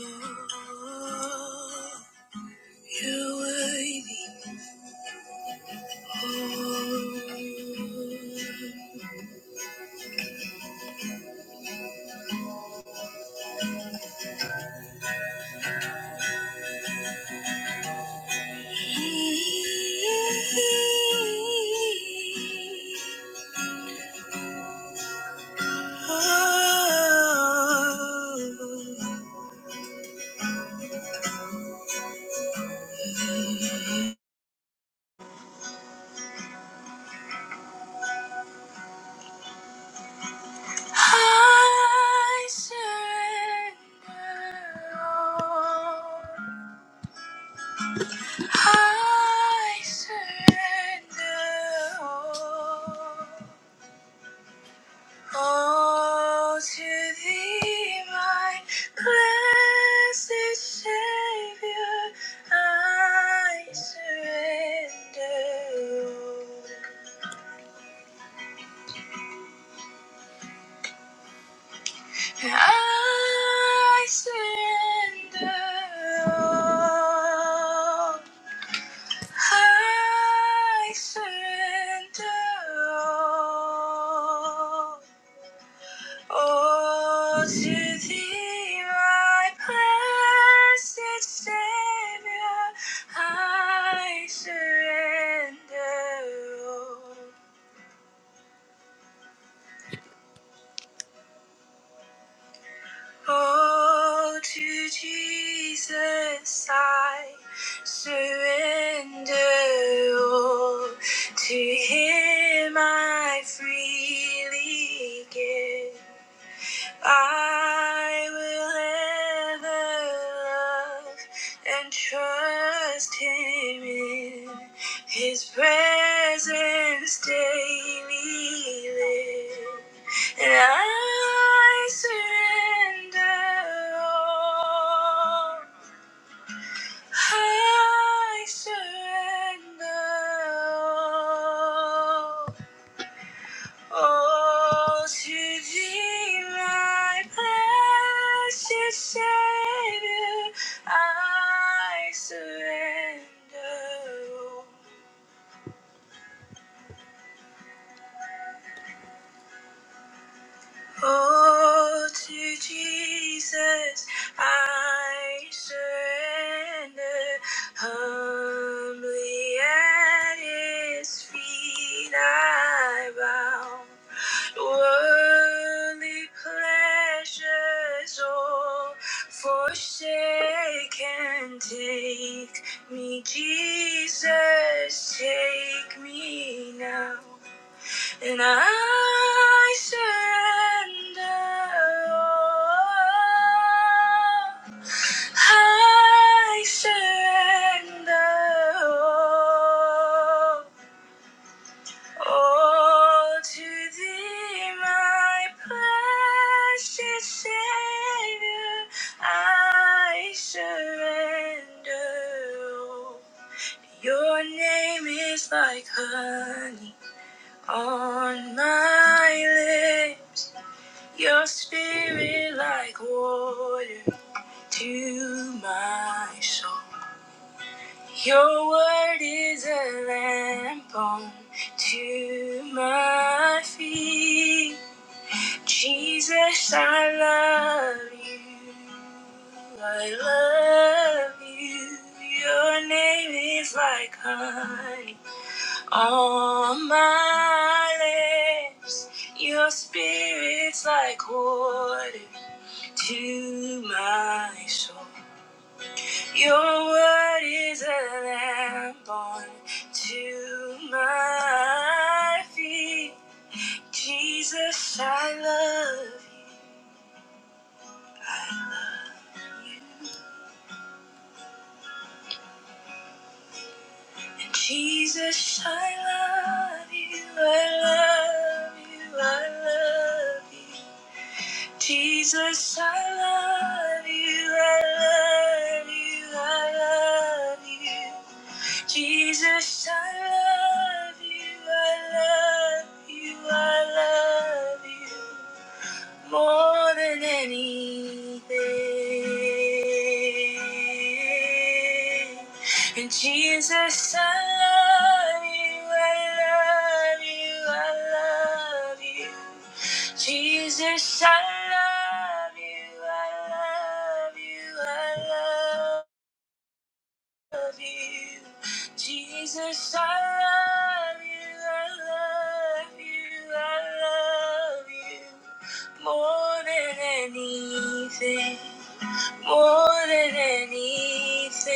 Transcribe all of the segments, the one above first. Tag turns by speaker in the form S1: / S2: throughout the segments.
S1: You're worthy. I surrender I surrender all. All to thee, my blessed Savior, I surrender. I surrender all. I surrender all. Oh, to thee, my blessed Savior, I surrender. all. Oh, to Jesus, I surrender. all. To Him I freely give. I will ever love and trust him in his presence daily live. And I surrender all. I surrender all. 哦，奇迹来 precious Savior, I surrender. all。Oh, to Jesus I surrender. Humbly at His feet I bow. Worldly pleasures all forsake and take me, Jesus, take me now. Then I surrender all. I surrender all, all to Thee, my precious Savior. I surrender all. Your name is like honey on my lips, your spirit like water to my soul. Your word is a lamp on to my feet. Jesus, I love you. I love you. Your name is like honey on my lips, your spirit's like water to my soul. Your word is a lamp on to my feet. Jesus, I love you. Jesus, I love you. I love you. I love you. Jesus, I love you, I love you, I love you. Jesus, I love you, I love you, I love you more than anything. And Jesus, I love you, I love you, I love you. Jesus, I love you, I love you, I love you love you. Jesus, I love you, I love you, I love you more than anything. More than anything,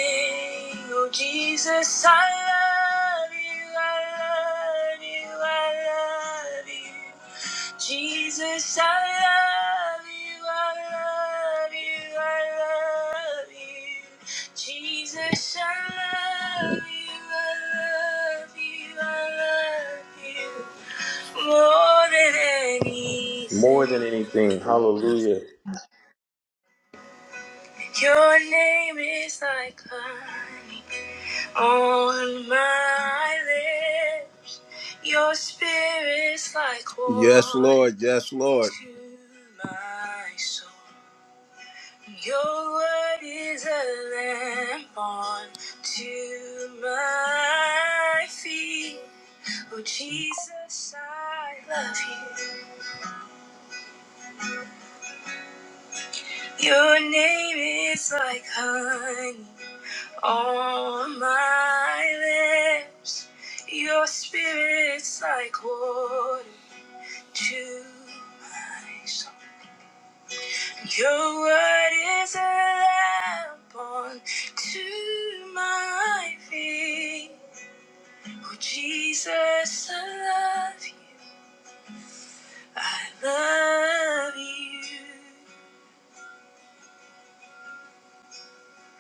S1: oh Jesus, I love you, I love you, I love you. Jesus, I love you, I love you, I love you. Jesus, I love you, I love you, I love you. More than anything. Your name is like honey on my lips. Your spirit's like Yes, wine Lord. Yes, Lord. to my soul. Your word is a lamp on to my feet. Oh, Jesus, I love you. Your name is like honey On my lips, your spirit's like water to my soul. Your word is a lamp on to my feet. Oh, Jesus, I love you. I love you.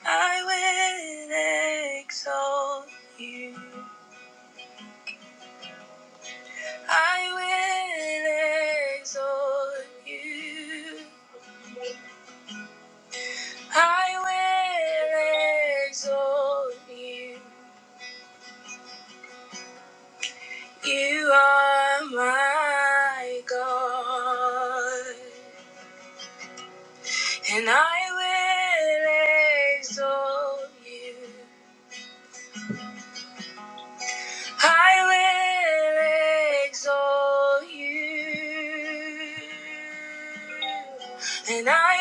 S1: I will exalt you. I will exalt you. I will exalt you. You are my God. And I will exalt you. I will exalt you. And I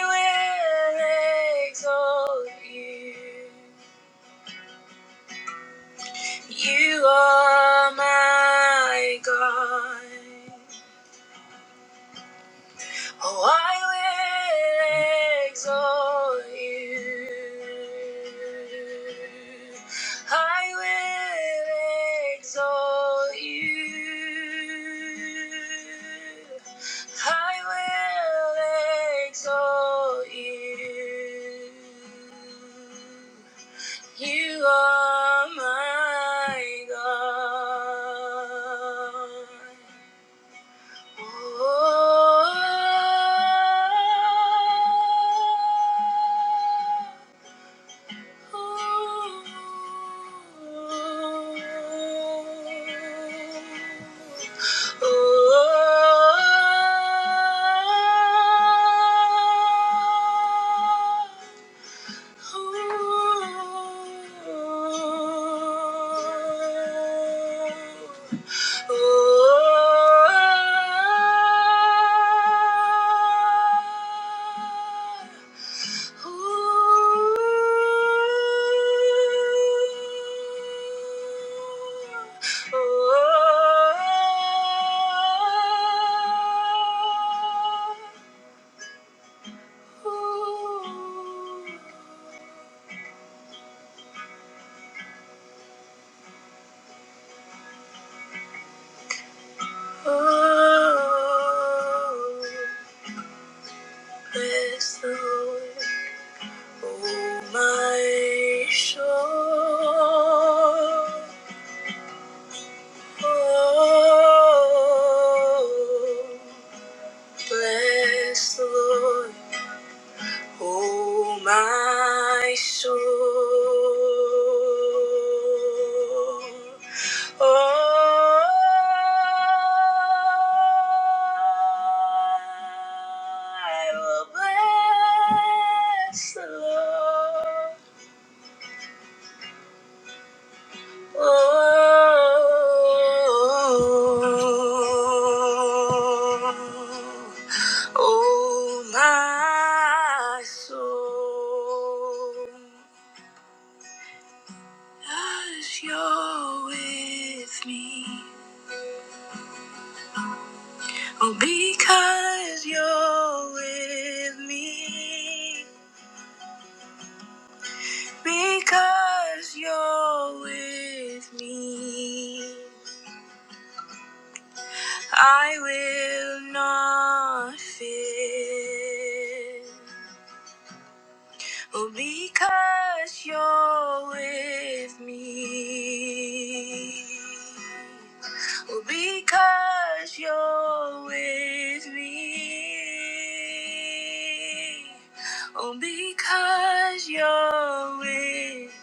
S1: will exalt you. You are my God. Oh, I will exalt you. I will exalt you. I will exalt you. You are my God. Oh, Oh Bless the Lord, oh my soul. Oh, Bless the Lord, oh my soul. Oh, I will bless the Lord. Oh, oh, my soul, as you're with me, oh, because you're with me, because you're with me. I will not fear. Oh, because you're with me. Oh, because you're with me. Oh, because you're with me,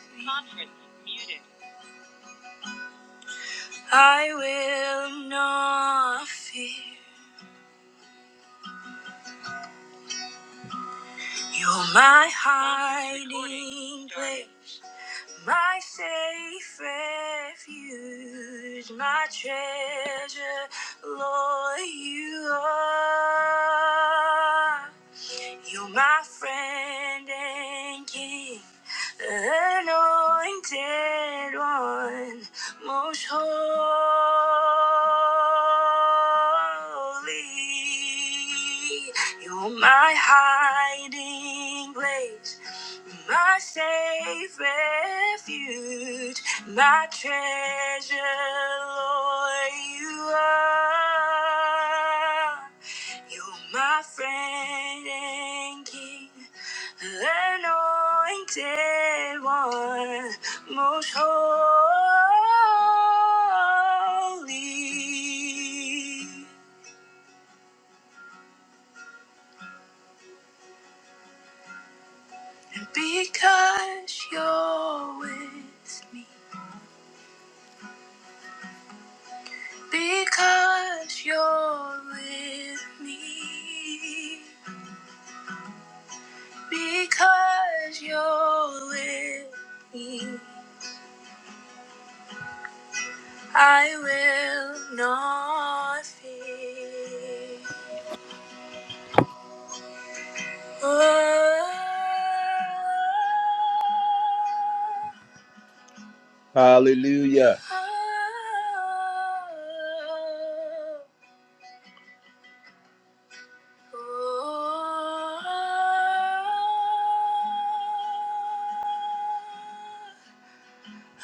S1: I will not fear. You're my heart. my safe refuge, my treasure, Lord, you are. You, my friend and king, anointed one, most holy. You're my hiding place, my safe refuge my treasure, Lord, you are. You're my friend and king, anointed one, most holy. Because you're with me, because you're with me. Because you're with me, I will not fear. Oh. Hallelujah.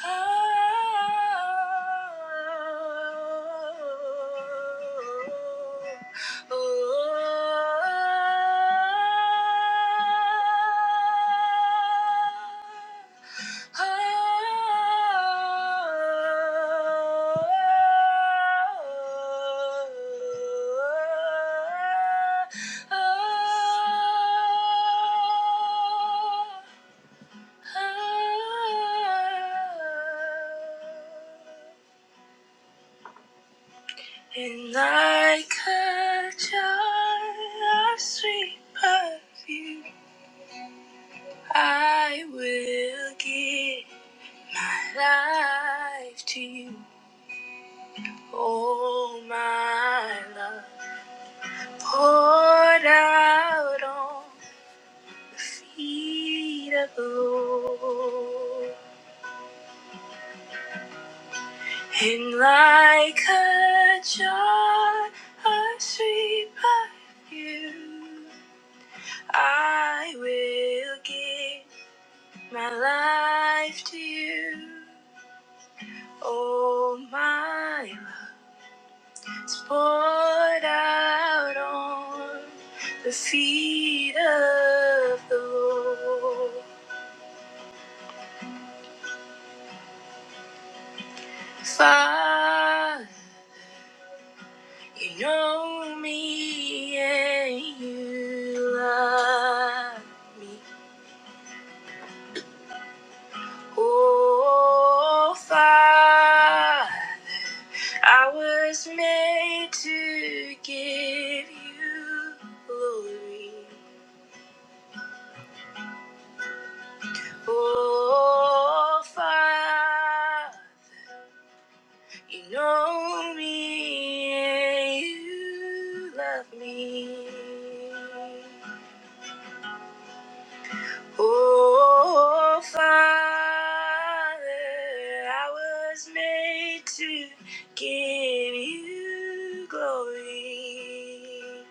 S1: Oh, and like a jar of sweet perfume, I will give my life to you. Oh, my love, poured out on the feet of the Lord. And like a jar of sweet perfume, I will give my life to you. Oh, my love is poured out on the feet of the Lord. Father, you know me and you love me. Oh, Father, I was made to give you glory. Oh, Father, you know me and you love me. Oh, Father, I was made to give you glory.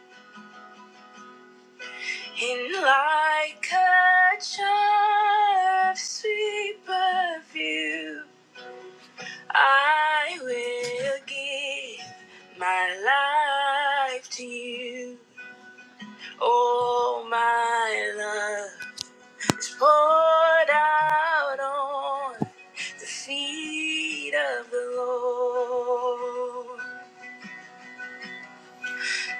S1: And like a child, of sweet perfume, I will give my life to you. Oh, my love. It's poured out on the feet of the Lord.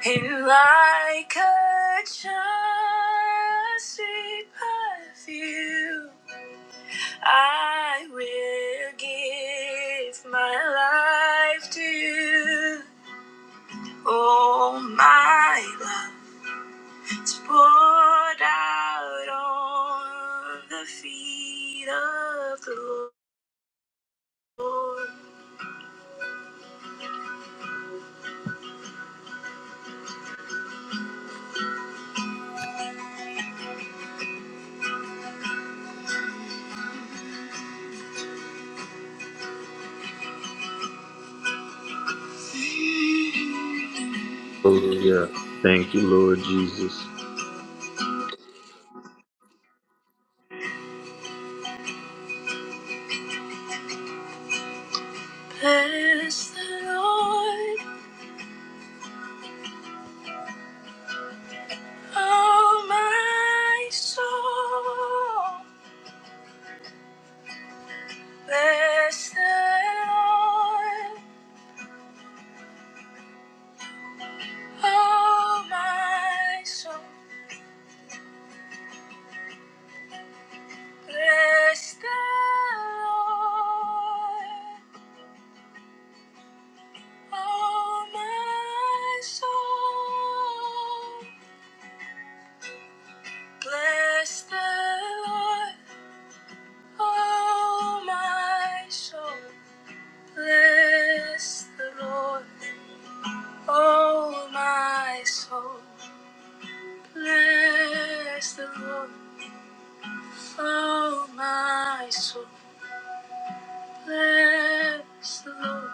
S1: And like a child, sweet perfume, I will give my life to you. Oh, my love, it's poured out on the feet of the Lord. Bless the Lord, oh my soul. Bless the Lord, oh my soul. Bless the Lord, oh my soul. Bless the Lord, oh my soul. Bless the Lord. Oh, my soul, bless the Lord. Oh, my soul, bless the Lord.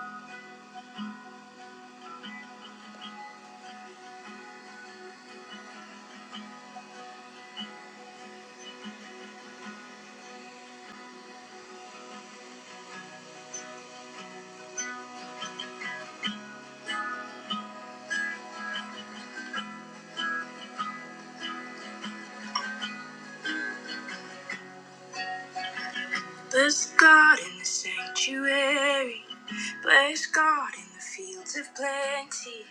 S1: Bless God in the sanctuary. Bless God in the fields of plenty.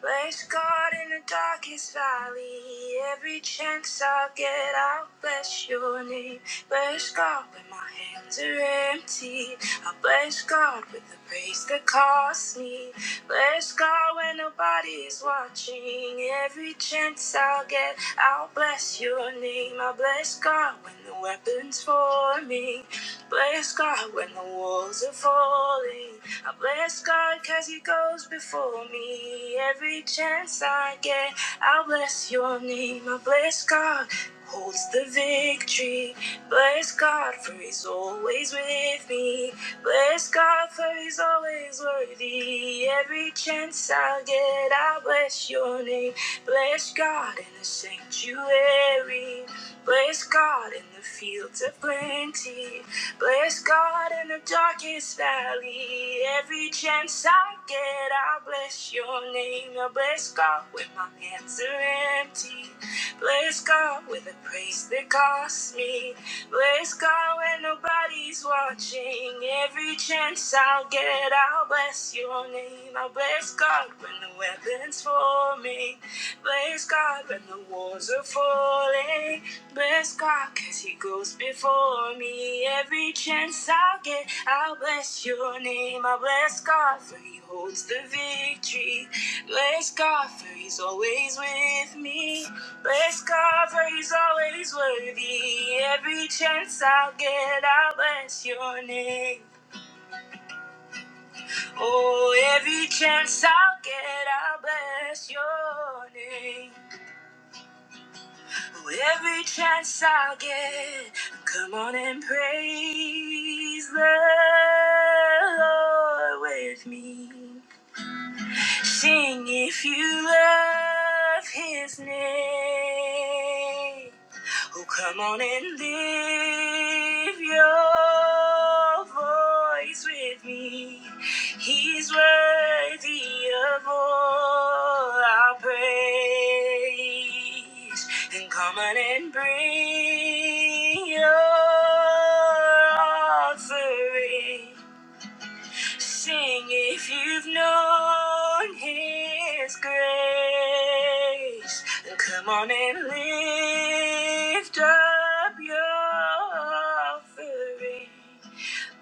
S1: Bless God in the darkest valley. Every chance I get, I'll bless your name. Bless God when my hands are empty. I bless God with the praise that costs me. Bless God star when nobody's watching. Every chance I'll get, I'll bless your name. I'll bless God when the weapons forming. Bless God when the walls are falling. I bless God cause he goes before me. Every chance I get, I'll bless your name. I bless God holds the victory. Bless God for he's always with me. Bless God for he's always worthy me every chance I get. I bless your name. Bless God in the sanctuary. Bless God in the fields of plenty. Bless God in the darkest valley. Every chance I get, I bless your name. I bless God when my hands are empty. Bless God with a praise that costs me. Bless God when nobody's watching. Every chance I'll forget, I'll bless your name. I'll bless God when the weapons forming. Bless God when the walls are falling. Bless God cause he goes before me. Every chance I get, I'll bless your name. I'll bless God for he holds the victory. Bless God for he's always with me. Bless God for he's always worthy. Every chance I'll get, I'll bless your name. Oh, every chance I'll get, I'll bless your name. Oh, every chance I'll get, come on and praise the Lord with me. Sing if you love his name. Oh, come on and lift your voice with me. He's worthy of all our praise. And come on and bring your offering. Sing if you've known His grace. come on and lift up your offering.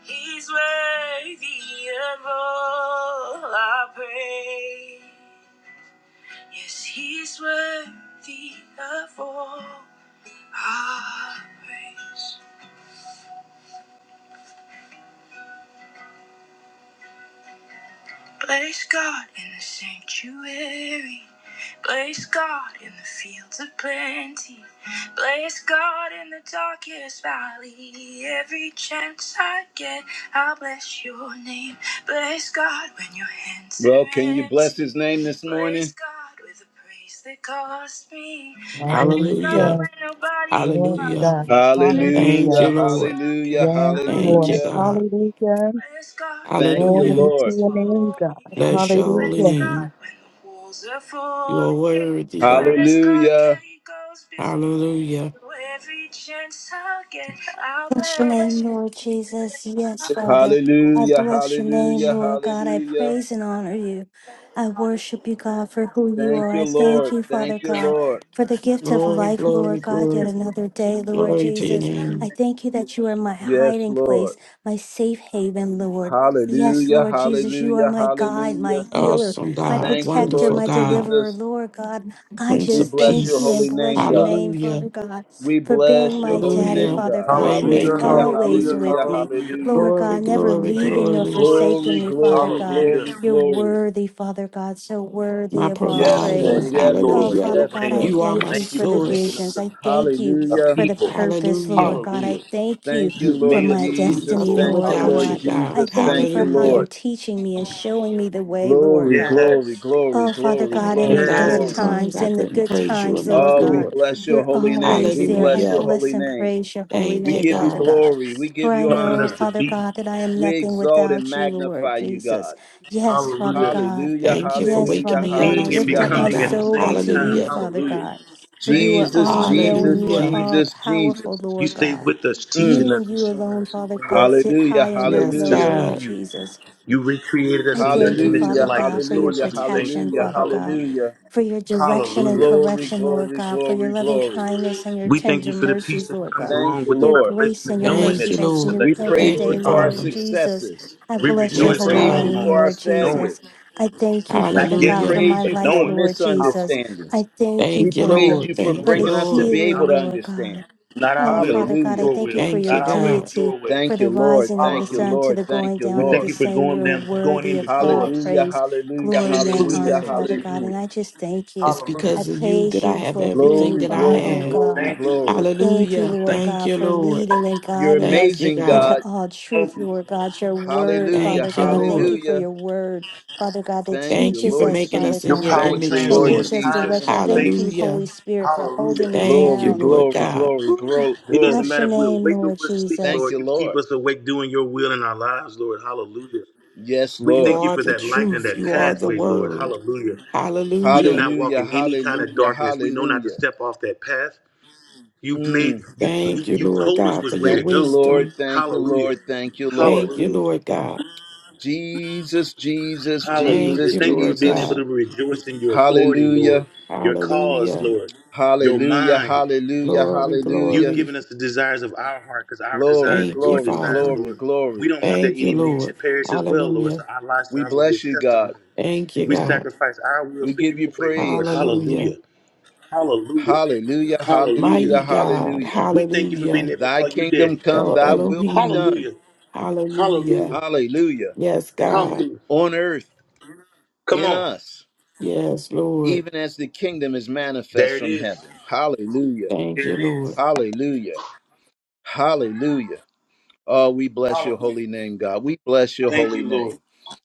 S1: He's worthy of all our praise. Yes, He's worthy of all our praise. Bless God in the sanctuary. Bless God in the fields of plenty. Bless God in the darkest valley. Every chance I get, I'll bless your name. Bless God when your hands. Well, can you bless his name this morning? Bless God with a praise that cost me. Bless God
S2: Hallelujah.
S3: Hallelujah.
S1: when nobody's
S3: Glory to
S2: Hallelujah.
S1: watching.
S3: God.
S2: Thank
S1: Hallelujah,
S3: Hallelujah.
S2: you,
S1: Every chance I get,
S2: Lord.
S1: hallelujah, get, I'll bless
S3: Yes,
S2: Thank
S1: hallelujah.
S2: you,
S3: Lord.
S1: your name.
S2: God.
S3: Hallelujah.
S1: Bless God. Thank you,
S3: Glory
S2: Hallelujah.
S3: to
S1: Lord.
S3: your name,
S1: for
S3: God.
S1: me.
S2: Bless your holy
S1: Praise
S3: Hallelujah.
S1: God.
S2: name.
S1: When the walls are
S2: You
S1: falling.
S2: are worthy,
S1: Hallelujah.
S2: God.
S1: Praise God. goes before
S2: Hallelujah.
S1: you. Every chance I get, I'll
S4: Bless your name,
S1: bless
S4: Lord Jesus. Yes,
S1: you.
S4: Father. I
S1: Hallelujah.
S4: bless your name,
S1: Hallelujah.
S4: Lord God. I
S1: Hallelujah.
S4: praise
S1: Praise
S4: and
S1: God.
S4: honor you. I worship you, God, for who you
S1: Thank
S4: are.
S1: you,
S4: I
S1: Praise
S4: thank
S1: Lord. God
S4: you, Father
S1: Thank you, His
S4: God,
S1: Lord. always
S4: for the gift of
S2: Glory,
S4: life,
S2: glory,
S4: Lord God, yet
S2: glory.
S4: another day, Lord
S2: Glory to your
S4: Jesus. I
S2: name.
S4: thank you that you are my
S1: Yes,
S4: hiding
S1: Lord.
S4: place, my safe haven, Lord. Yes,
S1: Hallelujah.
S4: Lord Jesus, you are
S1: Hallelujah.
S4: my guide,
S1: Hallelujah.
S4: my healer,
S2: Awesome
S4: my
S2: God.
S1: Thank you,
S4: protector,
S1: Lord
S2: Wonderful
S4: my
S2: God.
S4: deliverer,
S1: Jesus.
S4: Lord God. I
S2: Prince
S1: We
S2: of
S4: just
S1: bless
S4: thank
S1: your
S4: you and
S1: holy
S2: Peace.
S4: bless
S1: name,
S4: your
S1: God.
S4: name,
S2: Hallelujah.
S4: Father God
S1: We
S4: for being
S1: bless your
S4: my
S1: holy
S4: daddy,
S1: name,
S2: Hallelujah.
S4: Father
S1: God.
S4: God, who is
S1: Hallelujah,
S2: Waymaker.
S4: always with
S1: hallelujah,
S4: me.
S1: hallelujah.
S4: Lord
S2: Glory,
S4: God, never
S2: glory,
S4: leaving nor
S2: glory.
S4: forsaking
S1: Glory,
S4: me, Father
S1: glory,
S4: God.
S1: glory,
S4: You're
S1: glory.
S4: worthy, Father God, so worthy
S2: My
S4: of all
S1: Yes, Lord.
S2: provider.
S4: praise.
S1: Yes,
S4: Oh,
S1: Lord.
S2: Hallelujah.
S4: Father
S1: Yes,
S4: God, I
S1: Lord.
S2: You are my
S4: thank you for the visions.
S2: source.
S4: I thank you
S1: Hallelujah.
S4: for the purpose,
S2: Hallelujah.
S4: Lord God. I thank you
S1: Thank you,
S4: for
S1: Lord
S4: my
S2: I'm
S1: Jesus.
S4: destiny,
S2: nothing
S1: Thank
S4: Lord
S1: you,
S2: without
S1: Lord
S2: you,
S4: God. I
S2: God.
S1: Jesus.
S4: thank you
S1: Thank
S4: for
S1: you,
S4: how you're
S2: Hallelujah.
S1: Lord.
S4: teaching me and showing me the way, Lord
S1: Glory,
S4: God.
S1: glory, glory,
S4: Oh, Father
S2: If
S1: glory,
S2: I
S4: God,
S2: had
S4: in
S2: a
S4: the
S1: glory,
S4: dark
S2: thousand
S1: glory.
S2: tongues,
S4: times,
S2: I
S4: in the
S2: couldn't
S4: good
S2: praise you
S4: times,
S2: enough,
S4: Lord
S1: Oh, we
S4: God.
S2: Lord.
S1: bless your
S4: You're
S1: holy name.
S4: always
S1: We
S4: there. I
S1: bless your
S2: Hallelujah.
S4: bless
S1: holy
S4: and
S1: name.
S4: praise your holy
S2: Thank
S1: We
S2: you,
S4: name,
S1: give you
S4: Father
S2: God.
S4: God.
S1: glory. We
S4: For
S1: give
S4: I
S1: you
S4: know,
S1: honor.
S4: Father God, that I am
S1: We
S4: nothing
S1: exalt and
S4: without you, Lord
S1: magnify you,
S4: Jesus.
S1: God.
S4: Yes, Father God.
S1: Hallelujah,
S2: Thank you for
S4: Yes,
S2: waking
S1: hallelujah,
S4: Father
S2: me
S4: God.
S2: up
S4: I
S2: this
S4: lift
S1: hallelujah,
S4: up
S2: morning,
S4: my
S2: God.
S4: soul
S1: hallelujah.
S4: unto you,
S2: Hallelujah.
S4: Father God. For you are
S1: Jesus,
S4: all knowing,
S1: Jesus,
S4: you are
S2: Hallelujah.
S4: all
S1: Jesus,
S4: powerful,
S1: Jesus.
S4: Lord God.
S1: Mm.
S4: You and you alone, Father God, sit
S1: Hallelujah,
S4: high and look
S2: Yes,
S4: low,
S1: hallelujah,
S4: Lord
S2: God.
S4: Jesus. I thank you, Father
S1: hallelujah,
S4: God, for your
S1: hallelujah,
S4: protection,
S1: hallelujah,
S4: Father God,
S1: hallelujah.
S4: for your direction and
S1: Glory,
S4: correction, Lord
S1: glory,
S4: God, for your
S1: glory,
S4: loving
S1: glory.
S4: kindness and your tender mercies, Lord God,
S1: Thank you,
S4: your
S1: Lord.
S4: grace and your
S2: Thank
S4: mercy
S2: you,
S4: that's
S2: Lord.
S4: new
S1: We
S4: every
S1: praise
S2: Thank
S1: you
S4: day,
S2: you,
S1: for our
S4: Lord
S2: Father.
S4: Jesus.
S1: successes.
S4: I bless
S1: We
S4: your
S2: Yes,
S4: holy
S1: praise
S2: God.
S1: you
S4: name,
S1: for
S4: Lord
S1: our
S4: Jesus.
S1: failures.
S4: I thank you, Father
S1: We
S4: God, for
S2: Hallelujah.
S4: my
S1: praise you
S4: life,
S1: for
S4: Lord Jesus.
S1: misunderstandings.
S4: I thank you,
S1: We
S2: Thank you,
S1: praise
S4: Father,
S2: Lord.
S1: you for
S2: Thank
S4: for
S2: you,
S4: the
S1: bringing us to
S2: Lord.
S1: be
S4: healing,
S1: able to
S4: Lord God.
S1: understand.
S4: Oh, Father God, I
S1: Hallelujah.
S4: thank you for
S2: Thank
S4: your
S2: you, God.
S4: deity, for
S1: Thank
S4: the
S1: you, Lord.
S4: rising of the
S1: Thank you,
S4: sun to
S1: Lord.
S4: the
S1: Thank
S4: going
S1: you,
S4: down of the
S1: Lord.
S4: same. You're worthy of all
S1: Hallelujah,
S4: praise,
S1: hallelujah,
S4: glory, and
S1: hallelujah,
S4: honor, Father
S1: hallelujah.
S4: God. And I just thank you.
S2: It's
S4: I
S2: because of you
S4: praise
S2: that I
S4: you
S2: have
S4: for who
S2: everything
S4: you
S1: Glory,
S2: that I
S4: are,
S1: glory,
S4: oh
S2: have.
S1: glory,
S4: God.
S1: glory.
S4: Thank you,
S2: Hallelujah.
S4: Lord
S2: Thank
S4: God,
S2: you,
S4: for
S2: Lord.
S4: leading and
S1: You're
S4: guiding us
S2: Thank you,
S1: amazing,
S2: God.
S4: into
S1: God.
S4: all truth, Lord God. Your word,
S1: Hallelujah,
S4: Father
S2: Thank you,
S4: God. Thank you
S2: Lord.
S4: for
S1: hallelujah.
S4: your word, Father God, that
S1: Thank you,
S2: Thank you
S4: teaches
S2: for
S1: Lord
S4: us,
S2: making
S4: Father
S2: us in
S1: Jesus.
S2: your
S4: God,
S1: Thank you,
S2: image,
S4: that
S1: Lord
S4: gives
S2: Lord.
S4: us
S1: Jesus.
S4: direction. Thank you,
S2: Hallelujah.
S4: Holy Spirit, for holding me
S2: Thank
S1: Glory,
S4: down
S2: you, Lord
S1: glory,
S2: God.
S1: glory,
S4: Ooh,
S1: gro- glory.
S4: bless your name, Lord Jesus.
S1: Thank you, Lord. Yes,
S2: You
S1: Lord.
S2: are the truth. You are the word. Hallelujah.
S1: Hallelujah, hallelujah, hallelujah. Mm.
S2: Thank you, Lord God, for your
S1: Thank you, Lord.
S2: wisdom.
S1: Thank you, Lord. Thank you, Lord.
S2: Thank you, Lord God.
S1: Jesus, Jesus,
S2: Thank
S1: Jesus,
S2: you, Lord
S1: Jesus.
S2: God.
S1: Hallelujah,
S2: Hallelujah.
S1: hallelujah, hallelujah,
S2: Glory,
S1: hallelujah.
S2: glory.
S1: Glory,
S2: Thank you,
S1: glory,
S2: Father.
S1: glory, glory.
S2: Thank you, Lord. Hallelujah.
S1: We bless you, God.
S2: Thank you, God.
S1: We give you praise.
S2: Hallelujah.
S1: Hallelujah, hallelujah,
S2: Mighty God.
S1: hallelujah.
S2: Hallelujah.
S1: Thy kingdom come,
S2: El
S1: thy will be
S2: Elohim.
S1: done.
S2: Hallelujah.
S1: Hallelujah.
S2: Yes, God.
S1: On earth, in us,
S2: Yes, Lord.
S1: even as the kingdom is manifest from heaven. Hallelujah,
S2: Thank you, Lord.
S1: hallelujah, hallelujah. Oh, we bless your holy name, God. We bless your holy name.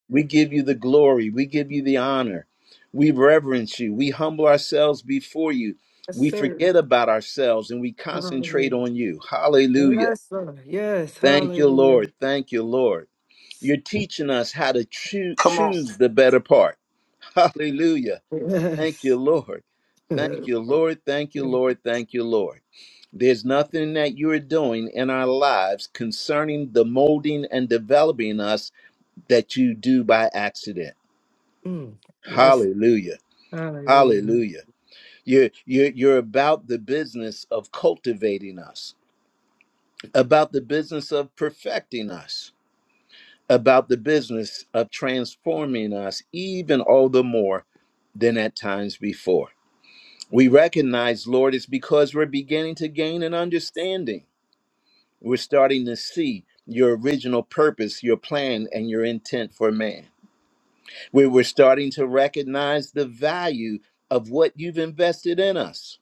S1: We give you the glory. We give you the honor. We reverence you. We humble ourselves before you.
S5: Yes,
S1: We
S5: sir.
S1: forget about ourselves and we concentrate
S5: Hallelujah.
S1: on you. Hallelujah.
S5: Yes, sir. Yes,
S1: Thank you,
S5: hallelujah.
S1: Lord. Thank you, Lord. You're teaching us how to choo- choose the better part. Hallelujah Thank you,
S5: Yes.
S1: Lord. Thank you, Lord. Thank you, Lord. Thank you, Lord. There's nothing that you're doing in our lives concerning the molding and developing us that you do by accident.
S5: Mm. yes,
S1: Hallelujah.
S5: hallelujah.
S1: Hallelujah. You're, you're, you're about the business of cultivating us, about the business of perfecting us, about the business of transforming us even all the more than at times before. we recognize, Lord, it's because we're beginning to gain an understanding. We're starting to see your original purpose, your plan, and your intent for man. We we're starting to recognize the value of what you've invested in us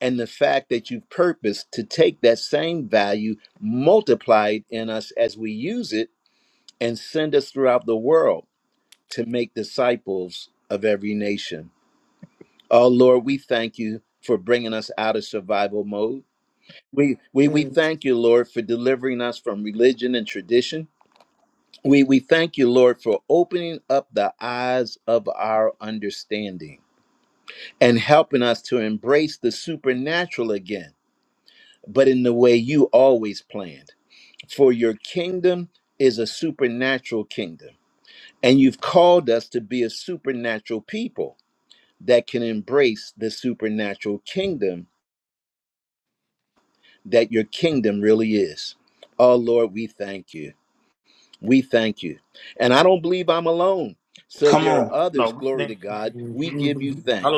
S1: and the fact that you've purposed to take that same value, multiply it in us as we use it, and send us throughout the world to make disciples of every nation. Oh, Lord, we thank you for bringing us out of survival mode. We, we, we
S5: Yes,
S1: thank you, Lord, for delivering us from religion and tradition. We, we thank you, Lord, for opening up the eyes of our understanding and helping us to embrace the supernatural again, but in the way you always planned. For your kingdom is a supernatural kingdom, and you've called us to be a supernatural people that can embrace the supernatural kingdom that your kingdom really is. Oh, Lord, we thank you. We thank you. And I don't believe I'm alone. So there are others, glory to God. We give you thanks.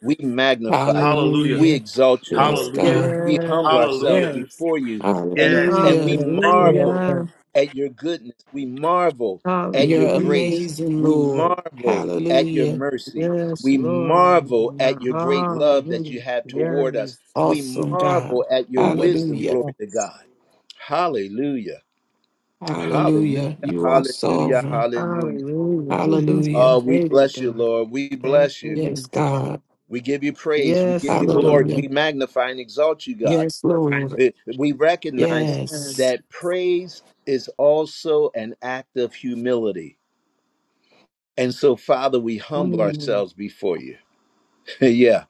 S1: We magnify you. We
S2: Hallelujah.
S1: exalt you,
S2: Yes,
S1: Lord.
S2: God.
S1: We humble
S5: yes,
S1: ourselves
S5: yes.
S1: before you and and we
S2: Hallelujah.
S3: Yes,
S1: marvel
S3: Lord.
S5: hallelujah.
S1: at your goodness. We marvel at your
S2: You're
S5: Hallelujah.
S1: grace.
S2: amazing,
S1: We
S2: Lord.
S1: marvel at your
S2: Hallelujah.
S1: mercy.
S5: Yes,
S1: We
S5: Lord.
S1: marvel at your great love that
S5: Hallelujah.
S1: you have toward us.
S5: Yes.
S1: We
S2: Awesome, God.
S1: marvel at your
S5: Mm.
S1: wisdom,
S2: Hallelujah.
S1: glory to
S3: Yes.
S1: God. Hallelujah. Hallelujah,
S2: Hallelujah. You are
S1: hallelujah,
S2: sovereign.
S1: hallelujah.
S5: Hallelujah. You
S1: Oh,
S2: Hallelujah.
S1: we
S5: made it,
S1: bless you,
S5: God.
S1: Lord. We
S5: Thank
S1: bless you.
S2: Yes,
S5: you.
S2: God.
S1: We give you praise. We give
S5: Yes,
S1: you glory.
S5: Lord.
S2: Hallelujah.
S1: We magnify and exalt you, God.
S2: Yes, Lord.
S1: Eh, We recognize
S5: Yes.
S2: Yes.
S1: that praise is also an act of humility. And so, Father, we humble
S5: Mm.
S1: ourselves before you. yeah,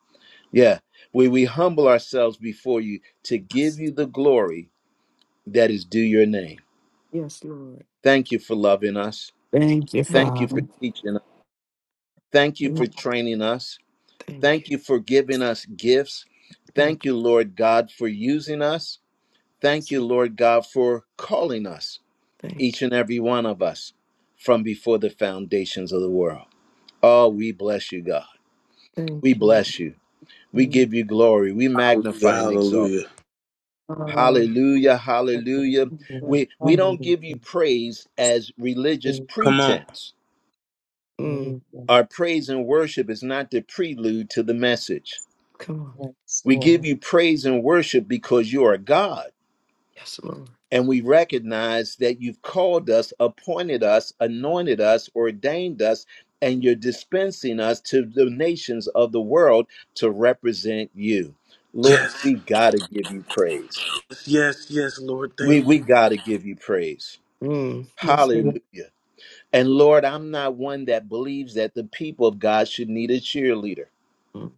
S1: yeah. We, we humble ourselves before you to give
S5: Yes,
S1: you the glory that is due your name.
S5: Yes, Lord.
S1: Thank you for loving us.
S2: Thank you,
S1: Thank
S5: Thank
S1: you for
S2: Father.
S5: you.
S1: teaching us. Thank you for
S5: Amen.
S1: training us.
S5: Thank
S1: Thank
S5: you.
S1: you for giving us gifts.
S5: Thank you.
S1: Thank you, Lord God, for using us. Thank you, Lord God, for calling us,
S5: Thank you.
S1: each and every one of us, from before the foundations of the world. Oh, we bless you, God.
S5: Thank
S1: We
S5: you.
S1: bless you. We
S5: Mm.
S1: give you glory. We magnify and exalt.
S5: Hallelujah.
S1: Hallelujah, hallelujah.
S3: Hallelujah.
S1: We we don't give you
S3: Hallelujah.
S1: praise as
S3: Thank
S1: religious
S3: you,
S1: pretense.
S5: Mm.
S3: Hallelujah.
S1: Our praise and worship is not the prelude to the message.
S5: Come on.
S3: Yes,
S1: We give
S3: Lord.
S1: you praise and worship because you are God
S5: Yes, Lord.
S1: And we recognize that you've called us, appointed us, anointed us, ordained us, and you're dispensing us to the nations of the world to represent you. Lord, we got to give you praise. We, we got to give you praise.
S5: Mm. Yes, Lord.
S1: Hallelujah. And Lord, I'm not one that believes that the people of God should need a cheerleader.
S5: Mm.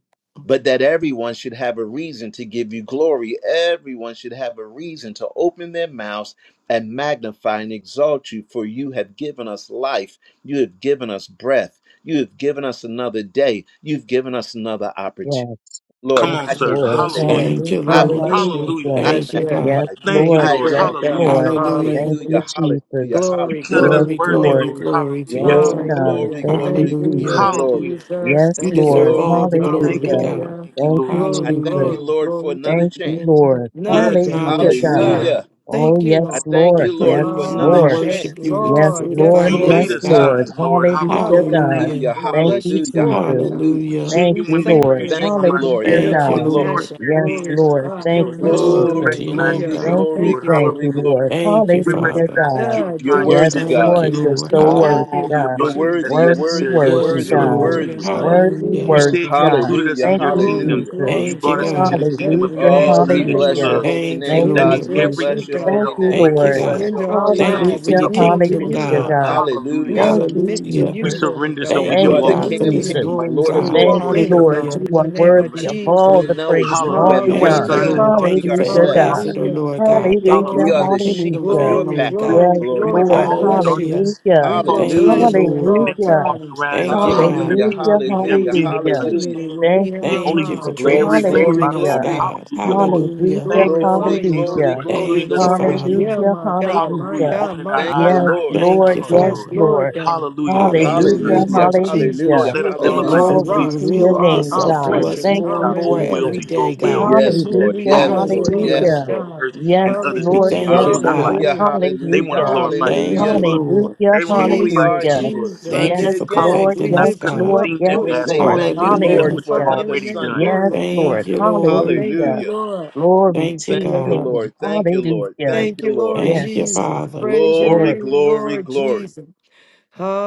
S1: but that everyone should have a reason to give you glory. Everyone should have a reason to open their mouths and magnify and exalt you, for you have given us life. You have given us breath. You have given us another day. You've given us another opportunity.
S3: Yes.
S1: Lord,
S5: Yes.
S3: Thank
S1: I
S3: you,
S1: give you
S3: Lord.
S5: Yes,
S1: praise.
S5: yes.
S2: Thank you,
S3: Hallelujah.
S1: I
S2: Lord.
S1: bless you.
S5: Hallelujah.
S3: Hallelujah.
S1: I
S2: Thank
S5: Yes,
S2: you,
S5: yes.
S3: Yes,
S1: magnify
S2: God.
S1: you.
S5: Thank
S3: Lord.
S5: you,
S1: I
S3: Yes,
S5: Lord
S1: exalt you.
S5: God.
S3: Lord.
S2: Hallelujah.
S3: Thank
S1: Hallelujah,
S3: you,
S5: Hallelujah.
S1: hallelujah,
S3: Jesus.
S5: Glory,
S1: hallelujah.
S3: Yes,
S5: glory,
S2: Glory,
S3: Lord.
S2: glory,
S5: glory.
S2: glory to you,
S3: Yes,
S1: Glory,
S2: God.
S3: God.
S1: glory,
S5: Hallelujah.
S3: Thank you,
S5: Thank
S1: glory,
S5: you,
S1: glory,
S2: Hallelujah.
S3: Jesus.
S5: Lord
S1: glory.
S5: Jesus.
S3: Yes,
S2: You
S5: Thank you,
S2: deserve
S3: Lord.
S5: Lord.
S1: Glory,
S2: all the
S1: glory,
S2: glory,
S3: Hallelujah.
S1: glory.
S2: God.
S5: Hallelujah.
S3: Thank you,
S1: I
S5: Glory,
S1: thank
S3: Jesus.
S1: you,
S2: Hallelujah.
S5: glory,
S1: Lord, for
S5: glory to
S1: another
S3: Thank you,
S1: chance.
S5: you.
S3: Lord.
S2: We
S5: Another day.
S3: Hallelujah,
S5: Yes,
S2: acknowledge you,
S3: God.
S5: sir.
S2: God.
S1: Hallelujah.
S3: Oh,
S5: Thank you,
S1: I
S3: yes,
S5: Lord.
S1: thank
S2: We
S1: you,
S3: Lord. Yes,
S1: Lord, for
S2: praise you
S1: another
S2: and
S5: Oh,
S3: Lord.
S5: yes,
S2: worship
S1: chance.
S2: you with the
S3: Yes,
S5: Lord.
S2: fruit of
S5: Yes,
S2: our
S3: Lord.
S1: Glory
S3: Yes,
S2: lips,
S1: to
S5: Lord.
S2: God.
S3: Lord.
S1: God.
S3: Hallelujah,
S5: Another one,
S3: God.
S5: God.
S2: Hallelujah.
S1: Hallelujah.
S5: We
S3: Thank
S5: bless
S3: you,
S5: you
S1: Hallelujah.
S5: for it,
S3: Jesus.
S5: God.
S1: Hallelujah.
S2: Hallelujah.
S3: Thank
S5: We
S3: you,
S5: thank
S3: Lord.
S5: you,
S1: Thank
S5: Lord.
S1: you, Lord.
S3: Hallelujah,
S5: Your
S2: Thank
S1: Thank
S2: you,
S1: you,
S3: God.
S1: Lord.
S2: Lord.
S5: compassion,
S3: Yes,
S5: glory to
S3: Lord.
S5: God, your
S3: Thank you,
S5: mercy,
S2: Glory
S3: Jesus.
S1: Glory,
S2: to your name,
S5: hallelujah.
S1: glory,
S5: We
S2: God.
S3: Thank you,
S5: thank
S1: glory,
S5: you
S3: thank
S5: for
S1: glory,
S3: you,
S5: it.
S3: Lord.
S1: glory.
S2: Thank you,
S3: Hallelujah,
S2: Father.
S3: God.
S5: Ah,
S1: You're
S5: do
S3: Yes,
S5: it
S1: worthy,
S5: for
S2: Thank
S1: God.
S5: me.
S2: you,
S3: Lord, you're
S2: Lord.
S5: We
S3: so
S5: thank
S3: worthy,
S5: you,
S2: Hallelujah.
S3: God.
S5: Lord
S1: You're
S5: Jesus.
S1: worthy. You're
S3: Worthy,
S1: worthy. You're
S3: worthy,
S2: Yes,
S1: worthy. You're
S3: God.
S2: Lord.
S5: Hallelujah,
S1: worthy.
S3: Worthy,
S2: Hallelujah.
S5: hallelujah.
S3: worthy, God.
S1: Hallelujah.
S3: Thank you,
S5: Glory,
S1: Hallelujah.
S3: Jesus.
S5: glory,
S2: Thank you,
S5: glory.
S2: God.
S5: God, we
S3: Hallelujah,
S1: Oh, we
S5: magnify you,
S1: bless
S3: hallelujah.
S1: your
S5: Lord.
S1: holy
S2: Thank you,
S1: name,
S3: Thank
S5: We
S3: you,
S1: God.
S2: Lord.
S5: just
S1: We
S5: bless
S3: Jesus.
S5: you,
S1: bless your
S5: God.
S3: Thank
S1: holy
S3: you,
S1: name.
S2: Thank you,
S5: We
S3: Lord.
S1: Bless
S2: God.
S1: your
S5: surrender our
S1: holy
S2: Thank
S1: name.
S2: you
S5: lives.
S2: for your
S3: Hallelujah,
S5: We yield to
S2: kingdom,
S5: you,
S3: hallelujah,
S2: God.
S5: Lord
S3: God.
S5: God. We
S1: Hallelujah.
S3: Thank you,
S5: submit to
S2: Hallelujah.
S5: you,
S3: Jesus.
S5: Lord God.
S2: Thank
S1: You
S2: you,
S3: Thank
S1: are the
S3: you,
S2: God, for
S1: King of
S2: this
S3: Jesus.
S5: Hallelujah.
S1: kings and
S2: room,
S1: Lord of
S5: We
S2: God.
S3: Thank
S5: walk
S3: you,
S5: in
S1: lords.
S5: it,
S3: Lord.
S5: God,
S2: Hallelujah.
S5: in
S3: You
S5: the
S3: are
S5: name of
S3: worthy of
S5: Jesus.
S3: all
S1: We
S3: the
S1: know it's
S3: praise
S1: you
S3: and
S1: who
S3: all
S1: have
S3: the
S1: made
S2: Thank you,
S3: honor.
S1: us and not
S2: Lord.
S5: Hallelujah.
S2: Thank
S1: we
S2: you for
S3: Hallelujah, God.
S1: ourselves.
S2: Ambassador,
S5: Hallelujah.
S2: Lord God.
S5: Thank you,
S2: Thank you
S1: We
S2: for
S3: Hallelujah,
S1: are
S5: Lord.
S2: my
S1: the sheep
S2: kingdom
S1: of
S3: hallelujah.
S1: your
S5: Glory,
S2: family,
S1: pasture.
S2: God.
S5: glory,
S3: Yes,
S1: Glory to
S5: glory. We
S3: Lord.
S1: God.
S5: bless you.
S2: Hallelujah.
S5: We
S3: Hallelujah.
S5: will
S2: Thank you,
S1: Hallelujah.
S5: bless you at
S2: Lord.
S5: all
S3: Hallelujah.
S5: times.
S2: Thank you, God.
S1: Hallelujah.
S5: Hallelujah.
S3: Hallelujah,
S1: Hallelujah.
S5: Praise
S3: hallelujah.
S1: Hallelujah.
S5: continually will be
S3: Thank
S5: in
S3: you,
S5: our
S2: Thank you for
S5: mouths.
S3: Jesus.
S5: We
S1: Glory,
S5: thank you,
S1: glory,
S2: transforming us,
S3: Hallelujah.
S5: Lord
S1: glory.
S5: God.
S2: God.
S5: We
S2: Hallelujah.
S3: Hallelujah,
S1: Glory,
S5: glorify you,
S1: glory,
S5: Lord
S3: hallelujah,
S1: glory,
S5: God.
S2: Thank you,
S1: glory.
S2: Father.
S5: Yeah,
S3: hallelujah,
S5: my God, my
S3: hallelujah.
S5: God, my
S1: Thank you,
S3: Yes,
S5: God.
S1: Lord.
S2: Thank you,
S3: Lord, yes,
S5: Yes,
S2: Father.
S5: Lord
S3: Lord.
S5: God.
S3: Hallelujah,
S2: Hallelujah.
S1: Hallelujah.
S5: Jesus, Jesus,
S3: hallelujah.
S1: Hallelujah.
S5: you are
S2: Thank you
S5: our
S1: Hallelujah.
S2: for
S3: Glory
S5: rock.
S3: to your
S5: You
S2: revealing
S5: are
S3: name,
S5: our
S2: yourself
S3: God.
S2: to
S1: Mm.
S2: us
S5: fortress.
S3: Thank
S2: more and
S3: you,
S2: more every
S5: Hallelujah.
S3: Jesus.
S2: day, God.
S5: In you
S1: Yes,
S5: whom
S1: Lord.
S5: we
S3: Hallelujah,
S1: Yes,
S5: trust.
S1: Lord.
S5: Glory
S2: Hallelujah.
S5: to
S1: Yes,
S3: hallelujah.
S1: Lord.
S5: God.
S3: Yes,
S2: We
S3: Lord,
S5: Hallelujah.
S2: thank you,
S3: yes, Lord.
S2: God.
S1: Hallelujah.
S5: Hallelujah.
S1: Hallelujah.
S3: Hallelujah.
S2: Thank
S1: Hallelujah.
S5: Hallelujah.
S2: you, Lord.
S3: Hallelujah,
S1: Here we are.
S5: Jesus,
S1: It
S3: hallelujah.
S1: is
S2: Thank you
S5: Jesus.
S1: Sunday
S3: Yes,
S2: for
S1: again.
S3: Lord,
S2: perfecting
S5: We
S3: yes,
S2: us,
S5: lift you
S2: God.
S3: Lord,
S5: up.
S1: And
S3: yes,
S1: we
S5: Glory to
S1: say,
S3: Lord.
S5: God.
S1: Thank
S5: We
S1: you, Lord,
S2: Hallelujah.
S1: for
S5: magnify
S3: Hallelujah.
S5: your
S1: another
S5: name.
S1: Sunday.
S3: Yes,
S5: Glory to
S2: Thank
S3: Lord,
S5: God.
S2: you, Lord.
S5: Thank you,
S3: hallelujah.
S1: Hallelujah.
S5: Lord.
S3: Glory
S2: Thank
S3: to
S2: you,
S1: Thank
S3: your
S1: you,
S2: God.
S3: name.
S1: Lord. Thank you, Lord.
S3: Hallelujah.
S1: Thank
S5: Thank
S1: you,
S5: you,
S1: Lord.
S5: Lord
S2: Thank you,
S3: Yes,
S5: Jesus.
S2: Father.
S5: Praise your
S1: Glory,
S3: glory.
S5: name,
S1: glory,
S5: Lord
S1: glory.
S5: Jesus.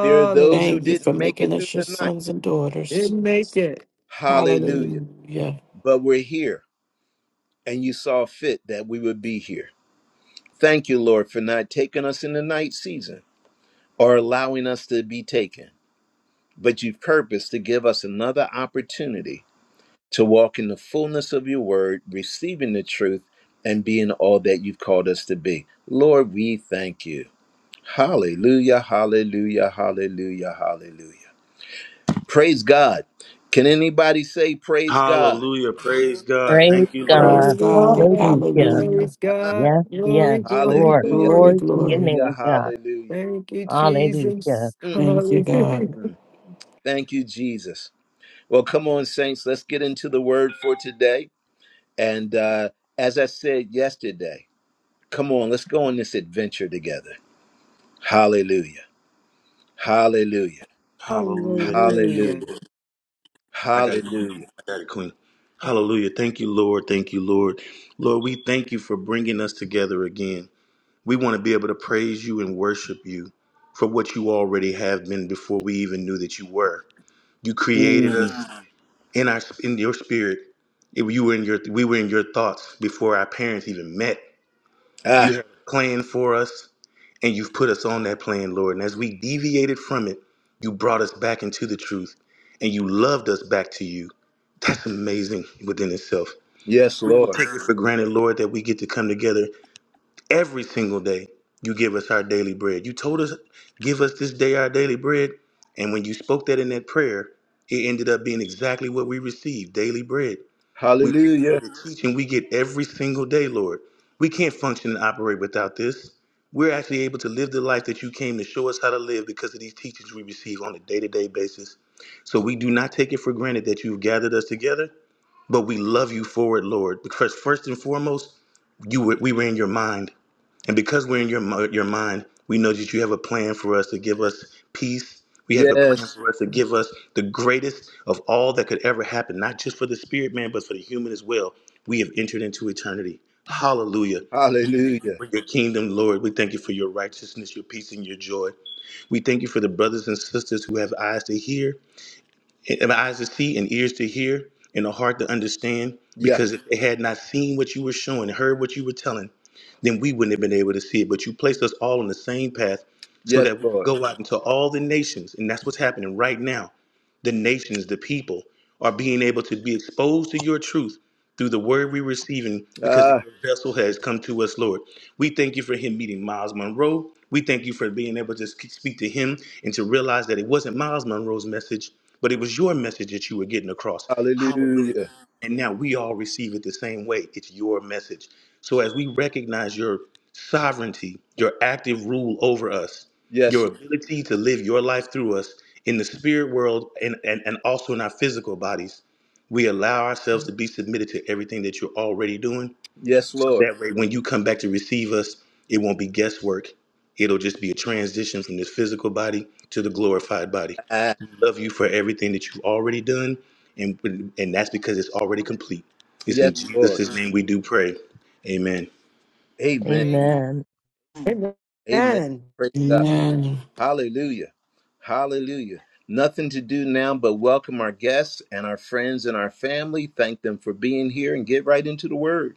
S1: There are those who
S2: Thank you for
S1: didn't make it
S2: making
S1: through
S2: us your
S1: the night.
S2: sons and
S5: It
S2: daughters.
S5: make it.
S1: Hallelujah.
S2: Hallelujah.
S1: But we're here, and you saw fit that we would be here. Thank you, Lord, for not taking us in the night season or allowing us to be taken. But you've purposed to give us another opportunity to walk in the fullness of your word, receiving the truth, and being all that you've called us to be. Lord, we thank you. Hallelujah, hallelujah, hallelujah, hallelujah. Praise God. Can anybody say praise God?
S3: Praise
S6: Thank you, Lord.
S2: Praise
S3: God.
S2: God.
S5: Hallelujah.
S3: Hallelujah.
S2: Hallelujah.
S5: Praise God.
S3: Yes,
S5: Glory,
S3: yes,
S5: glory,
S3: Lord.
S1: Hallelujah,
S2: Glory,
S5: glory.
S3: Glory to your
S2: glory.
S1: hallelujah,
S3: name, God.
S1: hallelujah.
S5: Thank you,
S3: Hallelujah.
S5: Jesus.
S2: Thank you,
S5: Hallelujah.
S2: God.
S1: Mm-mm. Thank you, Jesus. Well, come on, saints, let's get into the word for today. And uh, as I said yesterday, come on, let's go on this adventure together. Hallelujah, hallelujah.
S6: Hallelujah. Thank you.
S5: Hallelujah.
S1: Hallelujah.
S6: I got it, Queen.
S1: Hallelujah.
S6: I got it, Queen. Hallelujah. Thank you, Lord. Thank you, Lord. Lord, we thank you for bringing us together again. We want to be able to praise you and worship you for what you already have been before we even knew that you were. You created
S1: Mm.
S6: us in our in your spirit. If you were in your we were in your thoughts before our parents even met. You
S1: Ah,
S6: had a plan for us. and you've put us on that plan, Lord. And as we deviated from it, you brought us back into the truth and you loved us back to you. That's amazing within itself.
S1: yes, Lord.
S6: For granted, Lord, that we get to come together every single day. You give us our daily bread. You told us, give us this day our daily bread. And when you spoke that in that prayer, it ended up being exactly what we received daily bread. We
S1: Hallelujah.
S6: teaching we get every single day, Lord. We can't function and operate without this. We're actually able to live the life that you came to show us how to live because of these teachings we receive on a day to day basis. So we do not take it for granted that you've gathered us together, but we love you for it, Lord. Because first and foremost, you were, we were in your mind. And because we're in your mi- your mind, we know that you have a plan for us to give us peace. We have a plan
S1: Yes.
S6: for us to give us the greatest of all that could ever happen, not just for the spirit man, but for the human as well. We have entered into eternity. Hallelujah.
S1: Hallelujah.
S6: Kingdom Lord, we thank you for your righteousness, your peace, and your joy. We thank you for the brothers and sisters who have eyes to hear and eyes to see and ears to hear and a heart to understand
S1: Yeah.
S6: because if they had not seen what you were showing and heard what you were telling then we wouldn't have been able to see it but you placed us all on the same path so
S1: Yes,
S6: that we can
S1: Lord.
S6: go out into all the nations and that's what's happening right now the nations the people are being able to be exposed to your truth through the word we're receiving because your
S1: Ah,
S6: vessel has come to us lord we thank you for him meeting miles monroe we thank you for being able to speak to him and to realize that it wasn't miles monroe's message but it was your message that you were getting across. Hallelujah.
S1: hallelujah.
S6: And now we all receive it the same way. It's your message. So as we recognize your sovereignty, your active rule over us,
S1: Yes.
S6: your
S1: Lord.
S6: ability to live your life through us in the spirit world and, and, and also in our physical bodies, we allow ourselves to be submitted to everything that you're already doing.
S1: Yes,
S6: So
S1: Lord.
S6: that way, when you come back to receive us, it won't be guesswork. It'll just be a transition from this physical body to the glorified body
S1: Ah,
S6: love you for everything that you've already done, and and that's because it's already complete. It's
S1: yes,
S6: in
S1: Lord.
S6: Jesus' name we do pray. Amen.
S1: Amen.
S7: Amen.
S3: Amen.
S1: Amen.
S5: Amen.
S1: Praise God.
S2: Amen.
S1: Hallelujah. Hallelujah. Nothing to do now but welcome our guests and our friends and our family. Thank them for being here and get right into the word.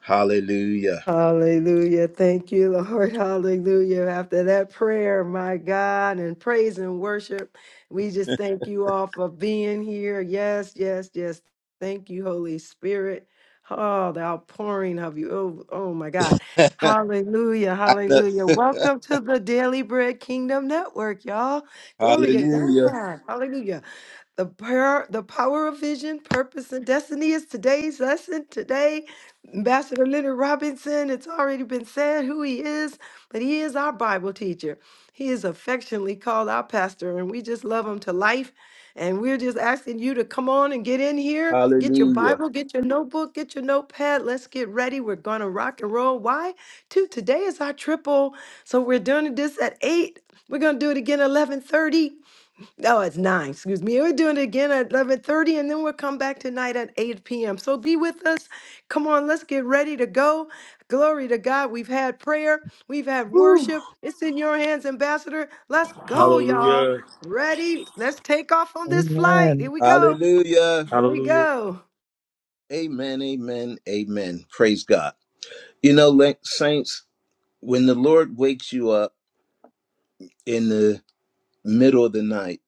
S1: Hallelujah.
S5: Hallelujah. Thank you, Lord. Hallelujah. After that prayer, my God, and praise and worship, we just thank you all for being here. Yes, yes, yes. Thank you, Holy Spirit. Oh, the outpouring of you. Oh, oh my God.
S1: I
S5: Hallelujah.
S1: know.
S5: Hallelujah. Welcome to the Daily Bread Kingdom Network, y'all. Glory to
S1: Hallelujah.
S5: God. Hallelujah. The power, the power of vision, purpose, and destiny is today's lesson. Today, Ambassador Leonard Robinson, it's already been said who he is, but he is our Bible teacher. He is affectionately called our pastor, and we just love him to life. And we're just asking you to come on and get in here, get your
S1: Hallelujah.
S5: Bible, get your notebook, get your notepad. Let's get ready. We're going to rock and roll. Why? Two, today is our triple. So we're doing this at 8. We're going to do it again at 11:30. Oh, it's nine. Excuse me. We're doing it again at eleven thirty, and then we'll come back tonight at eight p.m. So be with us. Come on, let's get ready to go. Glory to God. We've had prayer. We've had
S1: Whew.
S5: worship. It's in your hands, Ambassador. Let's go, y'all. Ready? Let's take off on this flight. Here
S3: Amen.
S5: we go.
S1: Hallelujah.
S5: Here we go.
S1: Amen. Amen. Amen. Praise God. You know, la- saints, when the Lord wakes you up in the middle of the night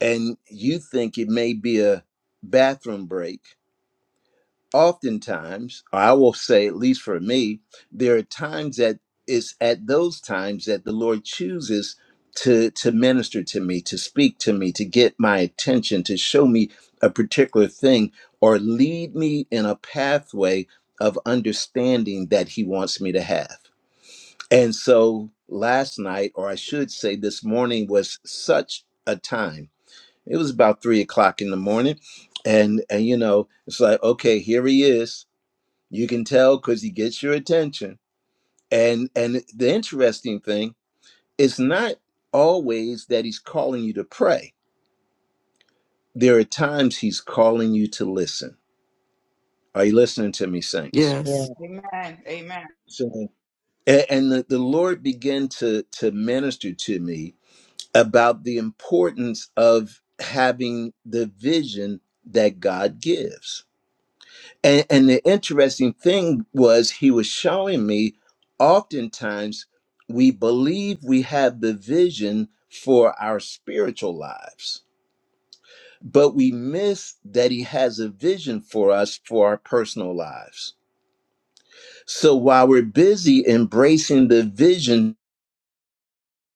S1: and you think it may be a bathroom break, oftentimes, I will say, at least for me, there are times that it's at those times that the Lord chooses to to minister to me, to speak to me, to get my attention, to show me a particular thing, or lead me in a pathway of understanding that He wants me to have. And so last night, or I should say this morning, was such a time. It was about three o'clock in the morning. And and you know, it's like, okay, here he is you can tell because he gets your attention. And and the interesting thing is not always that he's calling you to pray. There are times he's calling you to listen. Are you listening to me, saints?
S2: Yes.
S3: Yeah,
S7: Amen. Amen.
S8: So
S1: A- And the, the Lord began to to minister to me about the importance of having the vision that God gives And, and the interesting thing was, he was showing me oftentimes we believe we have the vision for our spiritual lives, but we miss that he has a vision for us for our personal lives. So while we're busy embracing the vision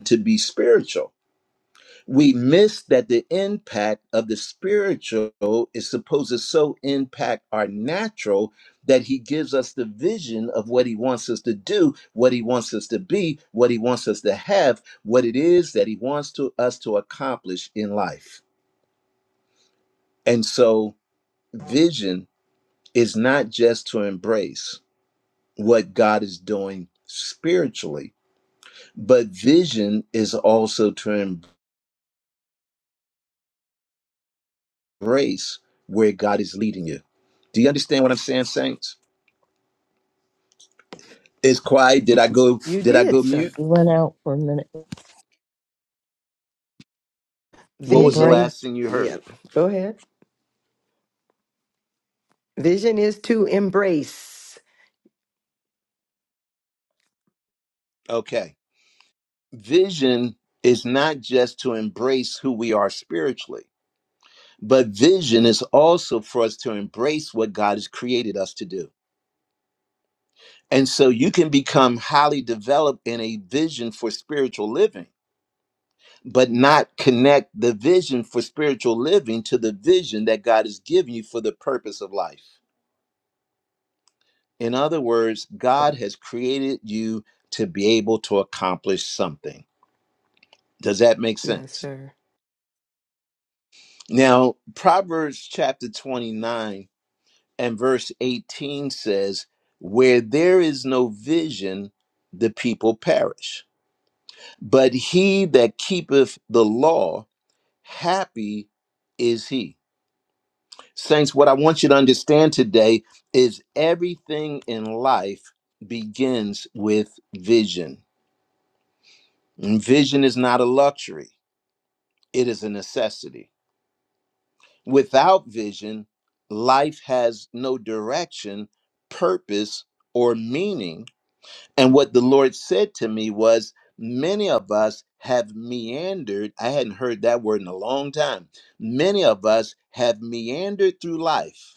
S1: to be spiritual, we miss that the impact of the spiritual is supposed to so impact our natural that he gives us the vision of what he wants us to do, what he wants us to be, what he wants us to have, what it is that he wants to us to accomplish in life. And so vision is not just to embrace what God is doing spiritually, but vision is also to embrace embrace where God is leading you. Do you understand what I'm saying, saints? It's quiet. Did I go?
S5: You
S1: Did I
S5: did,
S1: go
S5: sir.
S1: mute?
S3: we went out for a minute.
S1: What was the
S5: Vision.
S3: Embrace.
S1: last thing you
S5: Yeah.
S1: heard?
S5: Go ahead. Vision is to embrace.
S1: Okay. Vision is not just to embrace who we are spiritually, but vision is also for us to embrace what God has created us to do. And so you can become highly developed in a vision for spiritual living, but not connect the vision for spiritual living to the vision that God has given you for the purpose of life. In other words, God has created you to be able to accomplish something. Does that make
S5: Yes,
S1: sense?
S5: sir.
S1: Now, Proverbs chapter 29 and verse 18 says, Where there is no vision, the people perish. But he that keepeth the law, happy is he. Saints, what I want you to understand today is everything in life begins with vision And Vision is not a luxury, it is a necessity. Without vision, life has no direction, purpose, or meaning. And what the Lord said to me was many of us have meandered. I hadn't heard that word in a long time. Many of us have meandered through life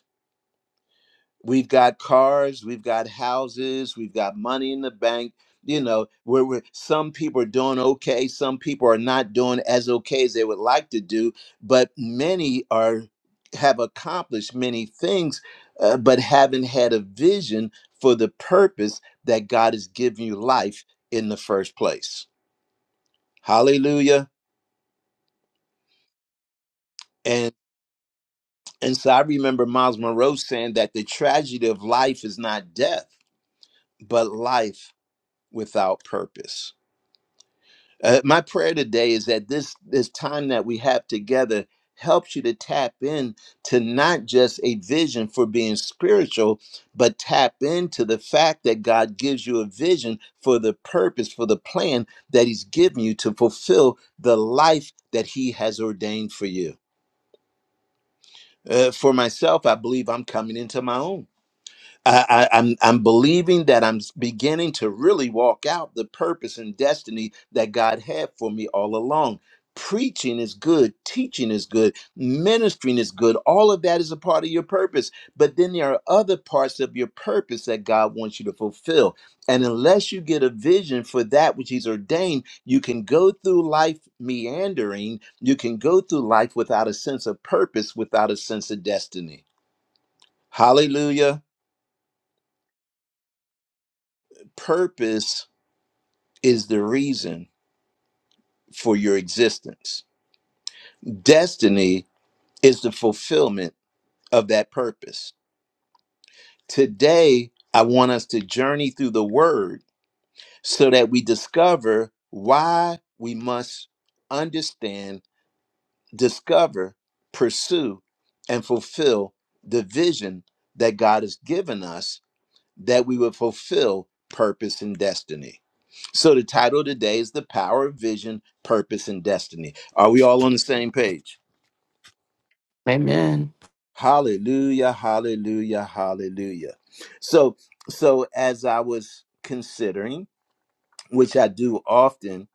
S1: We've got cars, we've got houses, we've got money in the bank. You know, where we're, some people are doing okay, some people are not doing as okay as they would like to do, but many are have accomplished many things, uh, but haven't had a vision for the purpose that God has given you life in the first place. Hallelujah. And and so I remember Miles Monroe saying that the tragedy of life is not death, but life without purpose. Uh, my prayer today is that this this time that we have together helps you to tap in to not just a vision for being spiritual but tap into the fact that God gives you a vision for the purpose for the plan that he's given you to fulfill the life that he has ordained for you. Uh, for myself, I believe I'm coming into my own. I, I, I'm I'm believing that I'm beginning to really walk out the purpose and destiny that God had for me all along. Preaching is good, teaching is good, ministering is good. All of that is a part of your purpose. But then there are other parts of your purpose that God wants you to fulfill. And unless you get a vision for that which He's ordained, you can go through life meandering. You can go through life without a sense of purpose, without a sense of destiny. Hallelujah. Purpose is the reason for your existence. Destiny is the fulfillment of that purpose. Today, I want us to journey through the word so that we discover why we must understand, discover, pursue, and fulfill the vision that God has given us that we would fulfill purpose and destiny. So the title today is The Power of Vision, Purpose and Destiny. Are we all on the same page?
S2: Amen.
S1: Hallelujah, hallelujah, hallelujah. So so as I was considering, which I do often,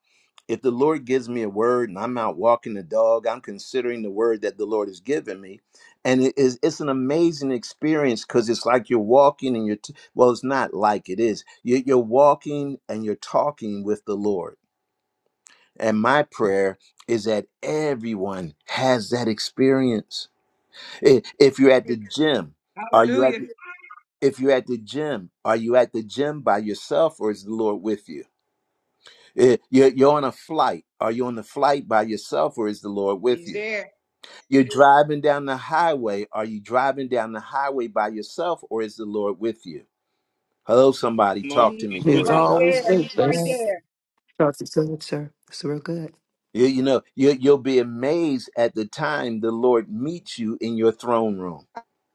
S1: If the Lord gives me a word and I'm out walking the dog, I'm considering the word that the Lord has given me. And it is it's an amazing experience because it's like you're walking and you're t- well, it's not like it is. You- You're walking and you're talking with the Lord. And my prayer is that everyone has that experience. I- If you're at the gym, are you at
S7: Hallelujah.
S1: the, if you're at the gym, are you at the gym by yourself or is the Lord with you? Eh, You're, you're on a flight. Are you on the flight by yourself or is the Lord with
S7: He's
S1: you?
S7: there.
S1: You're driving down the highway. Are you driving down the highway by yourself or is the Lord with you? Hello, somebody. Talk to
S7: He's
S1: me.
S2: He's
S1: Glory to
S7: right
S1: God.
S7: there.
S2: always
S7: He's
S2: with
S7: right
S3: Yes,
S2: us.
S7: there.
S5: That's good, sir. It's real good.
S1: You, you know, you, you'll be amazed at the time the Lord meets you in your throne room.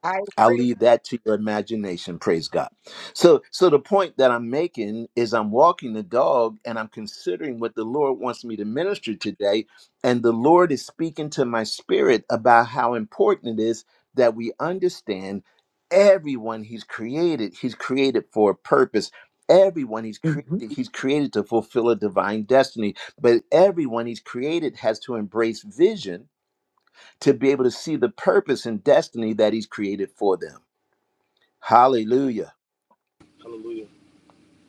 S7: I agree.
S1: I'll leave that to your imagination, praise God. So so the point that I'm making is I'm walking the dog and I'm considering what the Lord wants me to minister today and the Lord is speaking to my spirit about how important it is that we understand everyone he's created, he's created for a purpose. Everyone he's
S5: hmm
S1: created, he's created to fulfill a divine destiny, but everyone he's created has to embrace vision to be able to see the purpose and destiny that he's created for them. Hallelujah.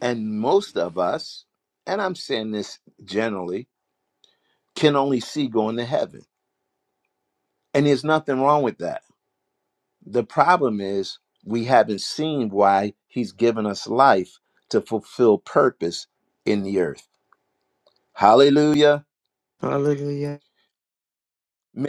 S1: And most of us, and I'm saying this generally, can only see going to heaven. And there's nothing wrong with that. The problem is we haven't seen why he's given us life to fulfill purpose in the earth. Hallelujah.
S5: Hallelujah.
S1: Ma-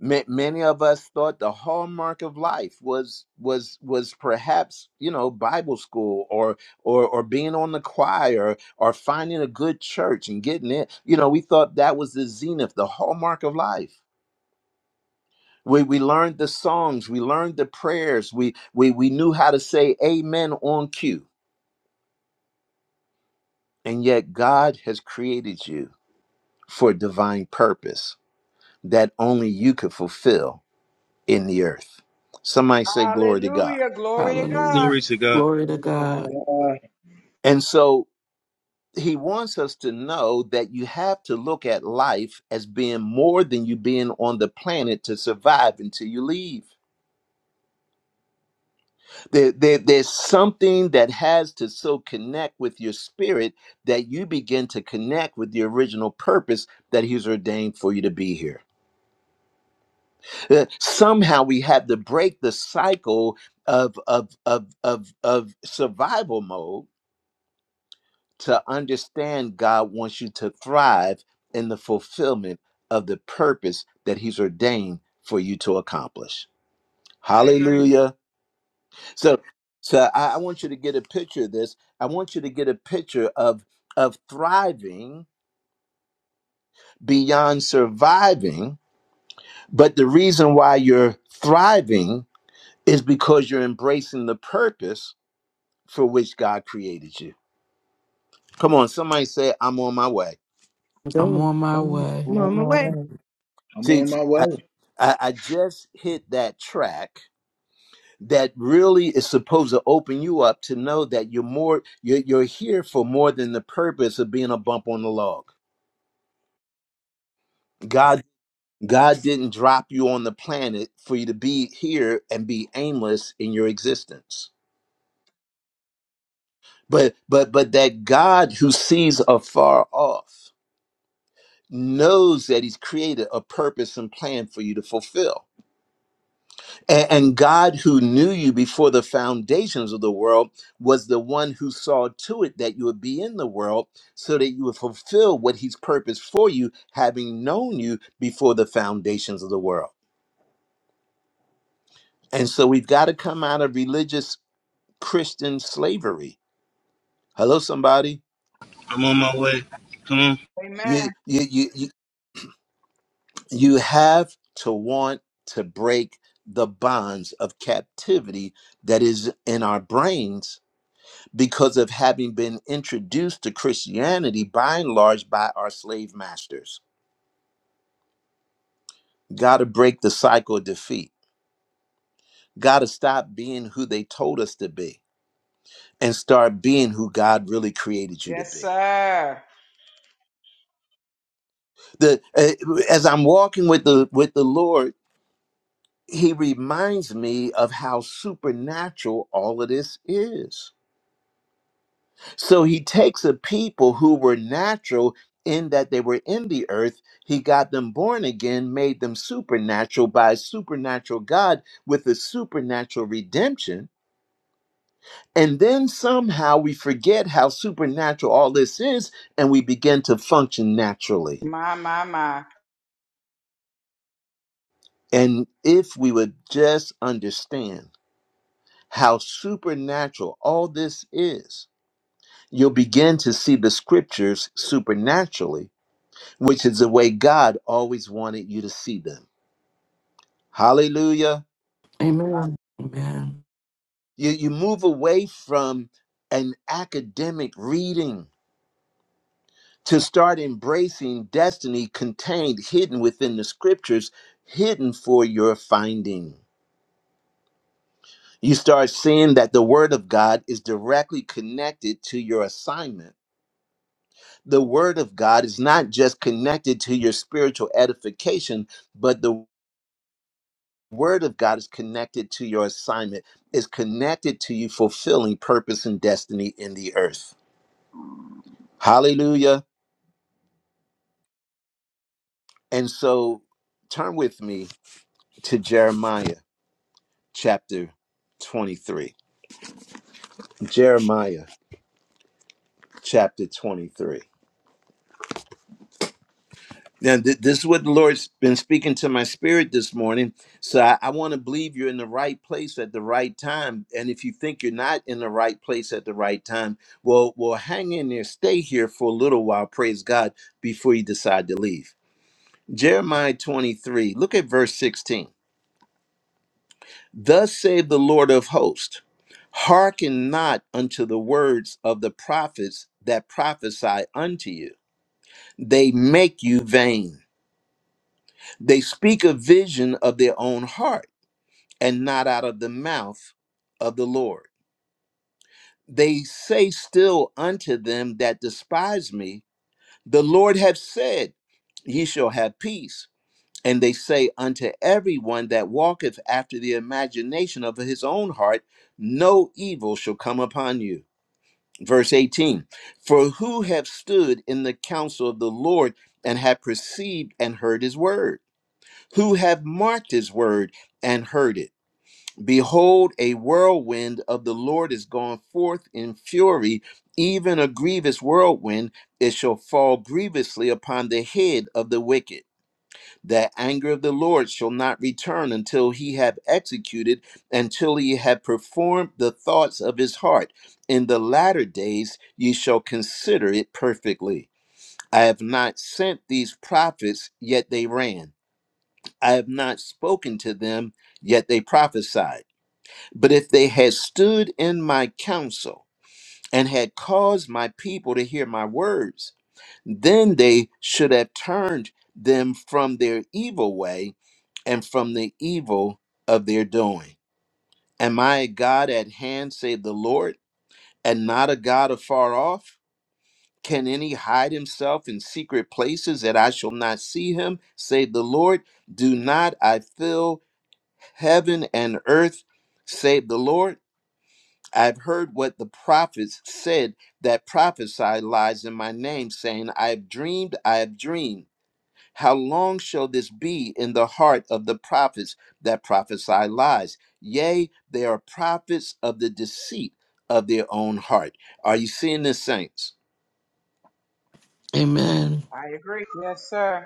S1: ma- many of us thought the hallmark of life was was was perhaps you know bible school or or or being on the choir or finding a good church and getting it you know we thought that was the zenith the hallmark of life we, we learned the songs we learned the prayers we, we we knew how to say amen on cue and yet god has created you for divine purpose that only you could fulfill in the earth somebody say glory to god
S7: Hallelujah. Glory to God.
S2: Hallelujah. Glory to
S3: Lord
S2: God.
S8: yeah,
S1: And so he wants us to know that you have to look at life as being more than you being on the planet to survive until you leave. There, there, there's something that has to so connect with your spirit that you begin to connect with the original purpose that he's ordained for you to be here. Uh, somehow we have to break the cycle of, of, of, of, of survival mode to understand God wants you to thrive in the fulfillment of the purpose that He's ordained for you to accomplish.
S7: I agree.
S1: Hallelujah. So, so I, I want you to get a picture of this. I want you to get a picture of of thriving beyond surviving. But the reason why you're thriving is because you're embracing the purpose for which God created you. Come on, somebody say, I'm on my way.
S2: I'm
S5: Come
S2: on my way.
S5: on my way.
S3: God.
S8: I'm
S1: See,
S8: on my way.
S1: I, I just hit that track that really is supposed to open you up to know that you're more you're, you're here for more than the purpose of being a bump on the log. God God didn't drop you on the planet for you to be here and be aimless in your existence. But but but that God who sees afar off knows that he's created a purpose and plan for you to fulfill A- And God, who knew you before the foundations of the world, was the one who saw to it that you would be in the world so that you would fulfill what He's purposed for you, having known you before the foundations of the world. And so we've got to come out of religious Christian slavery. Hello, somebody. You,
S7: Amen.
S1: you, you, you, you have to want to break the bonds of captivity that is in our brains because of having been introduced to Christianity by and large by our slave masters. Got to break the cycle of defeat. Got to stop being who they told us to be and start being who God really created you to
S7: Yes,
S1: be.
S7: sir.
S1: The eh, as I'm walking with the with the Lord, he reminds me of how supernatural all of this is So he takes a people who were natural in that they were in the earth, he got them born again, made them supernatural by a supernatural God with a supernatural redemption. And then somehow we forget how supernatural all this is and we begin to function naturally.
S7: My, my, my.
S1: And if we would just understand how supernatural all this is, you'll begin to see the scriptures supernaturally which is the way God always wanted you to see them. Hallelujah.
S2: Amen. Amen.
S1: You, you move away from an academic reading to start embracing destiny contained, hidden within the scriptures, hidden for your finding. You start seeing that the Word of God is directly connected to your assignment. The Word of God is not just connected to your spiritual edification, but the word of God is connected to your assignment, is connected to you fulfilling purpose and destiny in the earth. Hallelujah. And so turn with me to Jeremiah chapter 23. Jeremiah chapter 23. Now, th- this is what the Lord's been speaking to my spirit this morning. So I, I want to believe you're in the right place at the right time. And if you think you're not in the right place at the right time, well, well, hang in there, stay here for a little while, praise God, before you decide to leave. Jeremiah 23, look at verse 16. Thus saith the Lord of hosts, hearken not unto the words of the prophets that prophesy unto you. They make you vain They speak a vision of their own heart and not out of the mouth of the Lord. They say still unto them that despise me, The Lord hath said, Ye shall have peace. And they say unto everyone that walketh after the imagination of his own heart, No evil shall come upon you. Verse 18 For who have stood in the counsel of the Lord and have perceived and heard his word? who have marked his word and heard it. Behold, a whirlwind of the Lord is gone forth in fury, even a grievous whirlwind. It shall fall grievously upon the head of the wicked. The anger of the Lord shall not return until he have executed, until he have performed the thoughts of his heart. In the latter days ye shall consider it perfectly. I have not sent these prophets, yet they ran. I have not spoken to them, yet they prophesied. But if they had stood in my counsel and had caused my people to hear my words, then they should have turned them from their evil way and from the evil of their doing. Am I a God at hand, save the Lord, and not a God afar off? Can any hide himself in secret places that I shall not see him, save the Lord? Do not I fill? Heaven and earth save the Lord. I've heard what the prophets said that prophesy lies in my name, saying, I have dreamed, I have dreamed. How long shall this be in the heart of the prophets that prophesy lies? Yea, they are prophets of the deceit of their own heart. Are you seeing this, saints?
S2: Amen.
S7: I agree. Yes, sir.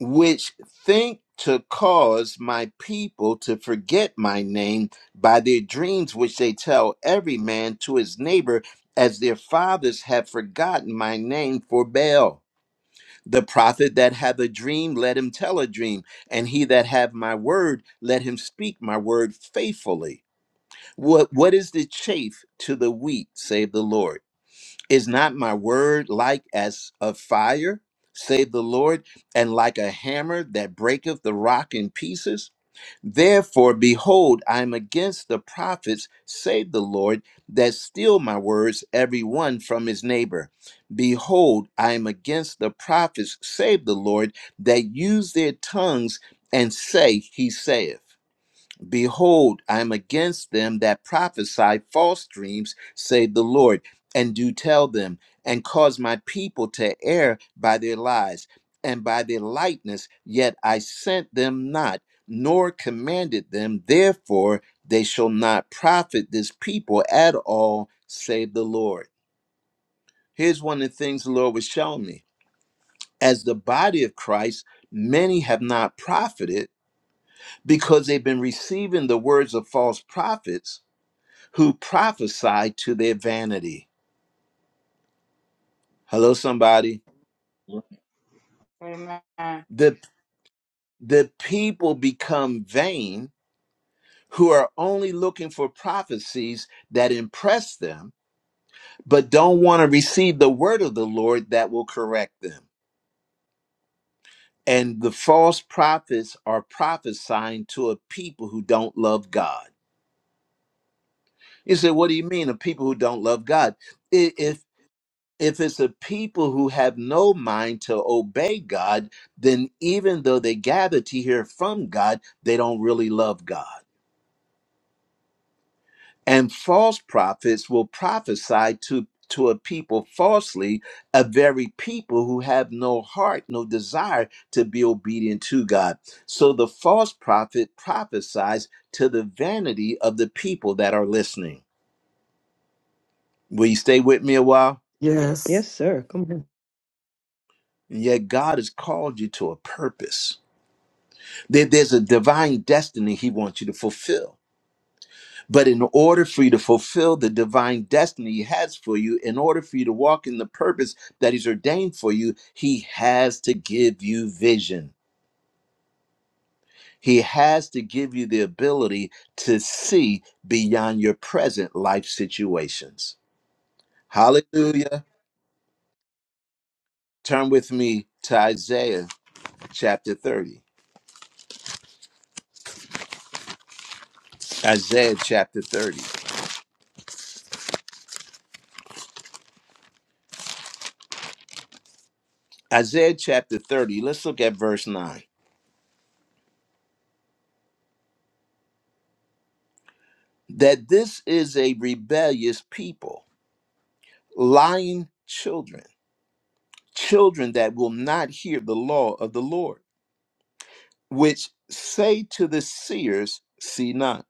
S1: which think to cause my people to forget my name by their dreams which they tell every man to his neighbor as their fathers have forgotten my name for Baal. The prophet that hath a dream, let him tell a dream, and he that hath my word, let him speak my word faithfully. What what is the chaff to the wheat, save the Lord? Is not my word like as of fire, saith the Lord, and like a hammer that breaketh the rock in pieces? Therefore, behold, I am against the prophets, saith the Lord, that steal my words, every one from his neighbor. Behold, I am against the prophets, saith the Lord, that use their tongues and say, He saith. Behold, I am against them that prophesy false dreams, saith the Lord, and do tell them, and cause my people to err by their lies and by their lightness. Yet I sent them not, nor commanded them. Therefore, they shall not profit this people at all, saith the Lord. Here's one of the things the Lord was showing me. As the body of Christ, many have not profited because they've been receiving the words of false prophets who prophesy to their vanity. Hello, somebody.
S7: Amen.
S1: The the people become vain who are only looking for prophecies that impress them, but don't want to receive the word of the Lord that will correct them. And the false prophets are prophesying to a people who don't love God. You say, what do you mean, a people who don't love God? I- If if it's a people who have no mind to obey God, then even though they gather to hear from God, they don't really love God. And false prophets will prophesy to to a people falsely, a very people who have no heart, no desire to be obedient to God. So the false prophet prophesies to the vanity of the people that are listening. Will you stay with me a while?
S2: Yes.
S5: Yes, sir. Come on.
S1: And yet God has called you to a purpose. There- there's a divine destiny he wants you to fulfill. But in order for you to fulfill the divine destiny he has for you, in order for you to walk in the purpose that he's ordained for you, he has to give you vision. He has to give you the ability to see beyond your present life situations. Hallelujah. Turn with me to Isaiah chapter 30. Isaiah chapter 30. Isaiah chapter 30. Let's look at verse 9. that this is a rebellious people, lying children, children that will not hear the law of the Lord, which say to the seers, See not,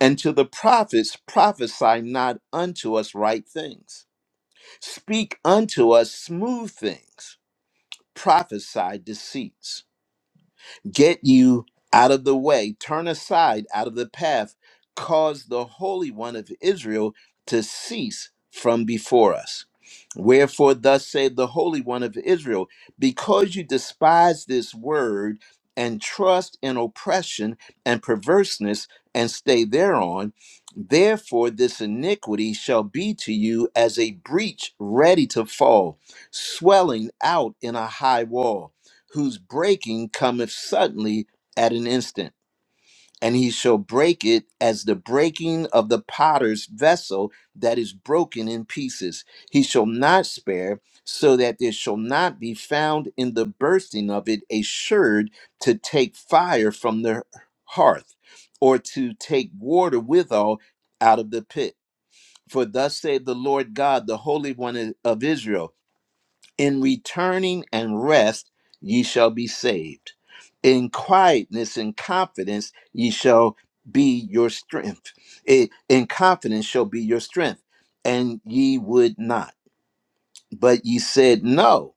S1: and to the prophets, prophesy not unto us right things, speak unto us smooth things, prophesy deceits. get you out of the way, turn aside out of the path, cause the Holy One of Israel to cease from before us. Wherefore, thus saith the Holy One of Israel, because you despise this word and trust in oppression and perverseness and stay thereon, therefore this iniquity shall be to you as a breach ready to fall, swelling out in a high wall whose breaking cometh suddenly at an instant. And he shall break it as the breaking of the potter's vessel that is broken in pieces. He shall not spare, so that there shall not be found in the bursting of it a sherd to take fire from the hearth, or to take water withal out of the pit. For thus saith the Lord God, the Holy One of Israel. In returning and rest ye shall be saved. In quietness and confidence ye shall be your strength. I- In confidence shall be your strength. And ye would not. But ye said, No,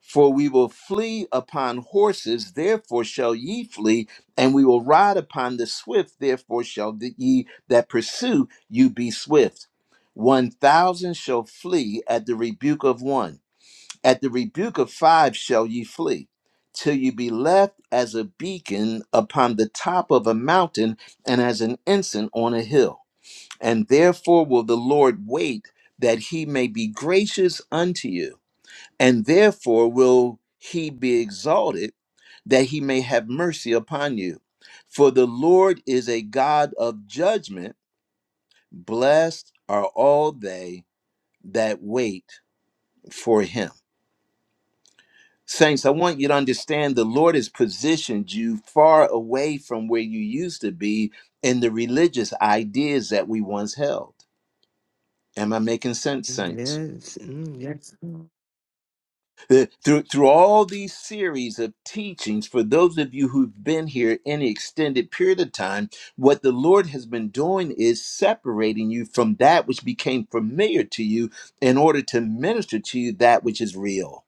S1: for we will flee upon horses, therefore shall ye flee, and we will ride upon the swift, therefore shall the, ye that pursue you be swift. One thousand shall flee at the rebuke of one at the rebuke of five shall ye flee, till you be left as a beacon upon the top of a mountain and as an ensign on a hill. And therefore will the Lord wait that he may be gracious unto you, and therefore will he be exalted that he may have mercy upon you. For the Lord is a God of judgment. Blessed are all they that wait for him. Saints, I want you to understand the Lord has positioned you far away from where you used to be in the religious ideas that we once held. Am I making sense, Saints?
S5: Yes. Mm, yes.
S1: Uh, Through, through all these series of teachings, for those of you who've been here any extended period of time, what the Lord has been doing is separating you from that which became familiar to you in order to minister to you that which is real.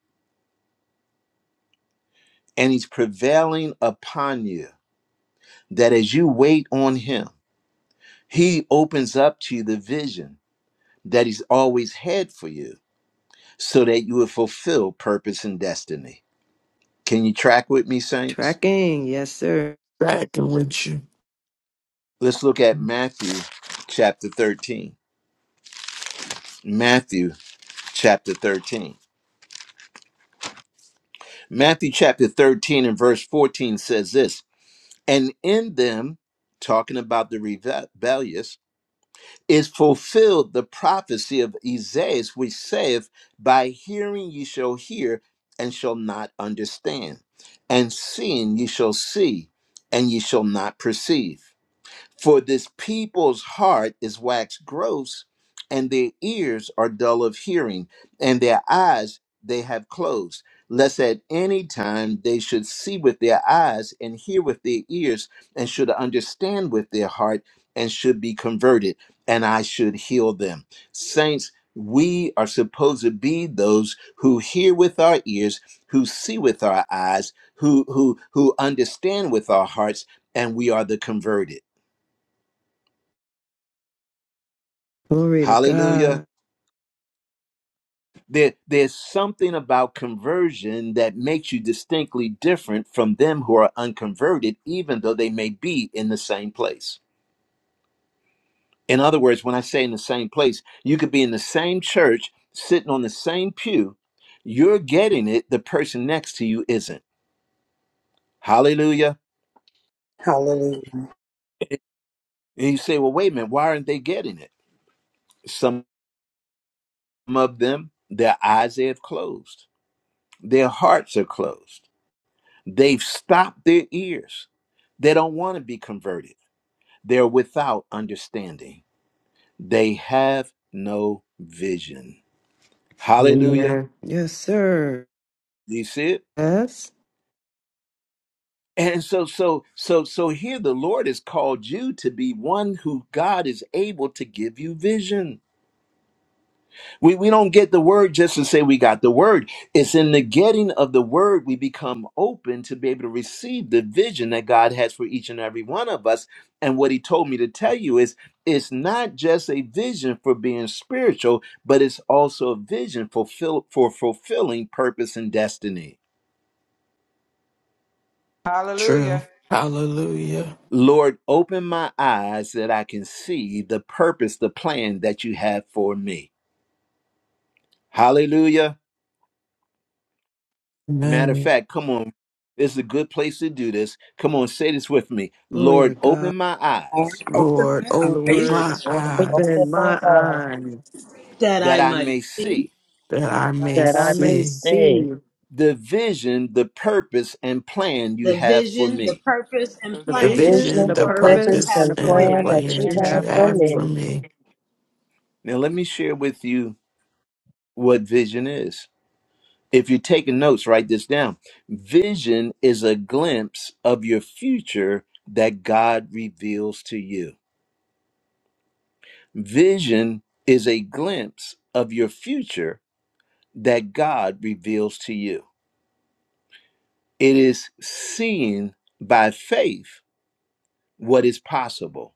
S1: And He's prevailing upon you. that as you wait on him, he opens up to you the vision that he's always had for you so that you will fulfill purpose and destiny. Can you track with me, saints?
S5: Tracking. Yes, sir.
S2: Second with you.
S1: Let's look at Matthew chapter 13. Matthew chapter 13. Matthew chapter 13 and verse 14 says this And in them, talking about the rebellious, is fulfilled the prophecy of Isaiah, which saith, By hearing ye shall hear and shall not understand, and seeing ye shall see and ye shall not perceive. For this people's heart is waxed gross, and their ears are dull of hearing, and their eyes they have closed, lest at any time they should see with their eyes, and hear with their ears, and should understand with their heart, and should be converted, and I should heal them. Saints, we are supposed to be those who hear with our ears, who see with our eyes, who who who understand with our hearts, and we are the converted.
S5: Glory to
S1: Hallelujah.
S5: God.
S1: There, there's something about conversion that makes you distinctly different from them who are unconverted, even though they may be in the same place. In other words, when I say in the same place, you could be in the same church, sitting on the same pew. You're getting it, the person next to you isn't. Hallelujah.
S9: Hallelujah.
S1: And you say, well, wait a minute, why aren't they getting it? Some of them, their eyes they have closed, their hearts are closed. They've stopped their ears. They don't want to be converted. They're without understanding. They have no vision. Hallelujah.
S5: Amen. Yes, sir.
S1: Do You see it?
S5: Yes.
S1: And so, so, so, so here the Lord has called you to be one who God is able to give you vision. We, we don't get the word just to say we got the word. It's in the getting of the word we become open to be able to receive the vision that God has for each and every one of us. And what he told me to tell you is it's not just a vision for being spiritual, but it's also a vision fulfill, for fulfilling purpose and destiny.
S2: True.
S7: Hallelujah.
S2: Hallelujah.
S1: Lord, open my eyes that I can see the purpose, the plan that you have for me. Hallelujah. Matter of
S2: Amen.
S1: fact, come on. This is a good place to do this. Come on, say this with me.
S5: Glory to
S1: Lord,
S5: God.
S1: open my
S9: Lord,
S1: eyes
S9: Open
S2: Lord,
S9: my
S2: open
S9: eyes
S5: Lord,
S2: my
S3: Lord, open
S2: eyes
S5: open my
S3: my eyes
S5: eyes.
S9: that
S1: that
S9: I
S1: I
S9: might
S1: may see
S2: that I may
S7: God
S5: that
S7: is
S5: I
S3: that I
S7: here.
S5: may
S2: see
S3: may see
S5: see
S1: the vision, the purpose, and plan you
S9: the
S1: have for
S9: vision, the
S1: me.
S9: purpose, and
S7: The
S5: the
S2: the
S9: plan
S7: vision,
S5: vision,
S2: vision,
S3: visions
S5: the
S2: the
S3: of
S7: purpose,
S9: that you
S3: purpose
S5: purpose,
S2: purpose,
S5: and the
S9: have
S3: and
S9: for
S7: and
S2: and the
S9: me.
S3: plan
S7: plan
S5: plan
S3: that
S7: you
S5: that
S2: plan
S3: you
S7: have
S5: you
S7: for
S2: that
S7: me.
S2: you
S3: have
S5: have
S3: for
S5: for
S2: have for
S5: me.
S3: me.
S2: me.
S1: Now, let me share with you what vision is. If you're taking notes, write this down. Vision is a glimpse of your future that God reveals to you. Vision is a glimpse of your future that God reveals to you It is seeing by faith what is possible,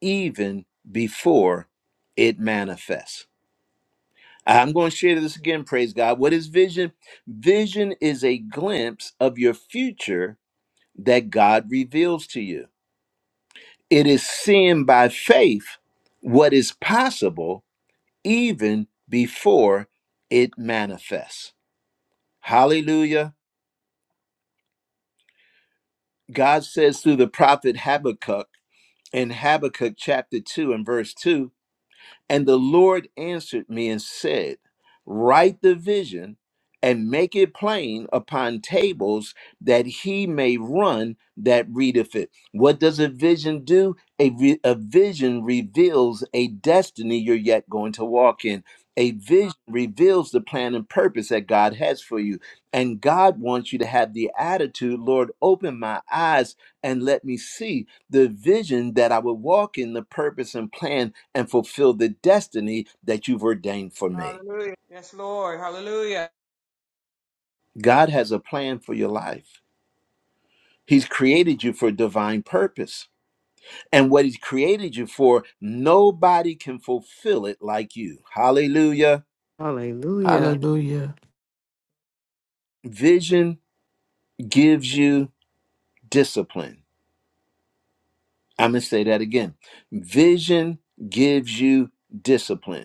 S1: even before it manifests. I'm going to share this again, praise God. What is vision? Vision is a glimpse of your future that God reveals to you. It is seeing by faith what is possible, even before it manifests. Hallelujah. God says through the prophet Habakkuk, in Habakkuk chapter 2 and verse 2 and the Lord answered me and said, Write the vision and make it plain upon tables that he may run that readeth it. What does a vision do? A, re- a vision reveals a destiny you're yet going to walk in. A vision reveals the plan and purpose that God has for you. And God wants you to have the attitude, Lord, open my eyes and let me see the vision that I would walk in, the purpose and plan and fulfill the destiny that you've ordained for me.
S7: Hallelujah. Yes, Lord. Hallelujah.
S1: God has a plan for your life. He's created you for a divine purpose. And what He's created you for, nobody can fulfill it like you. Hallelujah.
S5: Hallelujah.
S2: Hallelujah.
S1: Vision gives you discipline. I'm going to say that again. Vision gives you discipline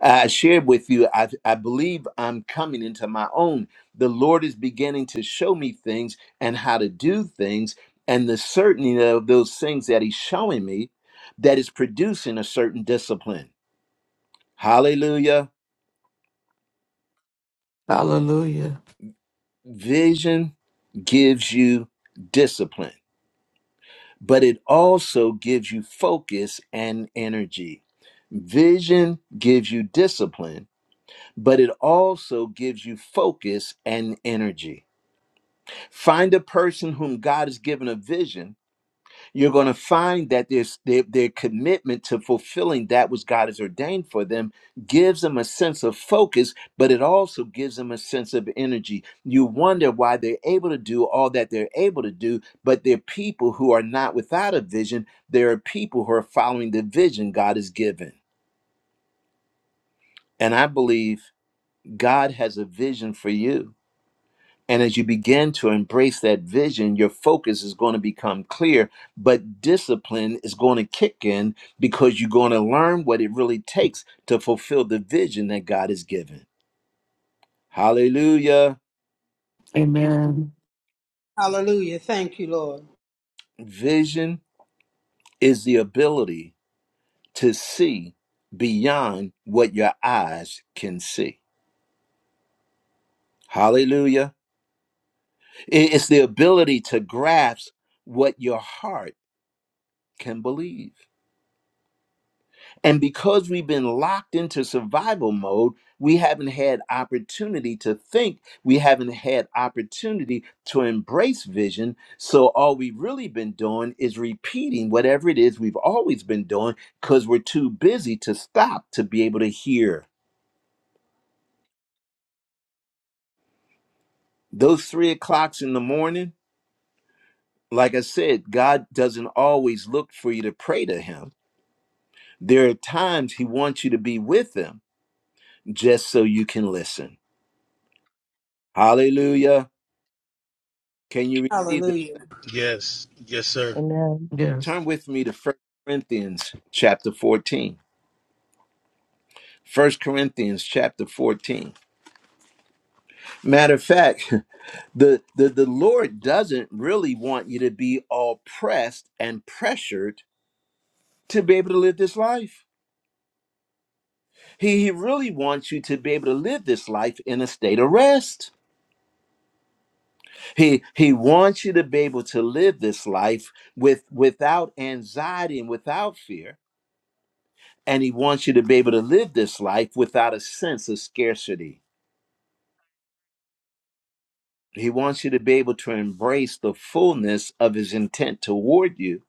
S1: I shared with you, I, I believe I'm coming into my own. The Lord is beginning to show me things and how to do things, and the certainty of those things that He's showing me that is producing a certain discipline. Hallelujah.
S2: Hallelujah.
S1: Vision gives you discipline, but it also gives you focus and energy. Vision gives you discipline, but it also gives you focus and energy Find a person whom God has given a vision. You're going to find that there's, their, their commitment to fulfilling that which God has ordained for them gives them a sense of focus, but it also gives them a sense of energy. You wonder why they're able to do all that they're able to do, but they're people who are not without a vision. There are people who are following the vision God has given. And I believe God has a vision for you. And as you begin to embrace that vision, your focus is going to become clear, but discipline is going to kick in because you're going to learn what it really takes to fulfill the vision that God has given. Hallelujah.
S2: Amen.
S9: Hallelujah. Thank you, Lord.
S1: Vision is the ability to see beyond what your eyes can see. Hallelujah. It's the ability to grasp what your heart can believe. And because we've been locked into survival mode, we haven't had opportunity to think. We haven't had opportunity to embrace vision. So all we've really been doing is repeating whatever it is we've always been doing because we're too busy to stop to be able to hear. Those three o'clocks in the morning, like I said, God doesn't always look for you to pray to Him. There are times He wants you to be with Him just so you can listen. Hallelujah. Can you receive this?
S9: Hallelujah.
S6: Yes. Yes, sir.
S3: Amen.
S2: Yes.
S1: Turn with me to First Corinthians chapter 14. First Corinthians chapter 14. Matter of fact, the, the, the Lord doesn't really want you to be all pressed and pressured to be able to live this life. He, he really wants you to be able to live this life in a state of rest. He, he wants you to be able to live this life with, without anxiety and without fear And he wants you to be able to live this life without a sense of scarcity. He wants you to be able to embrace the fullness of his intent toward you.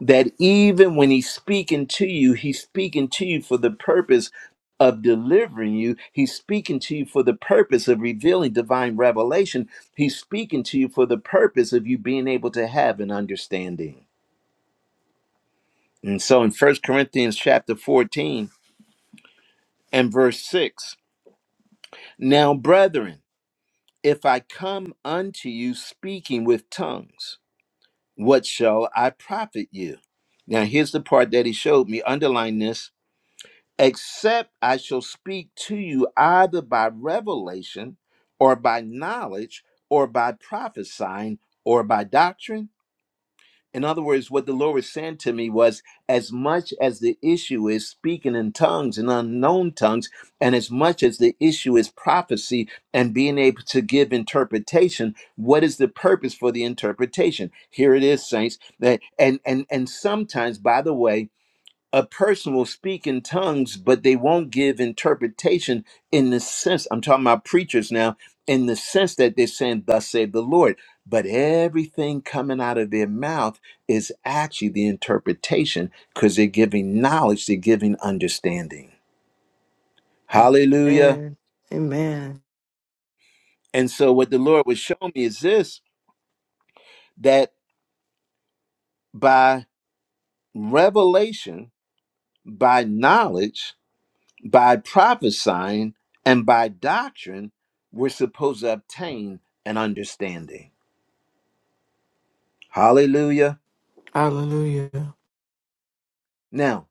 S1: That even when he's speaking to you, he's speaking to you for the purpose of delivering you. He's speaking to you for the purpose of revealing divine revelation. He's speaking to you for the purpose of you being able to have an understanding. And so in First Corinthians chapter 14 and verse 6, now brethren, If I come unto you speaking with tongues, what shall I profit you? Now, here's the part that he showed me. Underline this except I shall speak to you either by revelation or by knowledge or by prophesying or by doctrine. In other words, what the Lord was saying to me was as much as the issue is speaking in tongues and unknown tongues, and as much as the issue is prophecy and being able to give interpretation, what is the purpose for the interpretation? Here it is, saints. That and and and sometimes, by the way a person will speak in tongues, but they won't give interpretation in the sense I'm talking about preachers now, in the sense that they're saying, Thus saith the Lord. But everything coming out of their mouth is actually the interpretation because they're giving knowledge, they're giving understanding. Hallelujah.
S5: Amen. Amen.
S1: And so, what the Lord was showing me is this that by revelation, by knowledge, by prophesying and by doctrine, we're supposed to obtain an understanding. Hallelujah.
S2: Hallelujah.
S1: Now,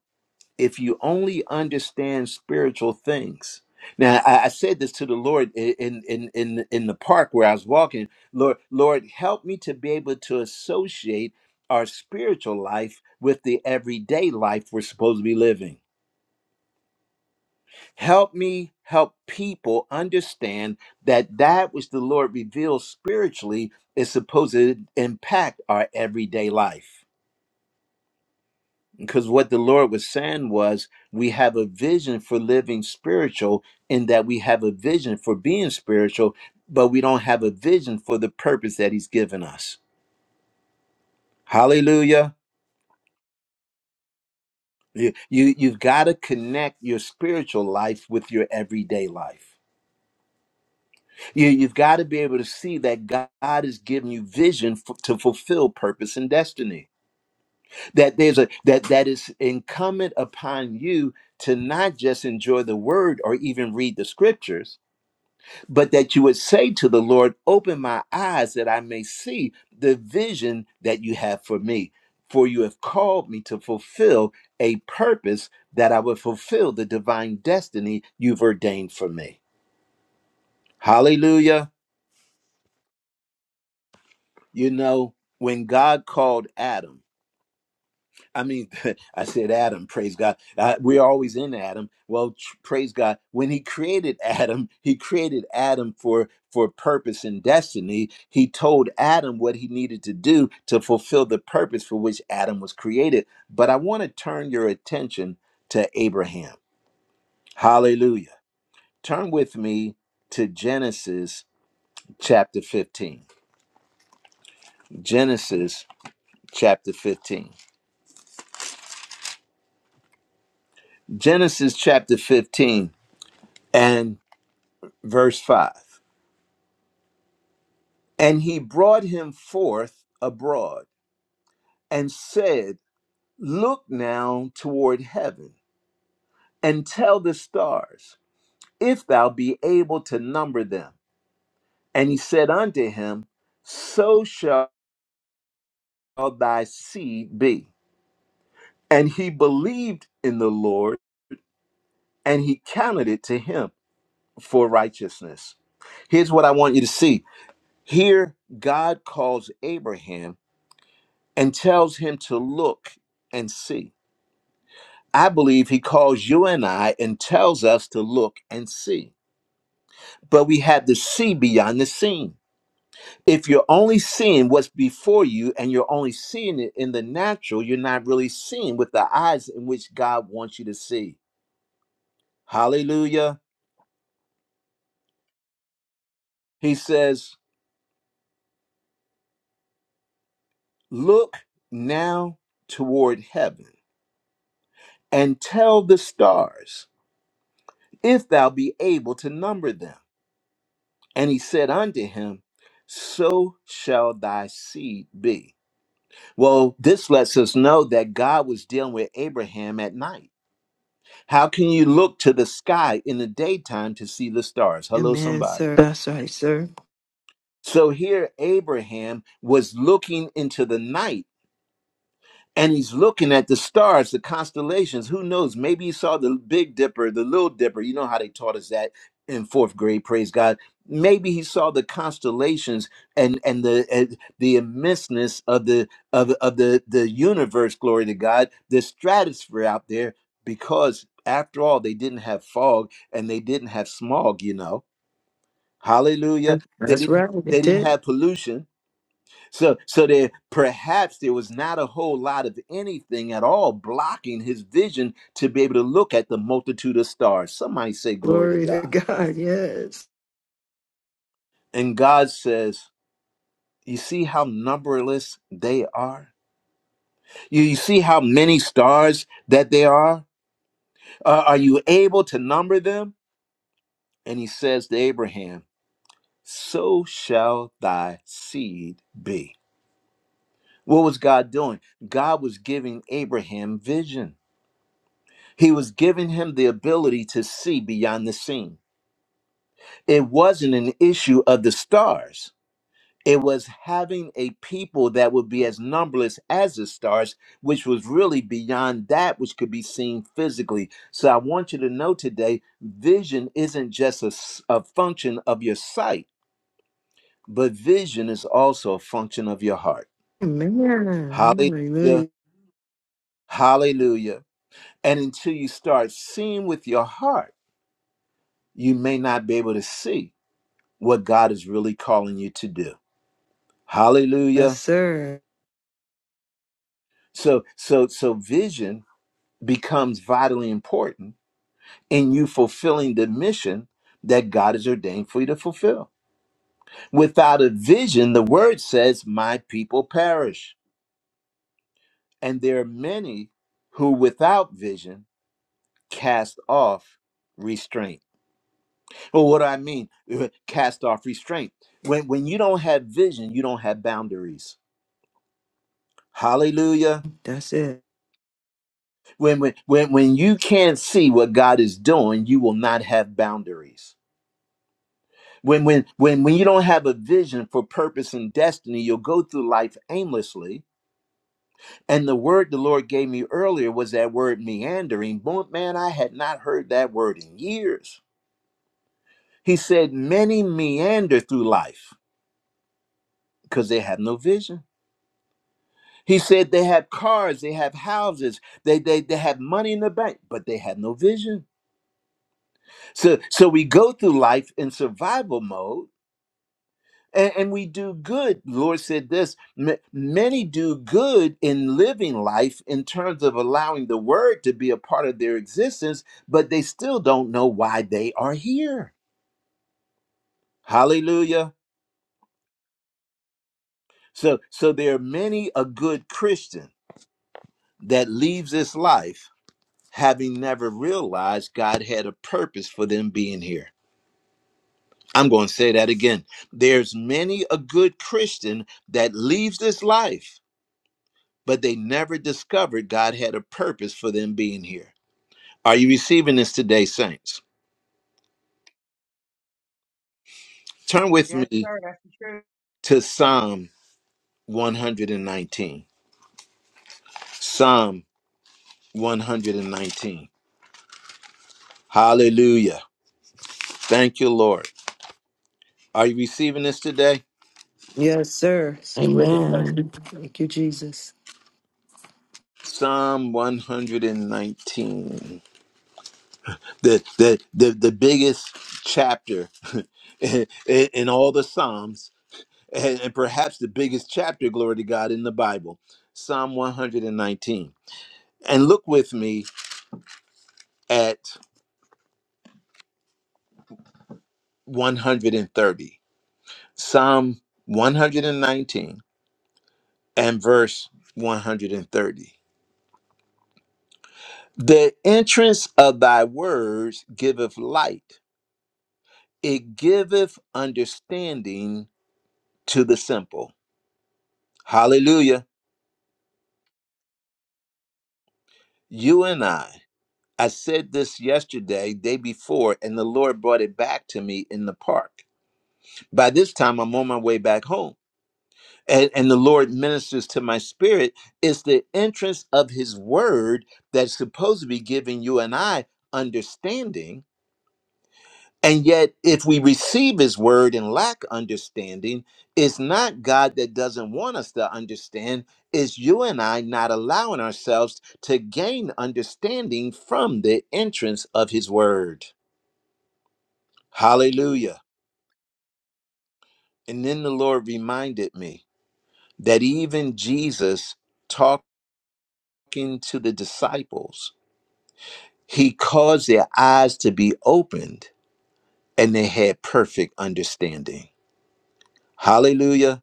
S1: if you only understand spiritual things, now I, I said this to the Lord i- in, in in in the park where I was walking. Lord, Lord, help me to be able to associate our spiritual life with the everyday life we're supposed to be living. Help me help people understand that that which the Lord reveals spiritually is supposed to impact our everyday life. Because what the Lord was saying was, we have a vision for living spiritual, in that we have a vision for being spiritual, but we don't have a vision for the purpose that He's given us. Hallelujah. You, you, you've got to connect your spiritual life with your everyday life. You, you've got to be able to see that God is giving you vision f- to fulfill purpose and destiny. That there's a that that is incumbent upon you to not just enjoy the word or even read the scriptures, but that you would say to the Lord, "Open my eyes that I may see the vision that you have for me." For you have called me to fulfill a purpose that I would fulfill the divine destiny you've ordained for me. Hallelujah. You know, when God called Adam, I mean, I said Adam, praise God. Uh, we're always in Adam. Well, tr- praise God. When he created Adam, he created Adam for for purpose and destiny. He told Adam what he needed to do to fulfill the purpose for which Adam was created. But I want to turn your attention to Abraham. Hallelujah. Turn with me to Genesis chapter 15. Genesis chapter 15. Genesis chapter 15 and verse 5. And he brought him forth abroad and said, Look now toward heaven and tell the stars, if thou be able to number them. And he said unto him, So shall thy seed be. And he believed in the Lord, and he counted it to him for righteousness. Here's what I want you to see. Here, God calls Abraham and tells him to look and see. I believe he calls you and I and tells us to look and see. But we have to see beyond the seen. If you're only seeing what's before you and you're only seeing it in the natural, you're not really seeing with the eyes in which God wants you to see. Hallelujah. He says, Look now toward heaven and tell the stars if thou be able to number them And he said unto him, So shall thy seed be. Well, this lets us know that God was dealing with Abraham at night. How can you look to the sky in the daytime to see the stars? Hello,
S5: Amen, sir.
S1: somebody.
S5: That's right, sir.
S1: So here, Abraham was looking into the night and he's looking at the stars, the constellations. Who knows? Maybe he saw the Big Dipper, the Little Dipper. You know how they taught us that in fourth grade. Praise God. Maybe he saw the constellations and and the and the immenseness of the of of the the universe. Glory to God. The stratosphere out there, because after all, they didn't have fog and they didn't have smog. You know. Hallelujah. They
S5: That's
S1: didn't.
S5: right.
S1: They
S5: It
S1: didn't
S5: did.
S1: have pollution so, so there perhaps there was not a whole lot of anything at all blocking his vision to be able to look at the multitude of stars. Somebody say glory to
S5: Glory to
S1: God.
S5: God. Yes.
S1: And God says, You see how numberless they are? You, you see how many stars that there are? Uh, are you able to number them? And he says to Abraham, So shall thy seed be. What was God doing? God was giving Abraham vision. He was giving him the ability to see beyond the seen. It wasn't an issue of the stars. It was having a people that would be as numberless as the stars, which was really beyond that which could be seen physically. So I want you to know today vision isn't just a, s- a function of your sight, but vision is also a function of your heart.
S5: Amen.
S1: Hallelujah.
S5: Hallelujah.
S1: Hallelujah. And until you start seeing with your heart, you may not be able to see what God is really calling you to do.
S5: Yes,
S1: Hallelujah.
S5: sir.
S1: So so so vision becomes vitally important in you fulfilling the mission that God has ordained for you to fulfill. Without a vision, the word says, "My people perish." And there are many who without vision cast off restraint. Well, what do I mean? Cast off restraint. When when you don't have vision, you don't have boundaries. Hallelujah.
S5: That's it.
S1: When, when, when, when you can't see what God is doing, you will not have boundaries. When, when, when, when you don't have a vision for purpose and destiny, you'll go through life aimlessly. And the word the Lord gave me earlier was that word meandering. Boy, man, I had not heard that word in years. He said, Many meander through life because they have no vision. He said they have cars, they have houses, they, they, they have money in the bank, but they have no vision. So, so we go through life in survival mode and, and we do good. The Lord said this "Ma- many do good in living life in terms of allowing the word to be a part of their existence, but they still don't know why they are here. Hallelujah. So, so there are many a good Christian that leaves this life having never realized God had a purpose for them being here. I'm going to say that again. There's many a good Christian that leaves this life but they never discovered God had a purpose for them being here. Are you receiving this today, saints? Turn with
S7: Yes,
S1: me
S7: sir. That's the truth.
S1: to Psalm 119. Psalm 119. Hallelujah. Thank you, Lord. Are you receiving this today?
S5: Yes, sir.
S2: Amen.
S5: Thank you, Jesus.
S1: Psalm 119. The the the, the biggest chapter in, in all the Psalms, and and perhaps the biggest chapter, glory to God, in the Bible. Psalm 119. And look with me at 130, Psalm 119 and nineteen and verse 130. The entrance of thy words giveth light, it giveth understanding to the simple. Hallelujah. You and I, I said this yesterday, day before, and the Lord brought it back to me in the park. By this time, I'm on my way back home and, and the Lord ministers to my spirit, it's the entrance of His Word that's supposed to be giving you and I understanding. And yet, if we receive His Word and lack understanding, it's not God that doesn't want us to understand, it's you and I not allowing ourselves to gain understanding from the entrance of His Word. Hallelujah. And then the Lord reminded me that even Jesus talked talking to the disciples, he caused their eyes to be opened and they had perfect understanding. Hallelujah.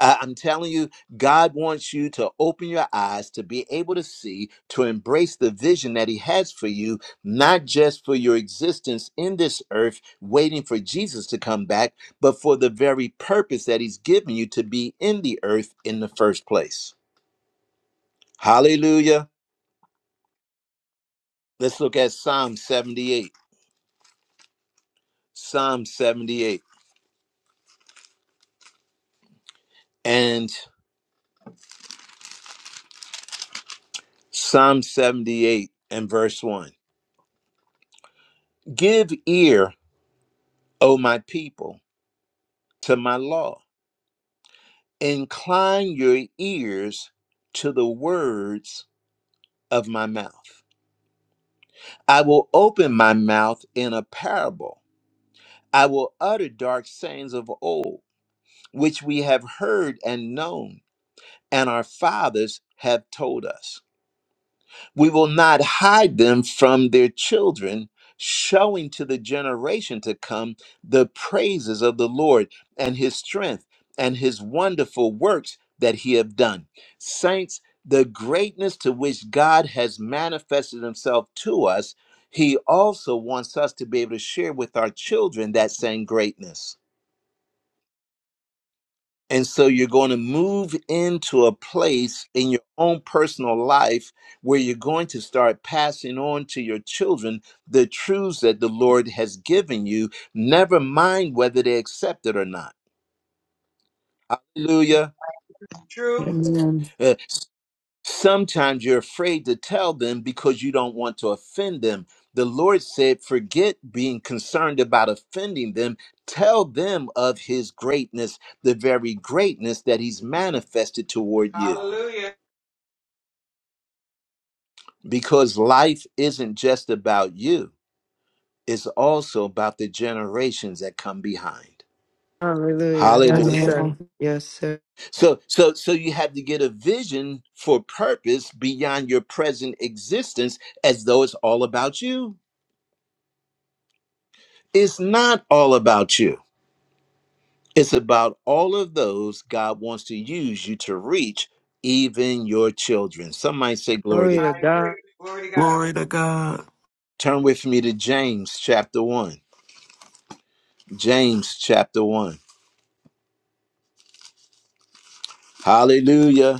S1: I- I'm telling you, God wants you to open your eyes to be able to see, to embrace the vision that He has for you, not just for your existence in this earth, waiting for Jesus to come back, but for the very purpose that He's given you to be in the earth in the first place. Hallelujah. Let's look at Psalm 78. Psalm 78 and Psalm 78 and verse 1. Give ear, O my people, to my law. Incline your ears to the words of my mouth. I will open my mouth in a parable. I will utter dark sayings of old, which we have heard and known, and our fathers have told us. We will not hide them from their children, showing to the generation to come the praises of the Lord and his strength and his wonderful works that he have done. Saints, the greatness to which God has manifested himself to us, he also wants us to be able to share with our children that same greatness. And so you're going to move into a place in your own personal life where you're going to start passing on to your children the truths that the Lord has given you, never mind whether they accept it or not.
S7: It's
S1: Hallelujah.
S7: the truth.
S2: Amen.
S1: Uh, sometimes you're afraid to tell them because you don't want to offend them. The Lord said, forget being concerned about offending them. Tell them of his greatness, the very greatness that he's manifested toward you.
S7: Hallelujah.
S1: because life isn't just about you it's also about the generations that come behind
S5: Hallelujah. Yes,
S1: hallelujah
S2: Amen.
S5: sir. Yes, sir.
S1: so so so you have to get a vision for purpose beyond your present existence as though it's all about you it's not all about you it's about all of those god wants to use you to reach even your children some might say glory to
S5: Glory
S1: god
S5: to
S7: I
S5: God.
S7: agree. Glory to God.
S2: Glory to God.
S1: turn with me to james chapter 1 james chapter 1 hallelujah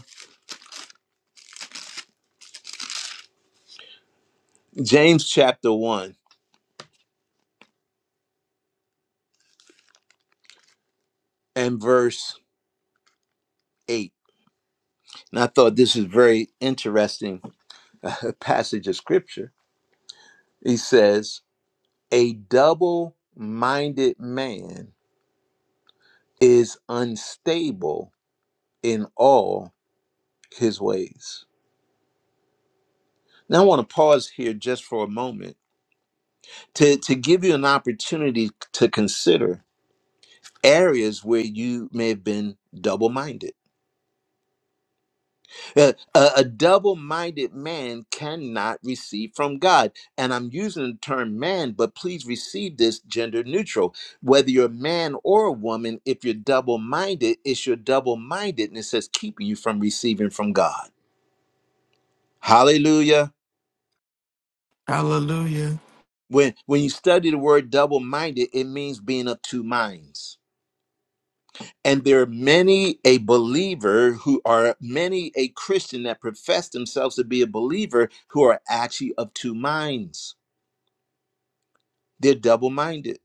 S1: James chapter 1 and verse 8. And I thought this is very interesting uh, passage of scripture. He says, "A double-minded man is unstable in all his ways." Now I want to pause here just for a moment to to give you an opportunity to consider areas where you may have been double-minded A, a, a double minded man cannot receive from God. And I'm using the term man, but please receive this gender neutral. Whether you're a man or a woman, if you're double minded, it's your double mindedness that's keeping you from receiving from God. Hallelujah.
S2: Hallelujah.
S1: When, when you study the word double minded, it means being of two minds. And there are many a believer who are many a Christian that profess themselves to be a believer who are actually of two minds They're double minded.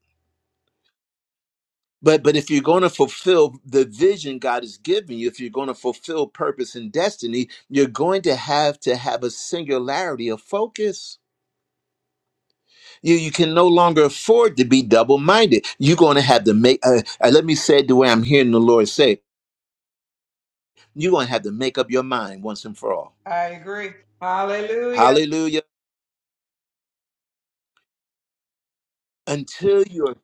S1: But but if you're going to fulfill the vision God is giving you, if you're going to fulfill purpose and destiny, you're going to have to have a singularity of focus. You you can no longer afford to be double minded. You're going to have to make. Uh, uh, let me say it the way I'm hearing the Lord say. You're going to have to make up your mind once and for all.
S7: I agree. Hallelujah.
S1: Hallelujah. Until you're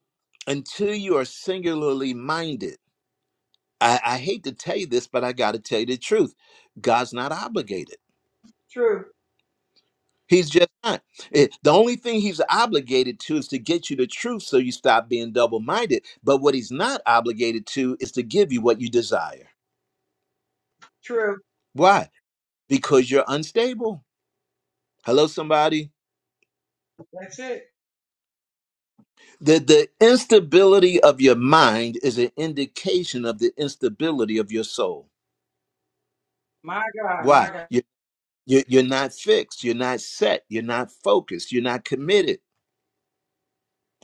S1: until you are singularly minded. I, I hate to tell you this, but I got to tell you the truth. God's not obligated.
S7: True.
S1: He's just not. It- the only thing he's obligated to is to get you the truth so you stop being double minded. But what he's not obligated to is to give you what you desire.
S7: True.
S1: Why? Because you're unstable. Hello, somebody.
S7: That's it.
S1: The, the instability of your mind is an indication of the instability of your soul.
S7: My God. My
S1: Why?
S7: God.
S1: You, you, you're not fixed. You're not set. You're not focused. You're not committed.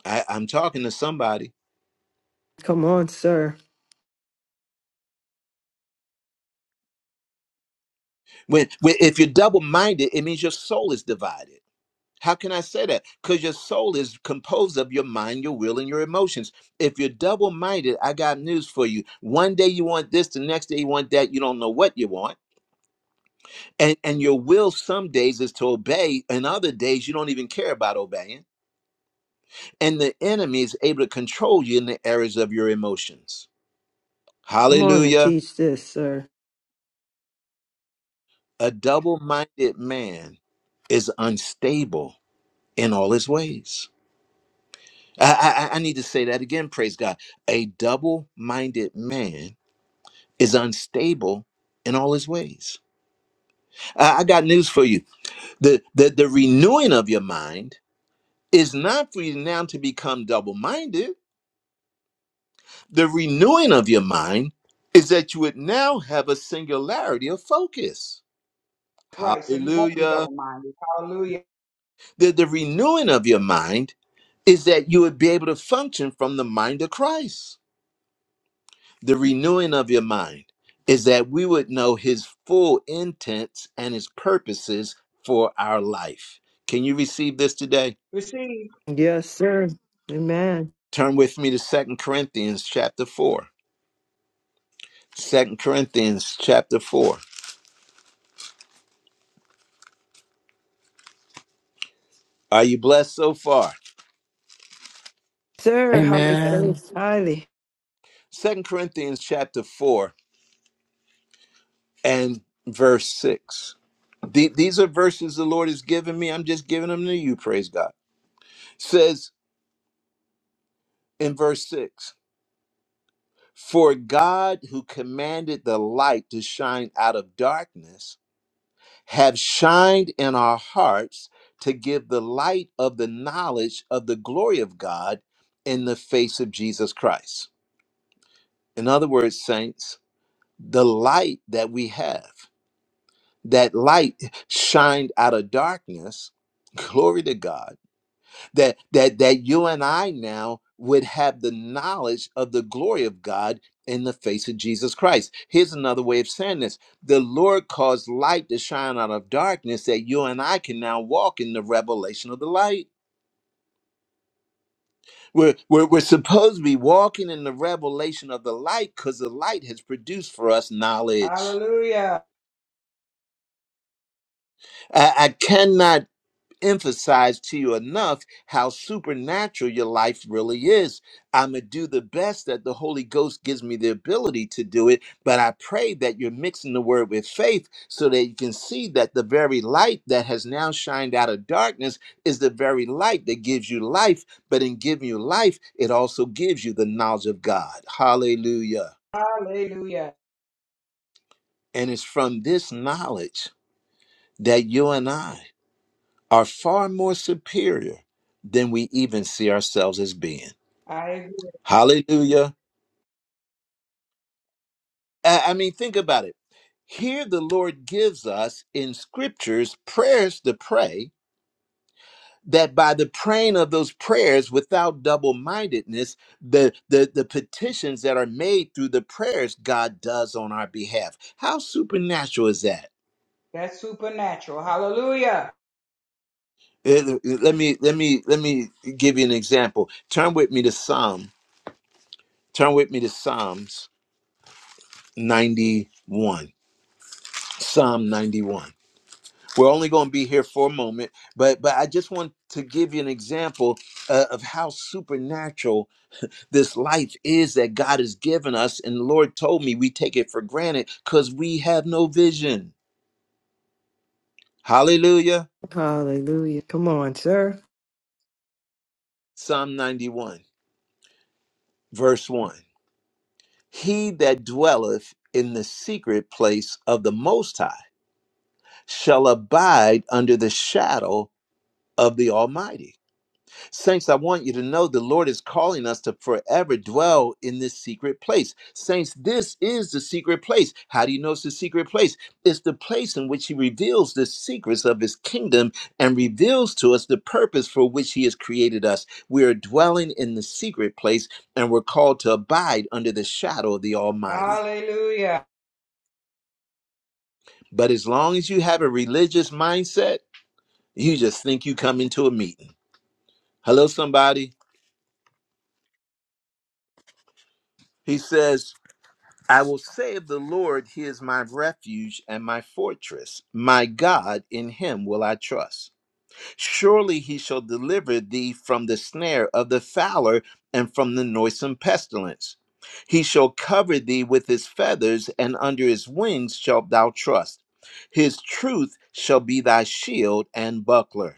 S1: I, I'm talking to somebody.
S5: Come on, sir.
S1: When, when if you're double minded, it means your soul is divided How can I say that? Because your soul is composed of your mind, your will, and your emotions. If you're double minded, I got news for you. One day you want this, the next day you want that. You don't know what you want. And, and your will some days is to obey, and other days you don't even care about obeying. And the enemy is able to control you in the areas of your emotions.
S5: Come on and
S1: Hallelujah.
S5: teach this, sir.
S1: A double minded man is unstable in all his ways. I, I, I need to say that again, praise God. A double minded man is unstable in all his ways. I, I got news for you. The, the, the renewing of your mind is not for you now to become double minded, the renewing of your mind is that you would now have a singularity of focus.
S7: That's right. So you won't be
S1: Hallelujah.
S7: double minded. Hallelujah.
S1: The, the renewing of your mind is that you would be able to function from the mind of Christ. the renewing of your mind is that we would know his full intents and his purposes for our life. Can you receive this today?
S7: Receive.
S5: Yes, sir. Amen.
S1: Turn with me to Second Corinthians chapter 4. Second Corinthians chapter 4. Are you blessed so far?
S5: Sir, highly
S2: Amen.
S5: praised, highly.
S1: Second Corinthians chapter 4 and verse 6. The- these are verses the Lord has given me. I'm just giving them to you, praise God. Says in verse 6 For God, who commanded the light to shine out of darkness, have shined in our hearts to give the light of the knowledge of the glory of God in the face of Jesus Christ. In other words, saints, the light that we have, that light shined out of darkness, glory to God that that that you and I now would have the knowledge of the glory of God in the face of Jesus Christ. Here's another way of saying this. The Lord caused light to shine out of darkness that you and I can now walk in the revelation of the light. We're, we're, we're supposed to be walking in the revelation of the light because the light has produced for us knowledge.
S7: Hallelujah.
S1: I, I cannot emphasize to you enough how supernatural your life really is. I'm going to do the best that the Holy Ghost gives me the ability to do it, but I pray that you're mixing the word with faith so that you can see that the very light that has now shined out of darkness is the very light that gives you life. But in giving you life, it also gives you the knowledge of God. Hallelujah.
S7: Hallelujah.
S1: And it's from this knowledge that you and I are far more superior than we even see ourselves as being.
S7: I agree.
S1: Hallelujah. I I mean, think about it. Here, the Lord gives us in scriptures prayers to pray that by the praying of those prayers without double mindedness, the, the, the petitions that are made through the prayers God does on our behalf. How supernatural is that?
S7: That's supernatural. Hallelujah.
S1: Eh, Let me let me let me give you an example. Turn with me to Psalm. Turn with me to Psalms 91 psalm 91 we're only going to be here for a moment but but i just want to give you an example uh, of how supernatural this life is that god has given us and the lord told me we take it for granted because we have no vision hallelujah
S5: Hallelujah. Come on, sir.
S1: psalm 91 verse 1 he that dwelleth in the secret place of the most high shall abide under the shadow of the almighty Saints, I want you to know the Lord is calling us to forever dwell in this secret place. Saints, this is the secret place. How do you know it's the secret place? It's the place in which He reveals the secrets of His kingdom and reveals to us the purpose for which He has created us. We are dwelling in the secret place and we're called to abide under the shadow of the Almighty.
S7: Hallelujah.
S1: But as long as you have a religious mindset, you just think you come into a meeting. Hello, somebody. He says, I will say of the Lord, He is my refuge and my fortress. My God, in Him will I trust. Surely He shall deliver thee from the snare of the fowler and from the noisome pestilence. He shall cover thee with His feathers, and under His wings shalt thou trust. His truth shall be thy shield and buckler.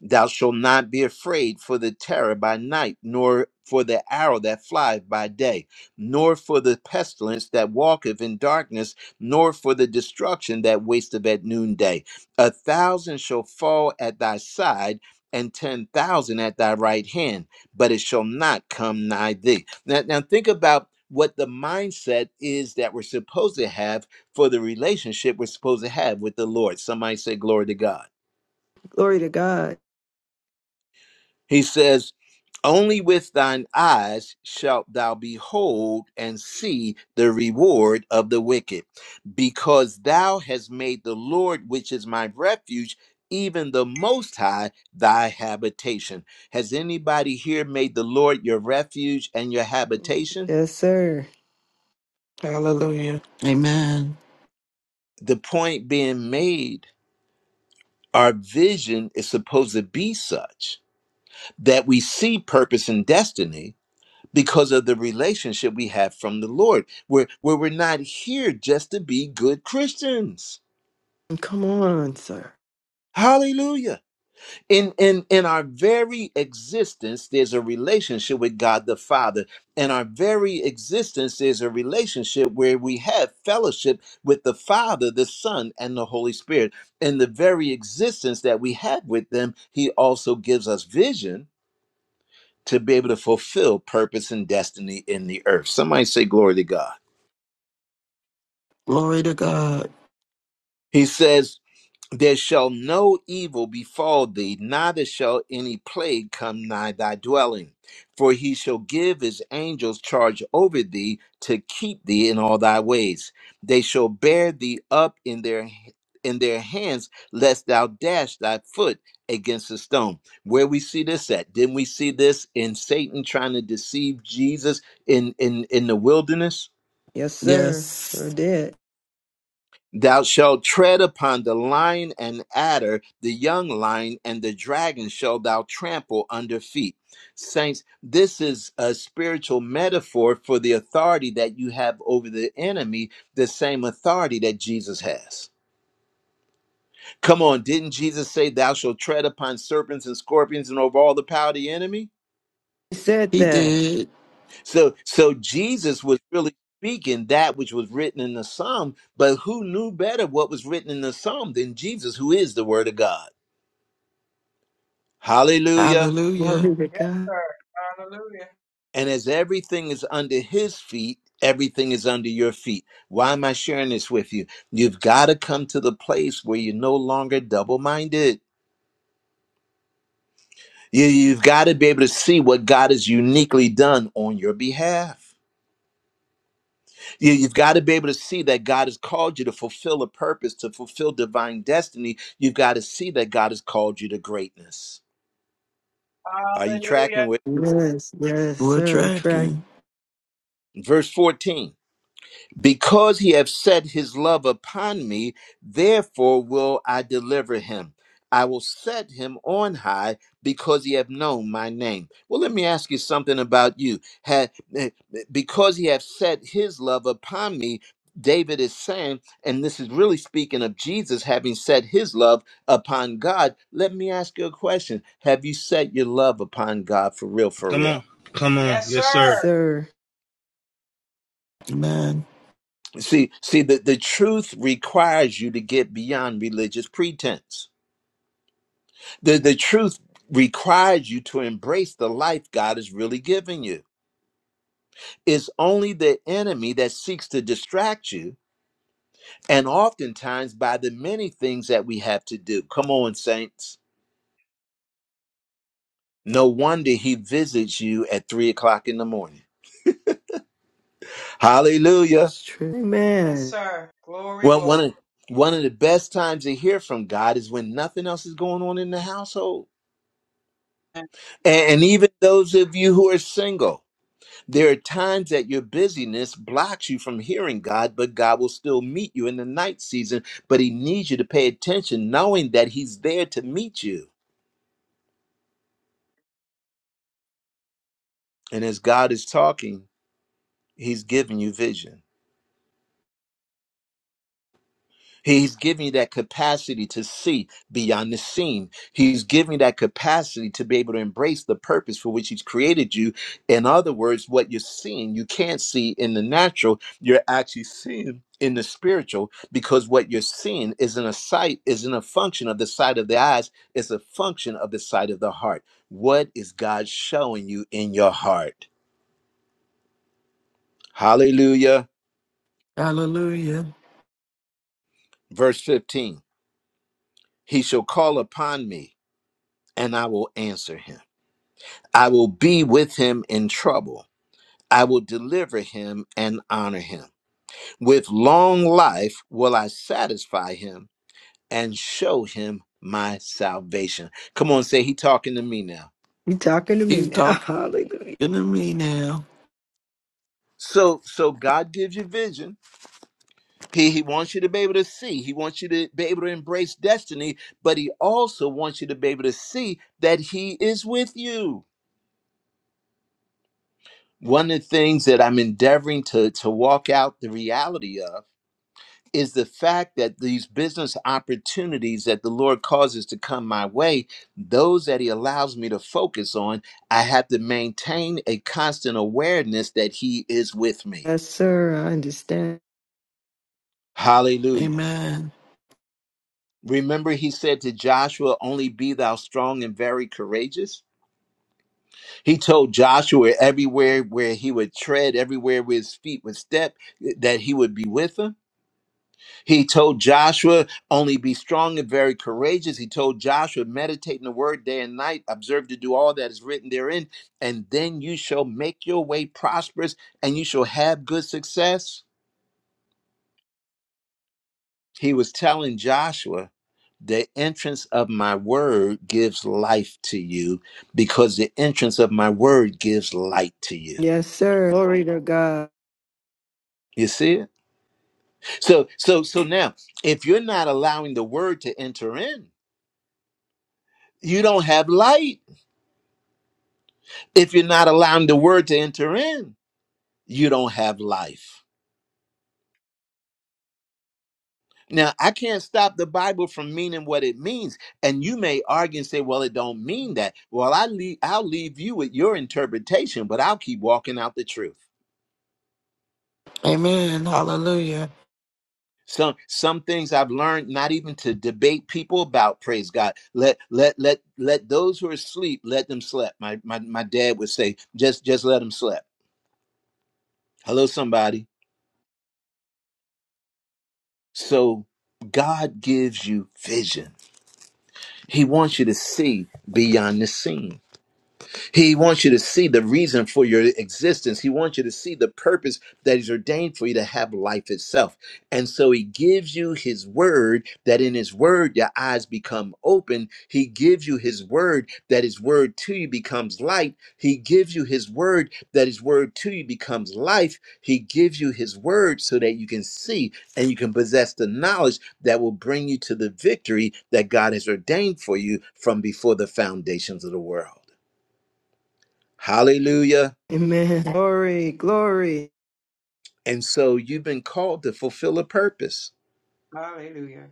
S1: Thou shalt not be afraid for the terror by night, nor for the arrow that flieth by day, nor for the pestilence that walketh in darkness, nor for the destruction that wasteth at noonday. A thousand shall fall at thy side, and ten thousand at thy right hand, but it shall not come nigh thee. Now, now think about what the mindset is that we're supposed to have for the relationship we're supposed to have with the Lord. Somebody say, Glory to God.
S5: Glory to God.
S1: He says, Only with thine eyes shalt thou behold and see the reward of the wicked, because thou hast made the Lord, which is my refuge, even the Most High, thy habitation. Has anybody here made the Lord your refuge and your habitation?
S5: Yes, sir.
S2: Hallelujah. Amen.
S1: The point being made, our vision is supposed to be such that we see purpose and destiny because of the relationship we have from the Lord, where, where we're not here just to be good Christians.
S5: Come on, sir.
S1: Hallelujah. In, in in our very existence, there's a relationship with God the Father. In our very existence, there's a relationship where we have fellowship with the Father, the Son, and the Holy Spirit. In the very existence that we have with them, He also gives us vision to be able to fulfill purpose and destiny in the earth. Somebody say, Glory to God.
S2: Glory to God.
S1: He says, There shall no evil befall thee, neither shall any plague come nigh thy dwelling. For he shall give his angels charge over thee to keep thee in all thy ways. They shall bear thee up in their in their hands, lest thou dash thy foot against a stone. Where we see this at? Didn't we see this in Satan trying to deceive Jesus in in in the wilderness?
S5: Yes, sir. Sure
S2: Yes,
S5: did.
S1: Thou shalt tread upon the lion and adder, the young lion and the dragon shalt thou trample under feet. Saints, this is a spiritual metaphor for the authority that you have over the enemy, the same authority that Jesus has. Come on, didn't Jesus say, Thou shalt tread upon serpents and scorpions and over all the power of the enemy?
S5: He said
S2: He
S5: that.
S2: did.
S1: So so Jesus was really speaking that which was written in the Psalm, but who knew better what was written in the Psalm than Jesus, who is the Word of God? Hallelujah.
S2: Hallelujah.
S5: Glory to
S7: Yes,
S5: God.
S7: sir. Hallelujah.
S1: And as everything is under his feet, everything is under your feet. Why am I sharing this with you? You've got to come to the place where you're no longer double minded. You, you've got to be able to see what God has uniquely done on your behalf. You, you've got to be able to see that God has called you to fulfill a purpose, to fulfill divine destiny. You've got to see that God has called you to greatness. Are you tracking
S7: Hallelujah.
S1: with
S5: Yes, yes,
S2: We're
S5: sir. I'm tracking,
S2: tracking.
S1: verse 14? Because he hath set his love upon me, therefore will I deliver him. I will set him on high because he hath known my name. Well, let me ask you something about you. Ha- eh, eh, because he hath set his love upon me, David is saying, and this is really speaking of Jesus having set his love upon God. Let me ask you a question Have you set your love upon God for real, for real?
S7: Yes, sir.
S5: sir.
S2: Amen.
S1: See, see, the, the truth requires you to get beyond religious pretense. The, the truth requires you to embrace the life God is really giving you. It's only the enemy that seeks to distract you, and oftentimes by the many things that we have to do. Come on, saints. No wonder he visits you at three o'clock in the morning. Hallelujah.
S5: It's true.
S7: Yes,
S5: Amen.
S7: sir. Glory,
S1: Well, one
S7: glory.
S1: of, one of the best times to hear from God is when nothing else is going on in the household. And, even those of you who are single, there are times that your busyness blocks you from hearing God, but God will still meet you in the night season. But He needs you to pay attention, knowing that He's there to meet you. And as God is talking, He's giving you vision. He's giving you that capacity to see beyond the seen. He's giving you that capacity to be able to embrace the purpose for which He's created you. In other words, what you're seeing, you can't see in the natural, you're actually seeing in the spiritual because what you're seeing isn't a sight, isn't a function of the sight of the eyes, it's a function of the sight of the heart. What is God showing you in your heart? Hallelujah.
S2: Hallelujah.
S1: Verse 15 He shall call upon me, and I will answer him. I will be with him in trouble. I will deliver him and honor him. With long life will I satisfy him and show him my salvation. Come on, say he talking to me now.
S5: You talking to
S2: He's
S5: me now.
S2: talking
S5: Hallelujah.
S2: to me now.
S1: So so God gives you vision. He he wants you to be able to see. He wants you to be able to embrace destiny, but he also wants you to be able to see that he is with you. One of the things that I'm endeavoring to to walk out the reality of is the fact that these business opportunities that the Lord causes to come my way, those that He allows me to focus on, I have to maintain a constant awareness that He is with me.
S5: Yes, sir. I understand.
S1: Hallelujah.
S2: Amen.
S1: Remember, He said to Joshua, Only be thou strong and very courageous. He told Joshua everywhere where he would tread, everywhere where his feet would step, that He would be with him He told Joshua, only be strong and very courageous. He told Joshua, meditate in the word day and night, observe to do all that is written therein, and then you shall make your way prosperous and you shall have good success. He was telling Joshua, the entrance of my word gives life to you because the entrance of my word gives light to you.
S5: Yes, sir. Glory to God.
S1: You see it? So so so now, if you're not allowing the word to enter in, you don't have light If you're not allowing the word to enter in, you don't have life. Now, I can't stop the Bible from meaning what it means, and you may argue and say, "Well, it don't mean that." Well, I leave, I'll leave you with your interpretation, but I'll keep walking out the truth.
S2: Amen. Hallelujah.
S1: Some some things I've learned not even to debate people about. Praise God. Let let let let those who are asleep let them sleep. My my my dad would say, "Just just let them sleep." Hello, somebody. So God gives you vision. He wants you to see beyond the scene. He wants you to see the reason for your existence. He wants you to see the purpose that He's ordained for you to have life itself. And so He gives you His word that in His word your eyes become open. He gives you His word that His word to you becomes light. He gives you His word that His word to you becomes life. He gives you His word so that you can see and you can possess the knowledge that will bring you to the victory that God has ordained for you from before the foundations of the world. Hallelujah.
S5: Amen. Glory, glory.
S1: And so you've been called to fulfill a purpose.
S7: Hallelujah.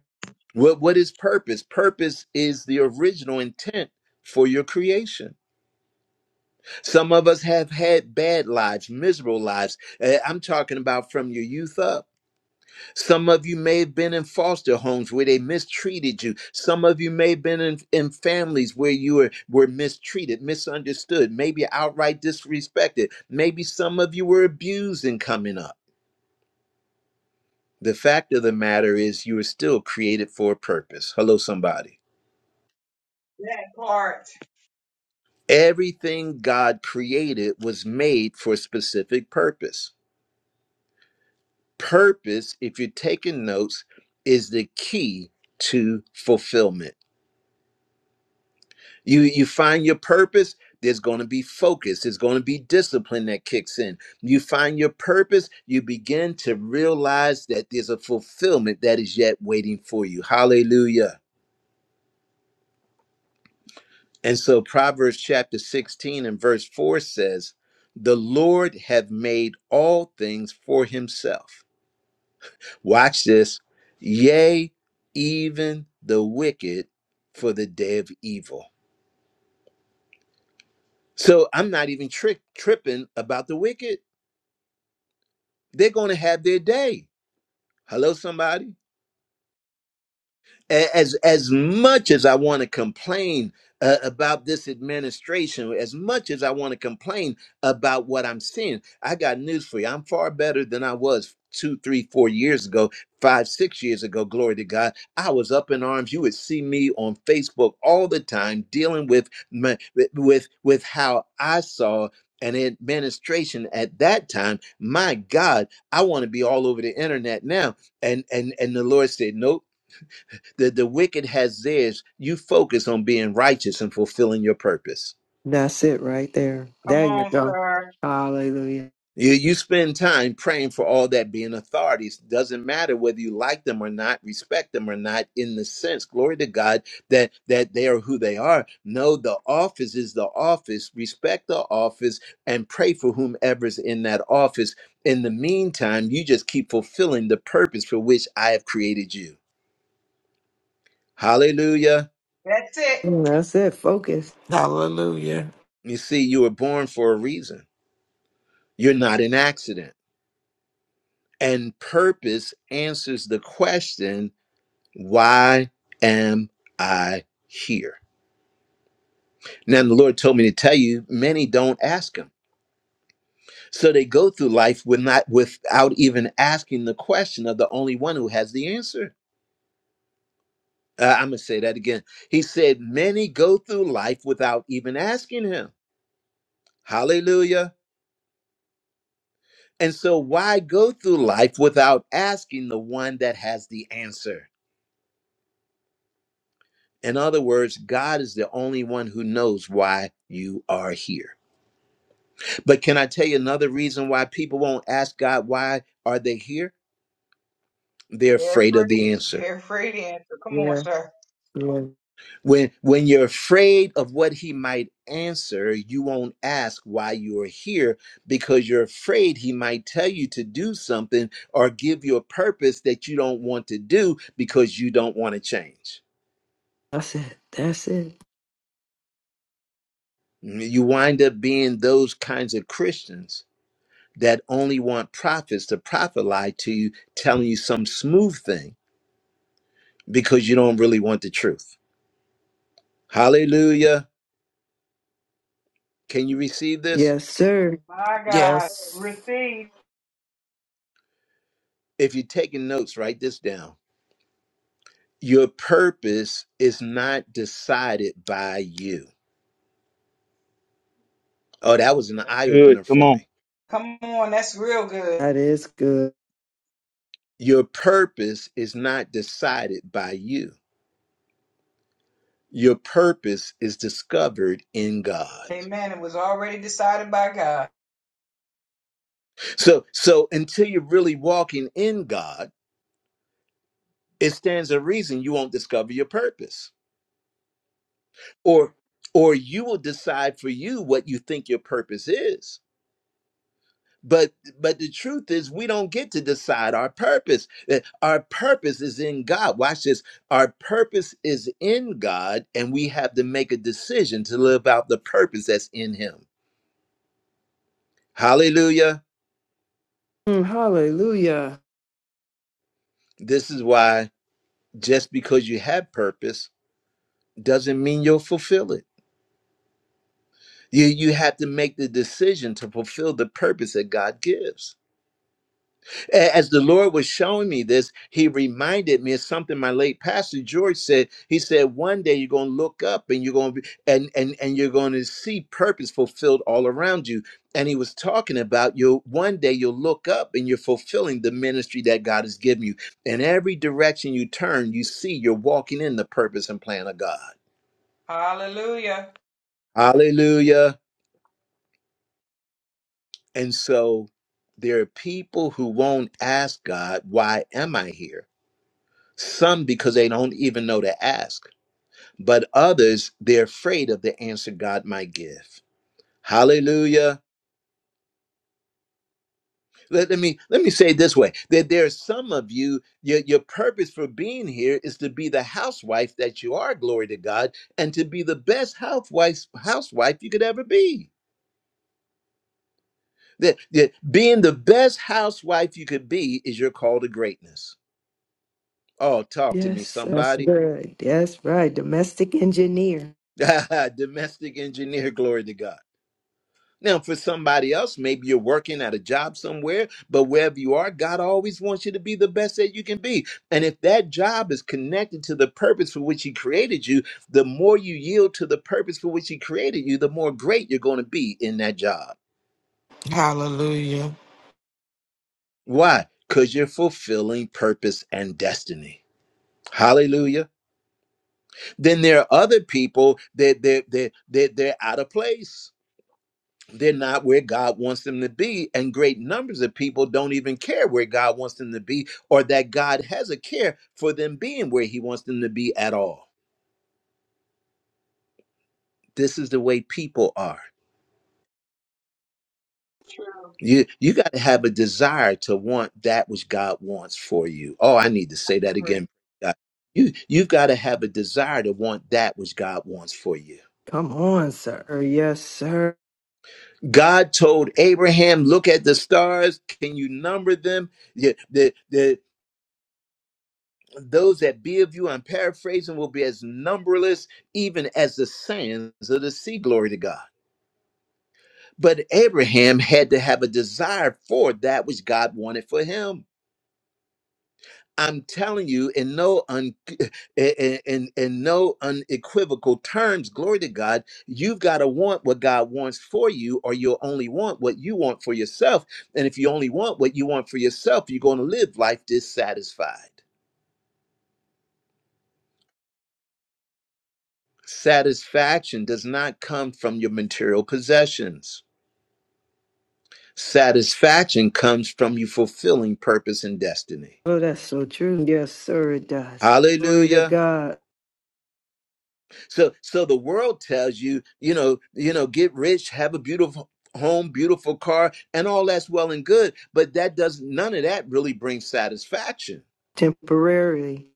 S1: What, what is purpose? Purpose is the original intent for your creation. Some of us have had bad lives, miserable lives. Eh, I'm talking about from your youth up. Some of you may have been in foster homes where they mistreated you. Some of you may have been in, in families where you were, were mistreated, misunderstood, maybe outright disrespected. Maybe some of you were abused in coming up. The fact of the matter is, you were still created for a purpose. Hello, somebody.
S7: That part.
S1: Everything God created was made for a specific purpose. Purpose, if you're taking notes, is the key to fulfillment. You you find your purpose, there's going to be focus, there's going to be discipline that kicks in. You find your purpose, you begin to realize that there's a fulfillment that is yet waiting for you. Hallelujah. And so Proverbs chapter 16 and verse 4 says, The Lord hath made all things for himself. Watch this. Yea, even the wicked for the day of evil. So I'm not even tri- tripping about the wicked. They're going to have their day. Hello, somebody. as as much as I want to complain uh, about this administration, as much as I want to complain about what I'm seeing, I got news for you. I'm far better than I was two, three, four years ago, five, six years ago. Glory to God! I was up in arms. You would see me on Facebook all the time dealing with my, with with with how I saw. An administration at that time, my God, I want to be all over the internet now. And and and the Lord said, Nope the the wicked has theirs. You focus on being righteous and fulfilling your purpose.
S5: That's it right there.
S7: Come
S5: There you
S7: on,
S5: go.
S7: sir.
S5: Hallelujah.
S1: You you spend time praying for all that being authorities. Doesn't matter whether you like them or not, respect them or not, in the sense, glory to God, that that they are who they are. No, the office is the office. Respect the office and pray for whomever's in that office. In the meantime, you just keep fulfilling the purpose for which I have created you. Hallelujah.
S7: That's it.
S5: Mm, That's it. Focus.
S2: Hallelujah.
S1: You see, you were born for a reason. You're not an accident. And purpose answers the question, why am I here? Now the Lord told me to tell you, many don't ask him. So they go through life with not without even asking the question of the only one who has the answer. Uh, I'm gonna say that again. He said, many go through life without even asking him. Hallelujah. And so why go through life without asking the one that has the answer? In other words, God is the only one who knows why you are here. But can I tell you another reason why people won't ask God why are they here? They're
S7: They're
S1: afraid of the
S7: free.
S1: answer.
S7: They're free to answer. Come on,
S5: Yeah.
S7: sir.
S5: Yeah.
S1: When when you're afraid of what he might answer, you won't ask why you are here because you're afraid he might tell you to do something or give you a purpose that you don't want to do because you don't want to change.
S5: That's it. That's it.
S1: You wind up being those kinds of Christians that only want prophets to prophet lie to you, telling you some smooth thing because you don't really want the truth. Hallelujah. Can you receive this?
S5: Yes, sir.
S7: My God.
S2: Yes.
S7: Receive.
S1: If you're taking notes, write this down. Your purpose is not decided by you. Oh, that was an eye opener for me.
S7: Come on. That's real good.
S5: That is good.
S1: Your purpose is not decided by you. Your purpose is discovered in God.
S7: Amen. It was already decided by God.
S1: So so until you're really walking in God, it stands a reason you won't discover your purpose or or you will decide for you what you think your purpose is but but the truth is we don't get to decide our purpose Uh, our purpose is in god watch this our purpose is in god and we have to make a decision to live out the purpose that's in him hallelujah
S5: Mm, hallelujah.
S1: this is why just because you have purpose doesn't mean you'll fulfill it you you have to make the decision to fulfill the purpose that god gives A- As the Lord was showing me this, He reminded me of something my late pastor George said. He said, "One day you're going to look up and you're going to be and and and you're going to see purpose fulfilled all around you." And he was talking about you. One day you'll look up and you're fulfilling the ministry that God has given you. In every direction you turn, you see you're walking in the purpose and plan of God.
S7: Hallelujah.
S1: Hallelujah. And so there are people who won't ask God, "Why am I here?" Some because they don't even know to ask, but others they're afraid of the answer God might give. Hallelujah. Let, let me let me say it this way that there are some of you, your, your purpose for being here is to be the housewife that you are, glory to God, and to be the best housewife housewife you could ever be. That, that being the best housewife you could be is your call to greatness. Oh, talk to me,
S5: Yes, that's
S1: somebody.
S5: good. That's right. Domestic engineer.
S1: Domestic engineer, glory to God Now, for somebody else, maybe you're working at a job somewhere, but wherever you are, God always wants you to be the best that you can be. And if that job is connected to the purpose for which He created you, the more you yield to the purpose for which He created you, the more great you're going to be in that job.
S2: Hallelujah.
S1: Why? Because you're fulfilling purpose and destiny. Hallelujah. Then there are other people that they're, they're, they're, they're out of place they're not where God wants them to be. And great numbers of people don't even care where God wants them to be or that God has a care for them being where He wants them to be at all. This is the way people are.
S7: True.
S1: You, you got to have a desire to want that which God wants for you. Oh, I need to say that again.
S7: Free.
S1: God. You, you've got to have a desire to want that which God wants for you.
S5: Come on, sir. Yes, sir.
S1: God told Abraham, Look at the stars. Can you number them? Yeah, the the those that be of you, I'm paraphrasing, will be as numberless even as the sands of the sea. Glory to God. But Abraham had to have a desire for that which God wanted for him. I'm telling you, in no un, in, in, in no unequivocal terms, glory to God, you've got to want what God wants for you, or you'll only want what you want for yourself. And if you only want what you want for yourself, you're going to live life dissatisfied. Satisfaction does not come from your material possessions. Satisfaction comes from you fulfilling purpose and destiny.
S5: Oh, that's so true. Yes, sir. It does. Glory to
S1: Hallelujah.
S5: God.
S1: So so the world tells you, you know, you know, get rich, have a beautiful home, beautiful car, and all that's well and good, but that does none of that really brings satisfaction.
S5: Temporarily.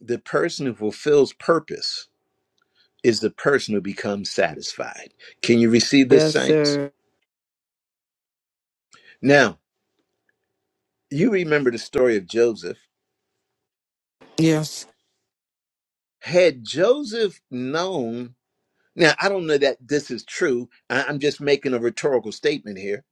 S1: The person who fulfills purpose is the person who becomes satisfied. Can you receive this
S5: Yes,
S1: saints?
S5: sir.
S1: Now, you remember the story of Joseph
S2: Yes.
S1: had Joseph known, now I don't know that this is true. I- I'm just making a rhetorical statement here.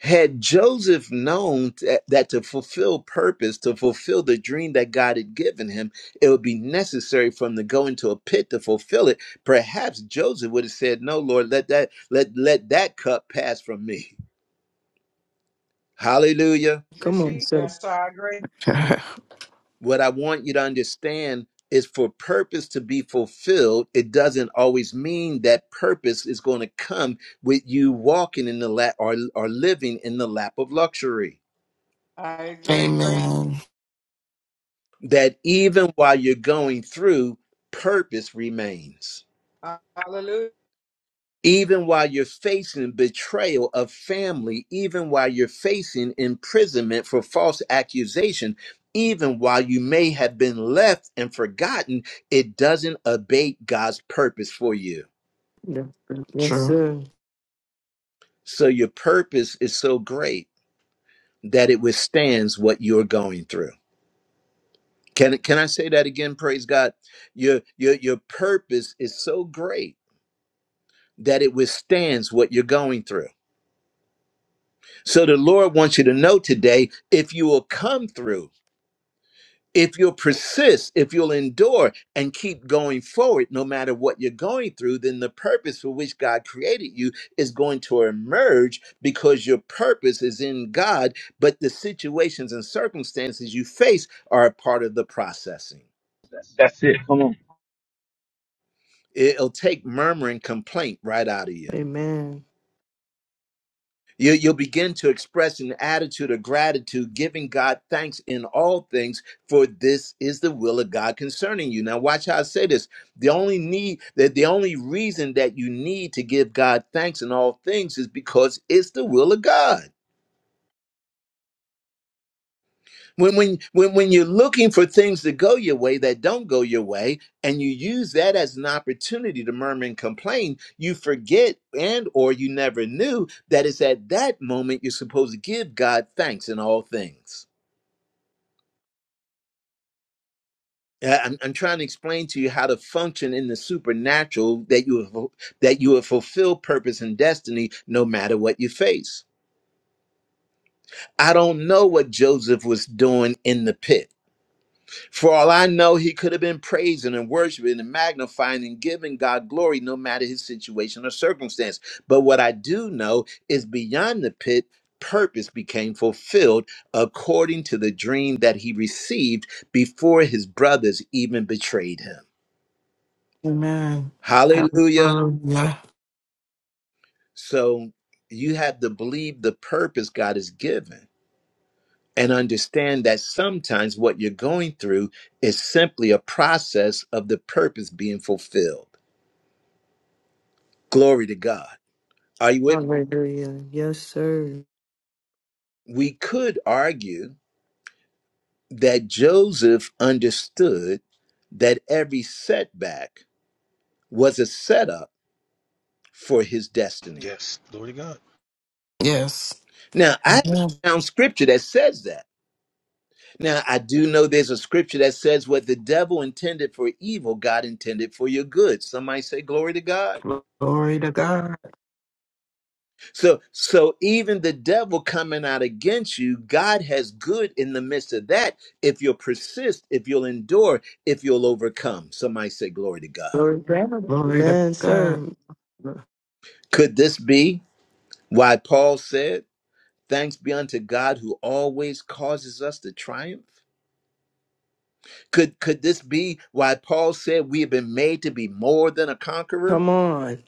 S1: Had Joseph known that, that to fulfill purpose, to fulfill the dream that God had given him, it would be necessary for him to go into a pit to fulfill it. Perhaps Joseph would have said, "No, Lord, let that let let that cup pass from me." Hallelujah.
S5: Come on,
S7: Receive.
S5: sir.
S7: Yes, I agree.
S1: What I want you to understand is for purpose to be fulfilled, it doesn't always mean that purpose is going to come with you walking in the lap or, or living in the lap of luxury.
S7: I agree.
S2: Amen.
S1: That even while you're going through, purpose remains.
S7: Hallelujah.
S1: even while you're facing betrayal of family, even while you're facing imprisonment for false accusation, even while you may have been left and forgotten, it doesn't abate God's purpose for you.
S5: Yes, sir. Yes,
S2: True.
S5: sir.
S1: So your purpose is so great that it withstands what you're going through. Can, can I say that again? Praise God. Your, your, your purpose is so great that it withstands what you're going through. So the Lord wants you to know today if you will come through, if you'll persist, if you'll endure and keep going forward, no matter what you're going through, then the purpose for which God created you is going to emerge because your purpose is in God, but the situations and circumstances you face are a part of the processing. It'll take murmur and complaint right out of you.
S5: Amen.
S1: You, you'll begin to express an attitude of gratitude, giving God thanks in all things, for this is the will of God concerning you. Now, watch how I say this. The only need that the only reason that you need to give God thanks in all things is because it's the will of God. when when when when you're looking for things to go your way that don't go your way and you use that as an opportunity to murmur and complain you forget and or you never knew that it's at that moment you're supposed to give god thanks in all things Uh, I'm, I'm trying to explain to you how to function in the supernatural that you have, that you have fulfilled purpose and destiny no matter what you face i don't know what joseph was doing in the pit For all I know, he could have been praising and worshiping and magnifying and giving God glory no matter his situation or circumstance. But what I do know is beyond the pit, purpose became fulfilled according to the dream that he received before his brothers even betrayed him.
S2: Amen.
S1: Hallelujah.
S2: Hallelujah.
S1: So you have to believe the purpose God has given and understand that sometimes what you're going through is simply a process of the purpose being fulfilled. Glory to God. Are you with me?
S5: Hallelujah. Yes, sir.
S1: We could argue that Joseph understood that every setback was a setup for his destiny.
S2: Yes.
S1: Now, I haven't
S2: Amen.
S1: found scripture that says that. Now, I do know there's a scripture that says what the devil intended for evil, God intended for your good. Somebody say, Glory to God.
S2: Glory to God.
S1: So so even the devil coming out against you, God has good in the midst of that if you'll persist, if you'll endure, if you'll overcome. Somebody say glory to God.
S2: Glory to
S5: Man,
S2: God.
S5: sir.
S1: Could this be why Paul said, thanks be unto God who always causes us to triumph? Could could this be why Paul said we have been made to be more than a conqueror?
S5: Come on.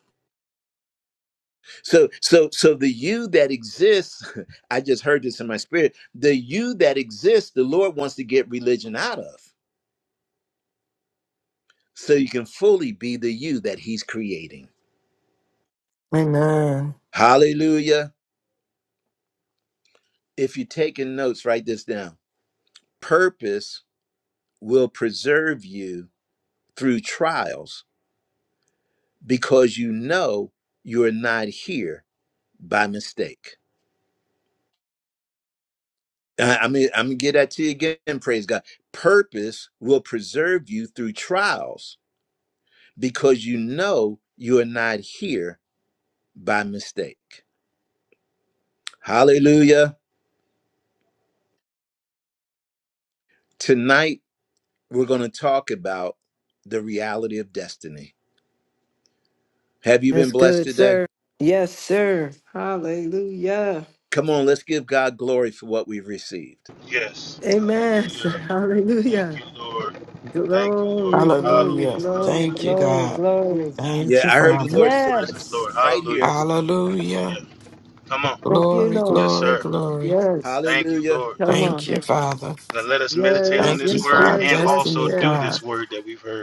S1: So so so the you that exists, I just heard this in my spirit, the you that exists, the Lord wants to get religion out of. so you can fully be the you that he's creating.
S2: Amen.
S1: Hallelujah. If you're taking notes, write this down. Purpose will preserve you through trials because you know you're not here by mistake. I- I'm gonna I'm gonna get that to you again, praise God. Purpose will preserve you through trials because you know you're not here by mistake. Hallelujah. Tonight, we're going to talk about the reality of destiny. Have you been
S5: That's
S1: blessed
S5: good,
S1: today?
S5: sir. Yes, sir. Hallelujah.
S1: Come on, let's give God glory for what we've received.
S5: Amen. sir. Hallelujah. Glory, glory,
S2: Hallelujah.
S5: glory,
S2: Thank you,
S5: glory,
S2: God.
S5: glory.
S2: Thank
S1: Yeah,
S2: you,
S1: I heard the
S2: Father.
S1: Lord say, Let it
S5: Yes.
S1: right here.
S2: Hallelujah.
S5: Thank you,
S2: Glory,
S5: Lord.
S2: glory, glory.
S5: Yes.
S1: Hallelujah.
S5: Come
S2: Thank
S5: on.
S2: you, Father.
S5: Yes,
S2: Thank you
S5: yes,
S2: for our
S5: yes, yes,
S2: destiny, God,
S5: yes.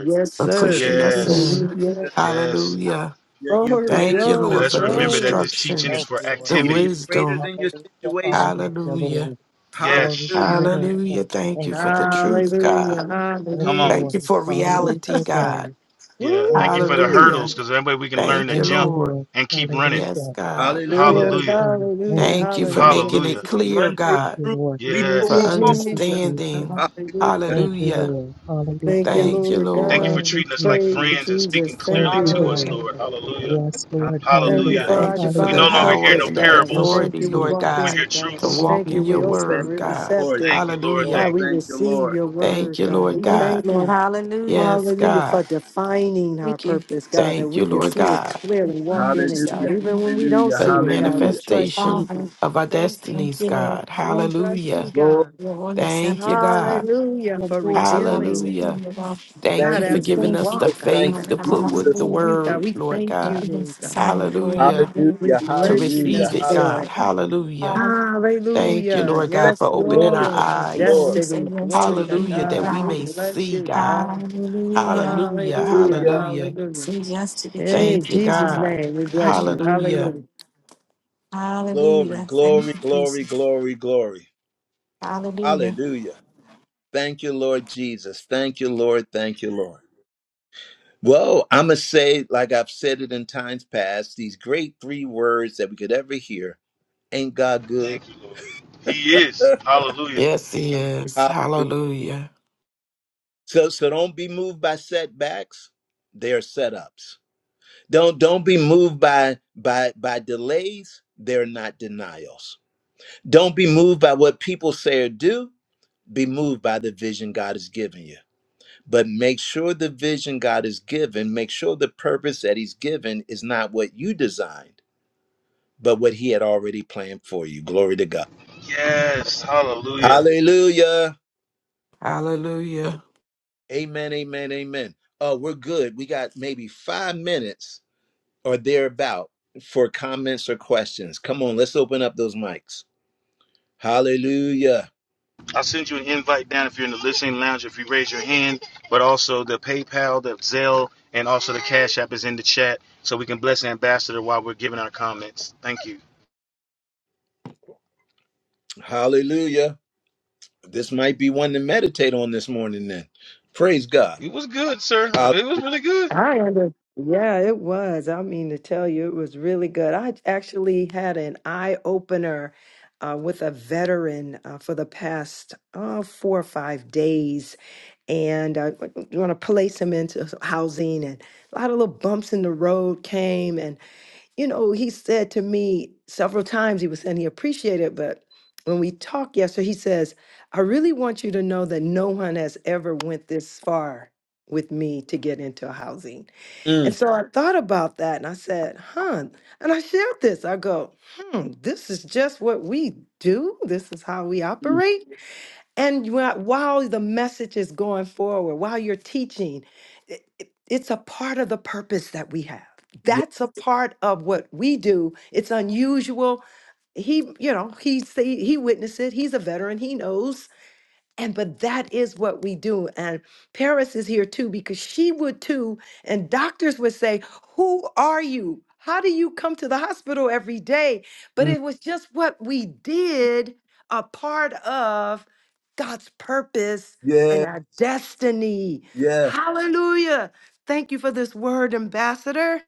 S5: Yes,
S2: for
S5: sir.
S2: pushing us in.
S5: Hallelujah.
S1: Hallelujah.
S2: Hallelujah.
S1: You're, you're
S5: Glory,
S1: greater
S2: Thank
S1: than
S2: you,
S1: your
S3: Thank
S5: glory,
S2: Lord,
S3: you,
S2: for the
S3: Jesus.
S1: circumstance.
S2: instructions,
S3: Thank you, Lord.
S2: the
S1: You're, you're greater
S2: wisdom.
S1: than your
S3: Hallelujah,
S1: situation.
S3: hallelujah,
S2: Hallelujah.
S3: Lord. Glory to
S1: Hallelujah.
S3: your
S5: glory.
S3: name,
S2: Hallelujah.
S3: God.
S2: Thank
S3: Thank
S2: you for
S3: you,
S2: the
S3: Jesus.
S2: truth, God.
S5: Hallelujah,
S3: Thank you,
S5: hallelujah.
S2: Thank
S3: Lord.
S2: you for reality,
S3: Hallelujah,
S2: God.
S3: God. Thank you,
S5: Woo!
S2: Hallelujah.
S3: Jesus.
S2: Thank you,
S3: Thank you,
S2: Lord.
S3: Lord.
S2: Yes,
S3: Hallelujah.
S2: God.
S1: Hallelujah.
S5: Lord,
S3: Yes, God. Thank
S5: hallelujah,
S3: you,
S2: Thank you for
S3: Jesus.
S5: hallelujah.
S2: making it clear,
S1: Run through
S3: Thank
S2: God,
S1: a
S3: you,
S1: troop,
S3: Lord.
S1: leap
S5: Thank
S1: over
S2: for
S5: you,
S1: a
S3: Thank you,
S1: wall.
S5: Jesus.
S3: Jesus.
S2: understanding.
S1: Hallelujah.
S5: Hallelujah.
S3: Thank you,
S2: Hallelujah.
S3: Lord.
S5: Thank you,
S3: Hallelujah.
S2: Thank you,
S5: Lord
S2: Lord.
S3: Thank
S5: God.
S3: you,
S5: Praise
S3: Jesus.
S5: you, Jesus. Thank
S3: Thank
S5: you,
S3: you,
S7: Hallelujah.
S5: Lord
S3: Lord.
S5: God.
S3: Yes, Lord.
S5: Thank you
S1: Hallelujah.
S5: for
S3: Hallelujah.
S5: our
S2: Thank you for the
S1: Hallelujah.
S5: divine
S3: Hallelujah.
S2: power
S5: purpose,
S2: and the
S5: God. We
S3: Thank you,
S5: thank
S2: authority,
S5: you. We
S2: Lord
S5: walk
S3: Jesus.
S2: God,
S5: in it, God.
S2: to
S5: We
S3: Thank
S2: walk
S5: thank
S3: you,
S5: you.
S2: in your
S5: We open.
S1: Thank
S3: Jesus.
S2: word,
S5: We're
S1: you,
S2: God.
S1: Lord.
S5: receptive.
S1: Thank you,
S2: Hallelujah.
S1: Lord.
S5: God, we
S1: Thank you,
S5: receive
S1: Lord.
S5: your
S2: Thank
S5: word,
S2: you,
S5: God.
S2: Lord
S5: We
S10: Thank
S2: God.
S10: you,
S5: thank
S10: Lord.
S5: you.
S10: Hallelujah.
S2: Yes,
S5: Hallelujah for
S2: God.
S5: defining our
S10: Thank you.
S5: purpose, God, that
S2: Thank you,
S5: we can
S2: Lord
S5: see it
S2: God,
S5: clearly,
S10: Your
S5: walk in it,
S10: majesty,
S5: God.
S1: Hallelujah.
S10: your
S5: Even when
S10: infinite
S5: we don't
S1: Hallelujah.
S2: for
S5: see
S2: the
S5: it, God, we trust
S2: manifestation
S5: you,
S10: Father.
S5: God.
S2: of our
S5: Thank
S10: Thank
S5: you.
S2: destinies,
S10: you, Lord.
S2: God.
S5: We
S10: Thank you.
S5: trust you,
S2: Hallelujah.
S1: Glory.
S5: God.
S10: for Your holy
S2: Thank you,
S10: scepter. Thank
S2: God.
S10: you. for
S5: Hallelujah
S10: Your
S5: for
S10: rules and laws
S5: revealing it. to
S2: Hallelujah.
S10: Thank you, Lord.
S5: us.
S2: Thank
S1: Thank
S2: you
S5: God,
S1: you,
S2: for
S10: And
S5: as we
S2: giving
S10: Thank
S2: us
S10: you.
S2: the
S5: walk,
S1: Jesus.
S5: God,
S1: Thank
S10: Um,
S2: faith to
S5: as
S1: you,
S5: we
S2: put
S5: talk
S2: with
S1: Jesus.
S2: the
S5: to
S10: hallelujah.
S5: you, God,
S2: word,
S5: we
S2: Lord
S5: thank
S10: Thank
S5: you,
S2: God.
S10: you,
S5: Lord
S10: Jesus.
S5: God.
S10: Sign of Lord. my
S2: Hallelujah.
S10: God.
S5: We
S1: Hallelujah.
S2: To
S10: Thank
S5: bless you,
S10: you,
S1: Hallelujah.
S2: receive
S5: God,
S2: it,
S10: Jesus.
S5: for
S2: God.
S5: it.
S1: Hallelujah.
S2: Hallelujah.
S10: Hallelujah.
S2: Thank
S10: Thank you,
S2: you,
S5: Hallelujah.
S2: Lord
S1: Thank
S2: God, for
S5: Yes,
S1: you, Lord.
S2: opening our
S1: Thank
S5: Lord, our
S1: you,
S10: Lord.
S2: eyes.
S10: We
S1: Lord.
S10: say
S5: destiny.
S10: yes to the
S5: Glory to
S2: Hallelujah.
S10: kingdom of
S2: That
S5: God.
S2: we
S5: We
S2: may
S10: God.
S5: bless
S2: see,
S5: you,
S2: God.
S5: God.
S10: Hallelujah.
S2: Hallelujah.
S5: Hallelujah.
S1: Hallelujah.
S2: Hallelujah.
S5: Hallelujah.
S10: Say yes to the kingdom
S5: In
S2: Thank you,
S10: of
S5: Jesus'
S10: God.
S2: God.
S5: name, we bless you.
S2: Hallelujah.
S5: Hallelujah.
S1: Glory,
S10: Hallelujah. Thank
S1: glory,
S10: you,
S1: glory,
S10: Jesus.
S1: glory, glory.
S10: Hallelujah.
S1: Hallelujah. Thank you, Lord Jesus. Thank you, Lord. Thank you, Lord. Well, I'm going to say, like I've said it in times past, these great three words that we could ever hear ain't God good?
S2: Yes, He is.
S1: Hallelujah.
S2: Hallelujah.
S1: So, so don't be moved by setbacks. They are setups. Don't don't be moved by by by delays. They're not denials. Don't be moved by what people say or do. Be moved by the vision God has given you. But make sure the vision God has given, make sure the purpose that He's given is not what you designed, but what He had already planned for you. Glory to God. Hallelujah.
S2: Hallelujah.
S1: Amen. Amen. Amen. Oh, we're good. We got maybe five minutes or thereabout for comments or questions. Come on, let's open up those mics. Hallelujah. Hallelujah. This might be one to meditate on this morning then. Praise God.
S5: I under yeah, it was. I mean to tell you, it was really good. I actually had an eye opener uh, with a veteran uh, for the past uh, four or five days, and I want to place him into housing, and a lot of little bumps in the road came, and. you know, he said to me several times, he was saying he appreciated it, but when we talked yesterday, he says, I really want you to know that no one has ever went this far with me to get into housing. And
S1: Hallelujah.
S5: so I thought about that and I said, huh. And I shared this. I go, hmm, this is just what we do. This is how we operate. And you are- while the message is going forward, while you're teaching, it- it- it's a part of the purpose that we have.
S1: Yeah.
S5: That's a part of what we do. It's unusual. He, you know, he see- he witnessed it. He's a veteran. He knows. And but that is what we do. And Paris is here too because she would too. And doctors would say, Who are you? How do you come to the hospital every day? But
S1: Mm.
S5: it was just what we did, a part of God's purpose and
S1: yeah.
S5: our destiny.
S1: Yes.
S5: Hallelujah. Thank you for this word, Ambassador.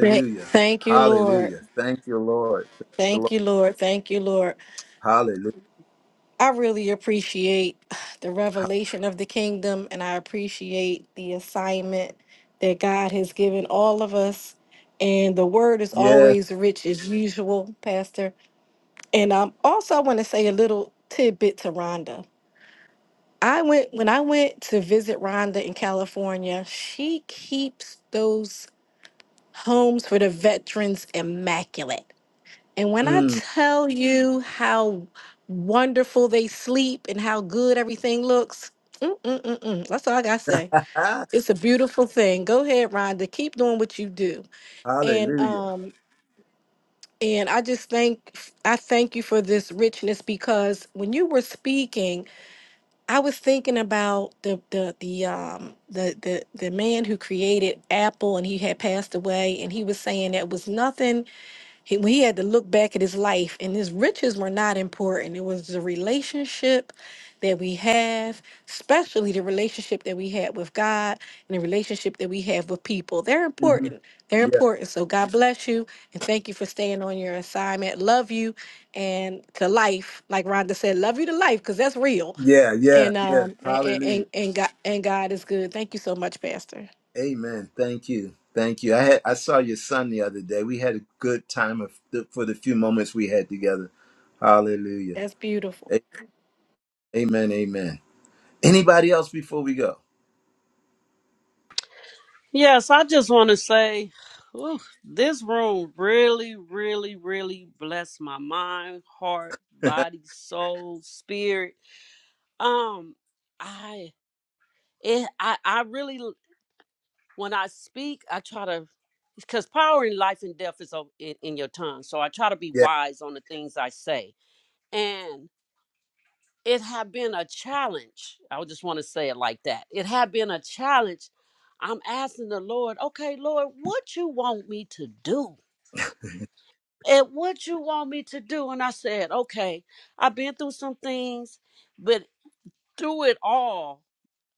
S10: Thank thank you, Lord.
S1: Hallelujah. Thank you, Lord. Thank you,
S10: Thank
S1: Lord.
S10: you, Lord. Thank you, Lord.
S1: Hallelujah.
S10: I really appreciate the
S1: Ha-
S10: revelation of the kingdom and I appreciate the assignment that God has given all of us. And the word is
S1: Yes.
S10: always rich as usual, Pastor. And um, also, I want to say a little tidbit to Rhonda. I went when I went to visit Rhonda in California. She keeps those homes for the veterans immaculate. And when I
S1: Mm.
S10: tell you how wonderful they sleep and how good everything looks, mm-mm-mm-mm. that's all I gotta say.
S1: Ah,
S10: It's a beautiful thing. Go ahead, Rhonda. Keep doing what you do. And
S1: Hallelujah.
S10: um, and I just thank I thank you for this richness because when you were speaking. I was thinking about the the the um the the the man who created Apple and he had passed away and he was saying that was nothing he, when he had to look back at his life and his riches were not important. It was the relationship that we have, especially the relationship that we had with God and the relationship that we have with people. They're
S1: Mhm.
S10: important. They're
S1: Yeah.
S10: important. So God bless you and thank you for staying on your assignment. Love you and to life, like Rhonda said, love you to life because that's real
S1: Yeah. Yeah.
S10: and
S1: Yeah.
S10: um and and,
S1: Hallelujah.
S10: and God and God is good. Thank you so much, Pastor.
S1: Amen. Thank you. Thank you. I had I saw your son the other day. We had a good time of the, for the few moments we had together. Hallelujah.
S10: That's beautiful.
S1: Amen. Amen. Anybody else before we go?
S11: Yes, I just want to say ooh, this room really, really, really blessed my mind, heart,
S1: yeah.
S11: body, soul, spirit. Um, I, it, I, I really, l- when I speak, I try to, because power in life and death is o- in, in your tongue. So I try to be wise on the things I say. And it had been a challenge. I would just want to say it like that. It had been a challenge. I'm asking the Lord, okay, Lord, what you want me to do? and what you want me to do? And I said, okay, I've been through some things, but through it all,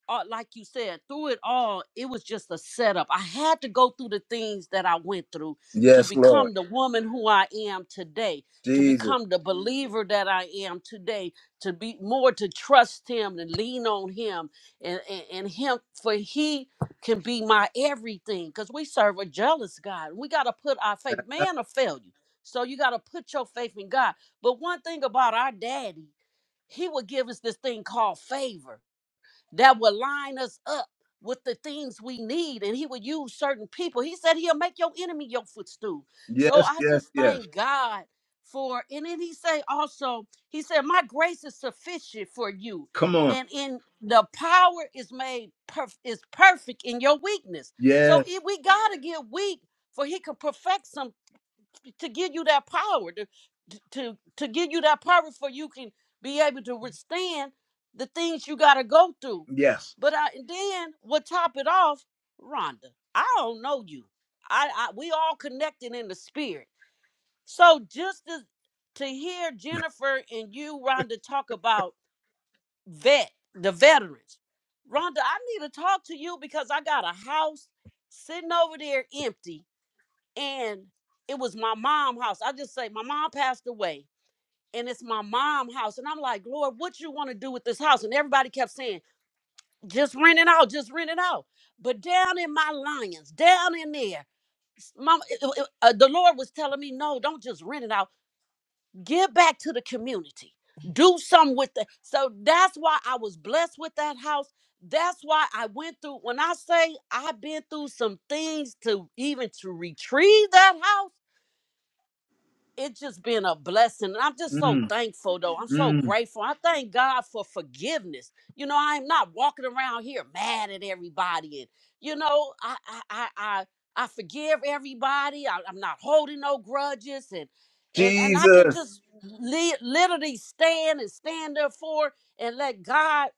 S11: uh, like you said, through it all, it was just a setup. I had to go through the things that I went through to
S1: Yes, Lord.
S11: become the woman who I am today, to
S1: Jesus.
S11: become the believer that I am today, to be more to trust Him and lean on Him and, and, and Him, for He can be my everything because we serve a jealous God. We got to put our faith, man will fail you. So you got to put your faith in God. But one thing about our daddy, he would give us this thing called favor that will line us up with the things we need and he will use certain people he said he'll make your enemy your footstool so
S1: Yes,
S11: i
S1: yes,
S11: just
S1: yes.
S11: thank god for and then he say also he said my grace is sufficient for you
S1: Come on.
S11: and in the power is made perf- is perfect in your weakness so
S1: Yes,
S11: if we gotta get weak for he can perfect some to give you that power to to to give you that power for you can be able to withstand the things you got to go through
S1: yes.
S11: but I, and then what top it off rhonda i don't know you I, I we all connected in the spirit so just to, to hear jennifer and you rhonda talk about vet the veterans rhonda i need to talk to you because i got a house sitting over there empty and it was my mom house. I just say my mom passed away and it's my mom house. And I'm like, Lord, what you want to do with this house? And everybody kept saying, just rent it out, just rent it out. But down in my lions, down in there, mom, uh, the Lord was telling me, no, don't just rent it out. Give back to the community. Do something with it. So that's why I was blessed with that house. That's why I went through. When I say I've been through some things to even to retrieve that house it's just been a blessing. And I'm just so
S1: Mm,
S11: thankful, though. I'm so
S1: mm.
S11: grateful. I thank God for forgiveness. You know, I'm not walking around here mad at everybody, and you know, I I I I, I forgive everybody. I, I'm not holding no grudges, and and and I can
S1: Jesus.
S11: just li- literally stand and stand there for and let God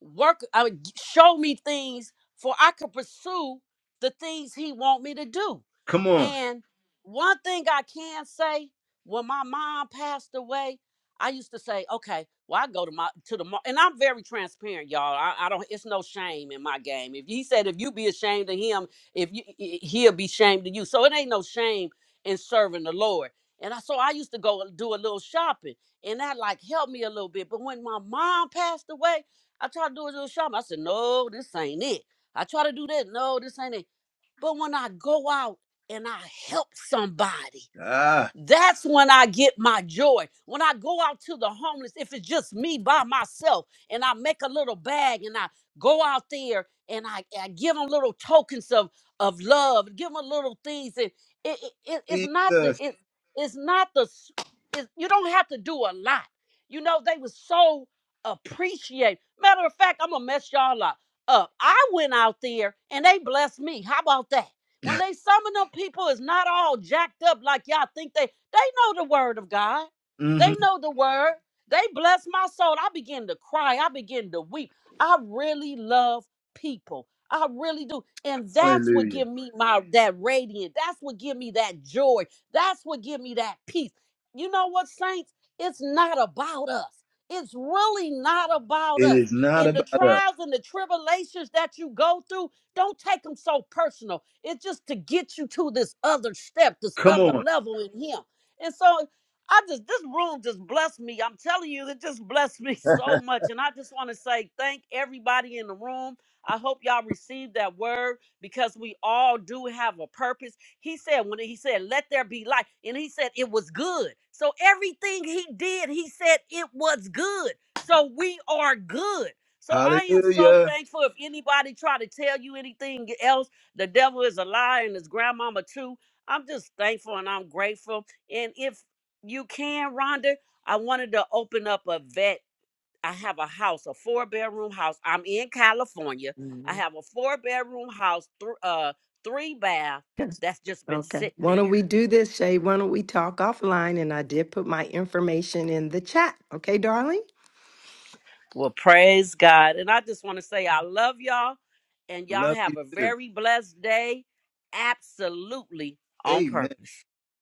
S11: work I mean, g- show me things for I could pursue the things he want me to do.
S1: Come on.
S11: And one thing I can say, when my mom passed away, I used to say, okay, well I go to my to the mar-" and I'm very transparent, y'all. I, I don't it's no shame in my game. If he said if you be ashamed of him, if you i- he'll be ashamed of you. So it ain't no shame in serving the Lord. And I, so I used to go do a little shopping, and that like helped me a little bit. But when my mom passed away, I tried to do a little shopping. I said, no, this ain't it. I try to do that. No, this ain't it. But when I go out and I help somebody,
S1: Ah,
S11: that's when I get my joy. When I go out to the homeless, if it's just me by myself and I make a little bag and I go out there and I, I give them little tokens of, of love, give them little things. And it, it, it- it's not the,
S1: Jesus.
S11: it, it's not the, s- it, you don't have to do a lot. You know, they was so appreciate. Matter of fact, I'm going to mess y'all up. up. I went out there and they blessed me. How about that? When they summon up people, is not all jacked up like y'all think they. They know the word of God. They
S1: hmm
S11: know the word. They bless my soul. I begin to cry. I begin to weep. I really love people. I really do. And that's what
S1: Hallelujah.
S11: give me my that radiant. That's what give me that joy. That's what give me that peace. You know what, saints? It's not about us. It's really not about
S1: It
S11: us.
S1: is not
S11: In the
S1: about us.
S11: trials and the tribulations that you go through, don't take them so personal it's just to get you to this other step, this
S1: Come
S11: other
S1: on.
S11: level in Him. And so I just, this room just blessed me. I'm telling you, it just blessed me so much. And I just want to say thank everybody in the room. I hope y'all received that word because we all do have a purpose. He said, when he said, let there be light, and he said it was good. So everything he did, he said it was good. So we are good. So I am so
S1: Hallelujah.
S11: thankful. If anybody try to tell you anything else, the devil is a lie and his grandmama too. I'm just thankful and I'm grateful. And if you can, Rhonda, I wanted to open up a vet. I have a house, a four bedroom house. I'm in California. I
S5: Mhm.
S11: have a four bedroom house, th- uh, three bath
S5: Yes.
S11: that's just been
S5: Okay.
S11: sitting
S5: Why
S11: there.
S5: don't we do this, Shay? Why don't we talk offline? And I did put my information in the chat. Okay, darling?
S11: Well, praise God. And I just want to say I love y'all and y'all
S1: Love you
S11: have a
S1: too.
S11: very blessed day. Absolutely on
S1: Amen.
S11: purpose.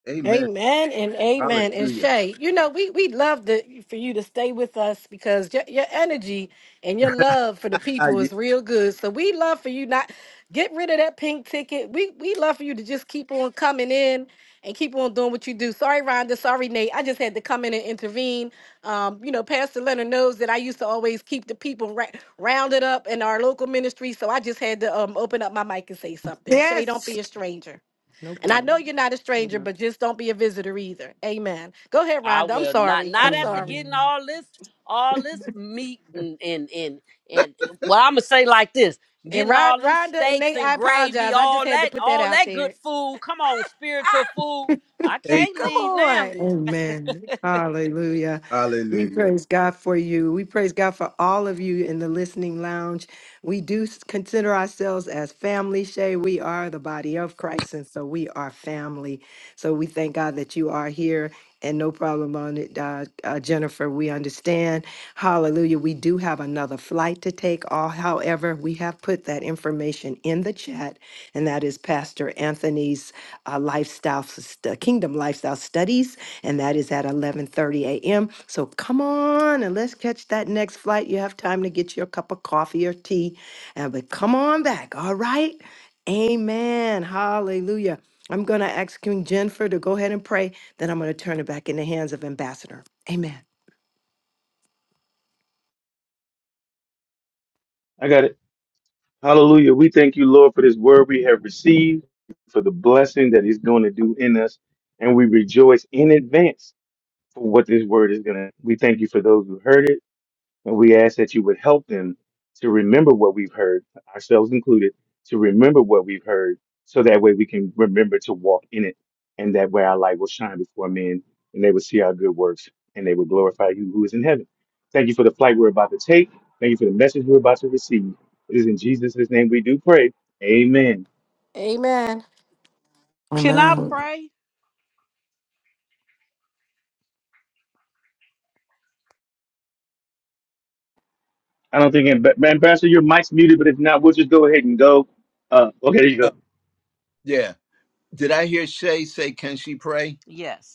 S1: Amen.
S10: Amen and amen. And
S1: Hallelujah.
S10: Shay, you know, we we love to, for you to stay with us because your, your energy and your love for the
S1: Ah,
S10: people
S1: yeah.
S10: is real good. So we love for you not get rid of that pink ticket. We we love for you to just keep on coming in and keep on doing what you do. Sorry, Rhonda. Sorry, Nate. I just had to come in and intervene. Um, you know, Pastor Leonard knows that I used to always keep the people ra- rounded up in our local ministry. So I just had to um, open up my mic and say something. Shay, don't
S5: Yes.
S10: be a stranger.
S5: No
S10: And I know
S5: problem.
S10: you're not a stranger, but just don't be a visitor either. Amen. Go ahead,
S11: I
S10: Rhonda. I'm
S11: will not
S10: sorry. I'm
S11: not after
S10: sorry.
S11: getting
S5: Mhm.
S11: all this all this meat and and and, and well I'm gonna say like this
S10: And
S11: getting
S10: Ron,
S11: all them
S10: Rhonda and
S11: steaks
S10: Nate,
S11: and
S10: I
S11: gravy
S10: apologize. I just
S11: all
S10: had to
S11: that
S10: put that
S11: all
S10: out
S11: that good
S10: there.
S11: food come on spiritual food I
S1: Amen.
S11: can't
S10: Come
S11: leave now
S10: on.
S5: Amen. Hallelujah. We
S1: Hallelujah.
S5: praise God for you. We praise God for all of you in the listening lounge. We do s- consider ourselves as family, Shay. We are the body of Christ, and so we are family. So we thank God that you are here and no problem on it, uh, uh, Jennifer. We understand. Hallelujah. We do have another flight to take. All, however, we have put that information in the chat, and that is Pastor Anthony's uh, lifestyle, st- Kingdom Lifestyle Studies and that is at 11:30 a.m. So come on and let's catch that next flight. You have time to get your cup of coffee or tea, and but come on back. All right, Amen. Hallelujah. I'm going to ask King Jennifer to go ahead and pray. Then I'm going to turn it back in the hands of Ambassador. Amen.
S6: I got it. Hallelujah. We thank you, Lord, for this word we have received, for the blessing that it's going to do in us. And we rejoice in advance for what this word is going to. We thank you for those who heard it. And we ask that you would help them to remember what we've heard, ourselves included, to remember what we've heard, so that way we can remember to walk in it. And that way our light will shine before men, and they will see our good works, and they will glorify you who is in heaven. Thank you for the flight we're about to take. Thank you for the message we're about to receive. It is in Jesus' name we do pray. Amen.
S10: Amen.
S11: can I
S2: Amen.
S11: pray
S6: I don't think, Amb- Ambassador, your mic's muted, but if not, we'll just go ahead and go. Uh, okay, there you go.
S1: Oh, yeah. Did I hear Shay say, can she pray?
S11: yes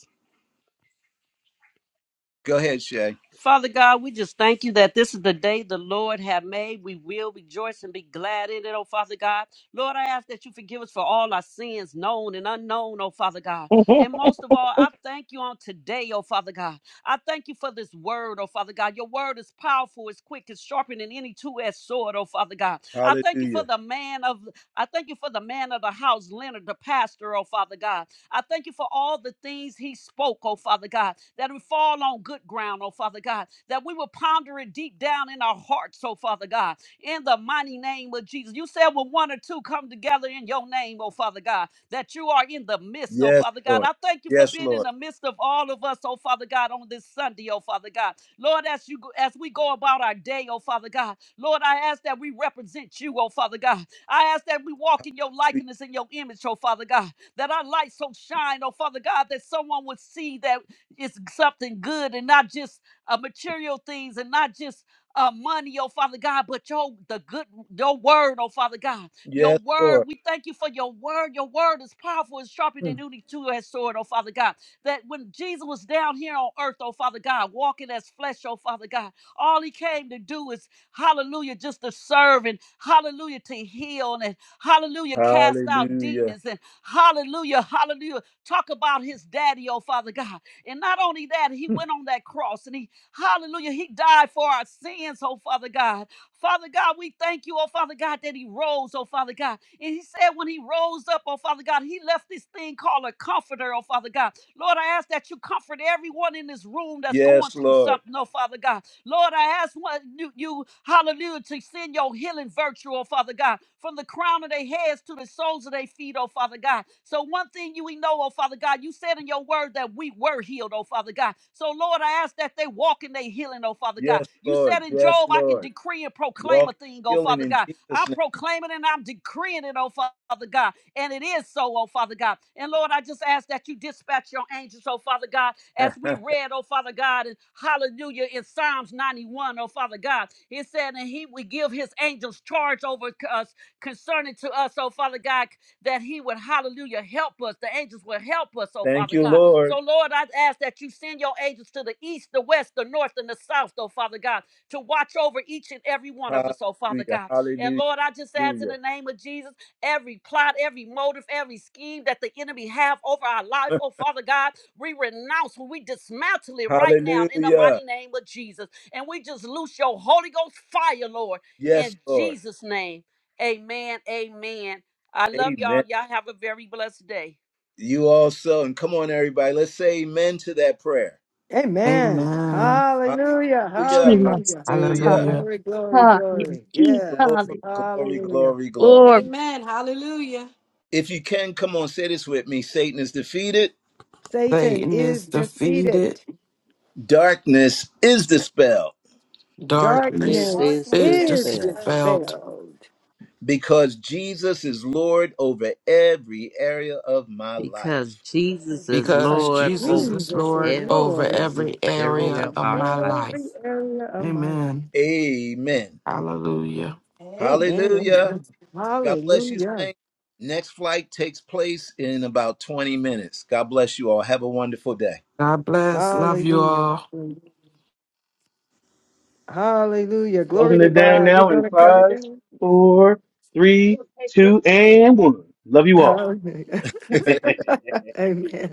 S1: Go ahead, Shay.
S11: Father God, we just thank you that this is the day the Lord have made. We will rejoice and be glad in it, oh Father God. Lord, I ask that you forgive us for all our sins, known and unknown, oh Father God. And most of all, I thank you on today, oh Father God. I thank you for this word, oh Father God. Your word is powerful, it's quick, it's sharper than any two-edged sword, oh Father God. I thank you for
S1: Hallelujah.
S11: the man of I thank you for the man of the house, Leonard, the pastor, oh Father God. I thank you for all the things he spoke, oh Father God, that we fall on good ground, oh Father God, that we will ponder it deep down in our hearts, oh Father God, in the mighty name of Jesus. You said when one or two come together in your name, oh Father God, that you are in the midst, oh
S1: Yes,
S11: Father God.
S1: Lord.
S11: I thank you for
S1: Yes,
S11: being in
S1: Lord.
S11: the midst of all of us, oh Father God, on this Sunday, oh Father God. Lord, as you go- as we go about our day, oh Father God, Lord, I ask that we represent you, oh Father God. I ask that we walk in your likeness and your image, oh Father God that our light so shine, oh Father God, that someone would see that it's something good and not just uh, material things and not just uh, money, oh Father God, but your the good your word, oh Father God, your
S1: Yes,
S11: word.
S1: Lord.
S11: We thank you for your word. Your word is powerful, it's sharper
S1: Hmm.
S11: than any two-edged sword, oh Father God. That when Jesus was down here on earth, oh Father God, walking as flesh, oh Father God, all he came to do is hallelujah, just to serve and hallelujah to heal and hallelujah, cast out
S1: Hallelujah.
S11: demons and Hallelujah. Hallelujah. Talk about his daddy, oh Father God. And not only that, he went on that cross and he, hallelujah, he died for our sins, oh Father God. Father God, we thank you, oh Father God, that he rose, oh Father God. And he said when he rose up, oh Father God, he left this thing called a comforter, oh Father God. Lord, I ask that you comfort everyone in this room that's going
S1: Yes,
S11: through
S1: Lord.
S11: something, oh Father God. Lord, I ask what you, you, hallelujah, to send your healing virtue, oh Father God, from the crown of their heads to the soles of their feet, oh Father God. So one thing you we know, oh Father God, you said in your word that we were healed, oh Father God. So Lord, I ask that they walk in their healing, oh Father God.
S1: Yes,
S11: You
S1: Lord.
S11: said in
S1: Yes,
S11: Job, I can
S1: Lord.
S11: decree and proclaim
S1: Walk
S11: a
S1: in
S11: thing, oh
S1: healing
S11: Father
S1: in
S11: God.
S1: Jesus'
S11: I'm proclaiming and I'm decreeing it, oh Father God. And it is so, oh Father God. And Lord, I just ask that you dispatch your angels, oh Father God, as
S1: name.
S11: we read, oh Father God, and hallelujah, in Psalms 91, oh Father God. It said, and he would give his angels charge over us concerning to us, oh Father God, that he would, hallelujah, help us. The angels will help us, oh
S1: Thank
S11: Father
S1: you,
S11: God. So,
S1: Lord.
S11: Lord, I ask that you send your angels to the east, the west, the north, and the south, oh Father God, to watch over each and every one of us, oh Father
S1: Hallelujah.
S11: God. And
S1: Hallelujah.
S11: Lord, I just ask in
S1: Hallelujah.
S11: the name of Jesus, every plot, every motive, every scheme that the enemy have over our life, oh Father God. We renounce, we dismantle it right now in the
S1: Hallelujah.
S11: mighty name of Jesus. And we just loose your Holy Ghost fire, Lord,
S1: Yes,
S11: in
S1: Lord.
S11: Jesus' name. Amen. Amen. I love y'all.
S1: Amen.
S11: Y'all have a very blessed day.
S1: You also, and come on, everybody, let's say amen to that prayer.
S5: Amen.
S2: Amen.
S5: Hallelujah.
S3: He
S1: Hallelujah.
S3: must
S5: Hallelujah.
S3: have
S1: Hallelujah.
S3: taught.
S2: Hallelujah.
S5: Glory, glory,
S3: Ah, you
S5: glory.
S3: keep
S5: Yes.
S1: Glory,
S3: calling.
S1: glory,
S5: Hallelujah.
S1: glory, glory.
S10: Amen. Hallelujah.
S1: If you can, come on, say this with me Satan is defeated,
S5: Satan
S2: Satan is
S5: is
S2: defeated.
S5: defeated.
S1: darkness is dispelled
S2: Darkness
S11: Darkness
S5: Darkness
S11: is
S10: Darkness
S2: is
S10: is
S5: is
S11: dispelled
S10: dispelled.
S2: dispelled
S5: dispelled
S1: because Jesus is Lord over every area of my
S11: because
S1: life.
S11: Jesus is
S2: because
S5: because
S11: Lord
S2: Jesus
S11: over
S2: is
S5: Jesus is
S2: Lord
S10: Area
S11: every
S2: over
S10: of
S5: Lord
S10: my
S2: every area
S11: area
S5: over
S11: of
S2: of
S11: our
S2: my
S11: life.
S2: life.
S5: every area of my life.
S2: Amen.
S1: Amen.
S2: Hallelujah.
S10: life. Amen.
S5: Amen.
S1: Hallelujah.
S5: Amen.
S1: God bless you,
S5: Hallelujah.
S1: Saint. Next flight takes place in about 20 minutes. God bless you all. Have a wonderful day.
S2: God bless. Love you all.
S5: Hallelujah. Hallelujah. Glory
S6: Closing
S5: to
S6: it down
S5: God. We're
S6: now in
S5: going to cut it
S6: five,
S5: down.
S6: four, three, two, and one. Love you all.
S5: Hallelujah. Amen.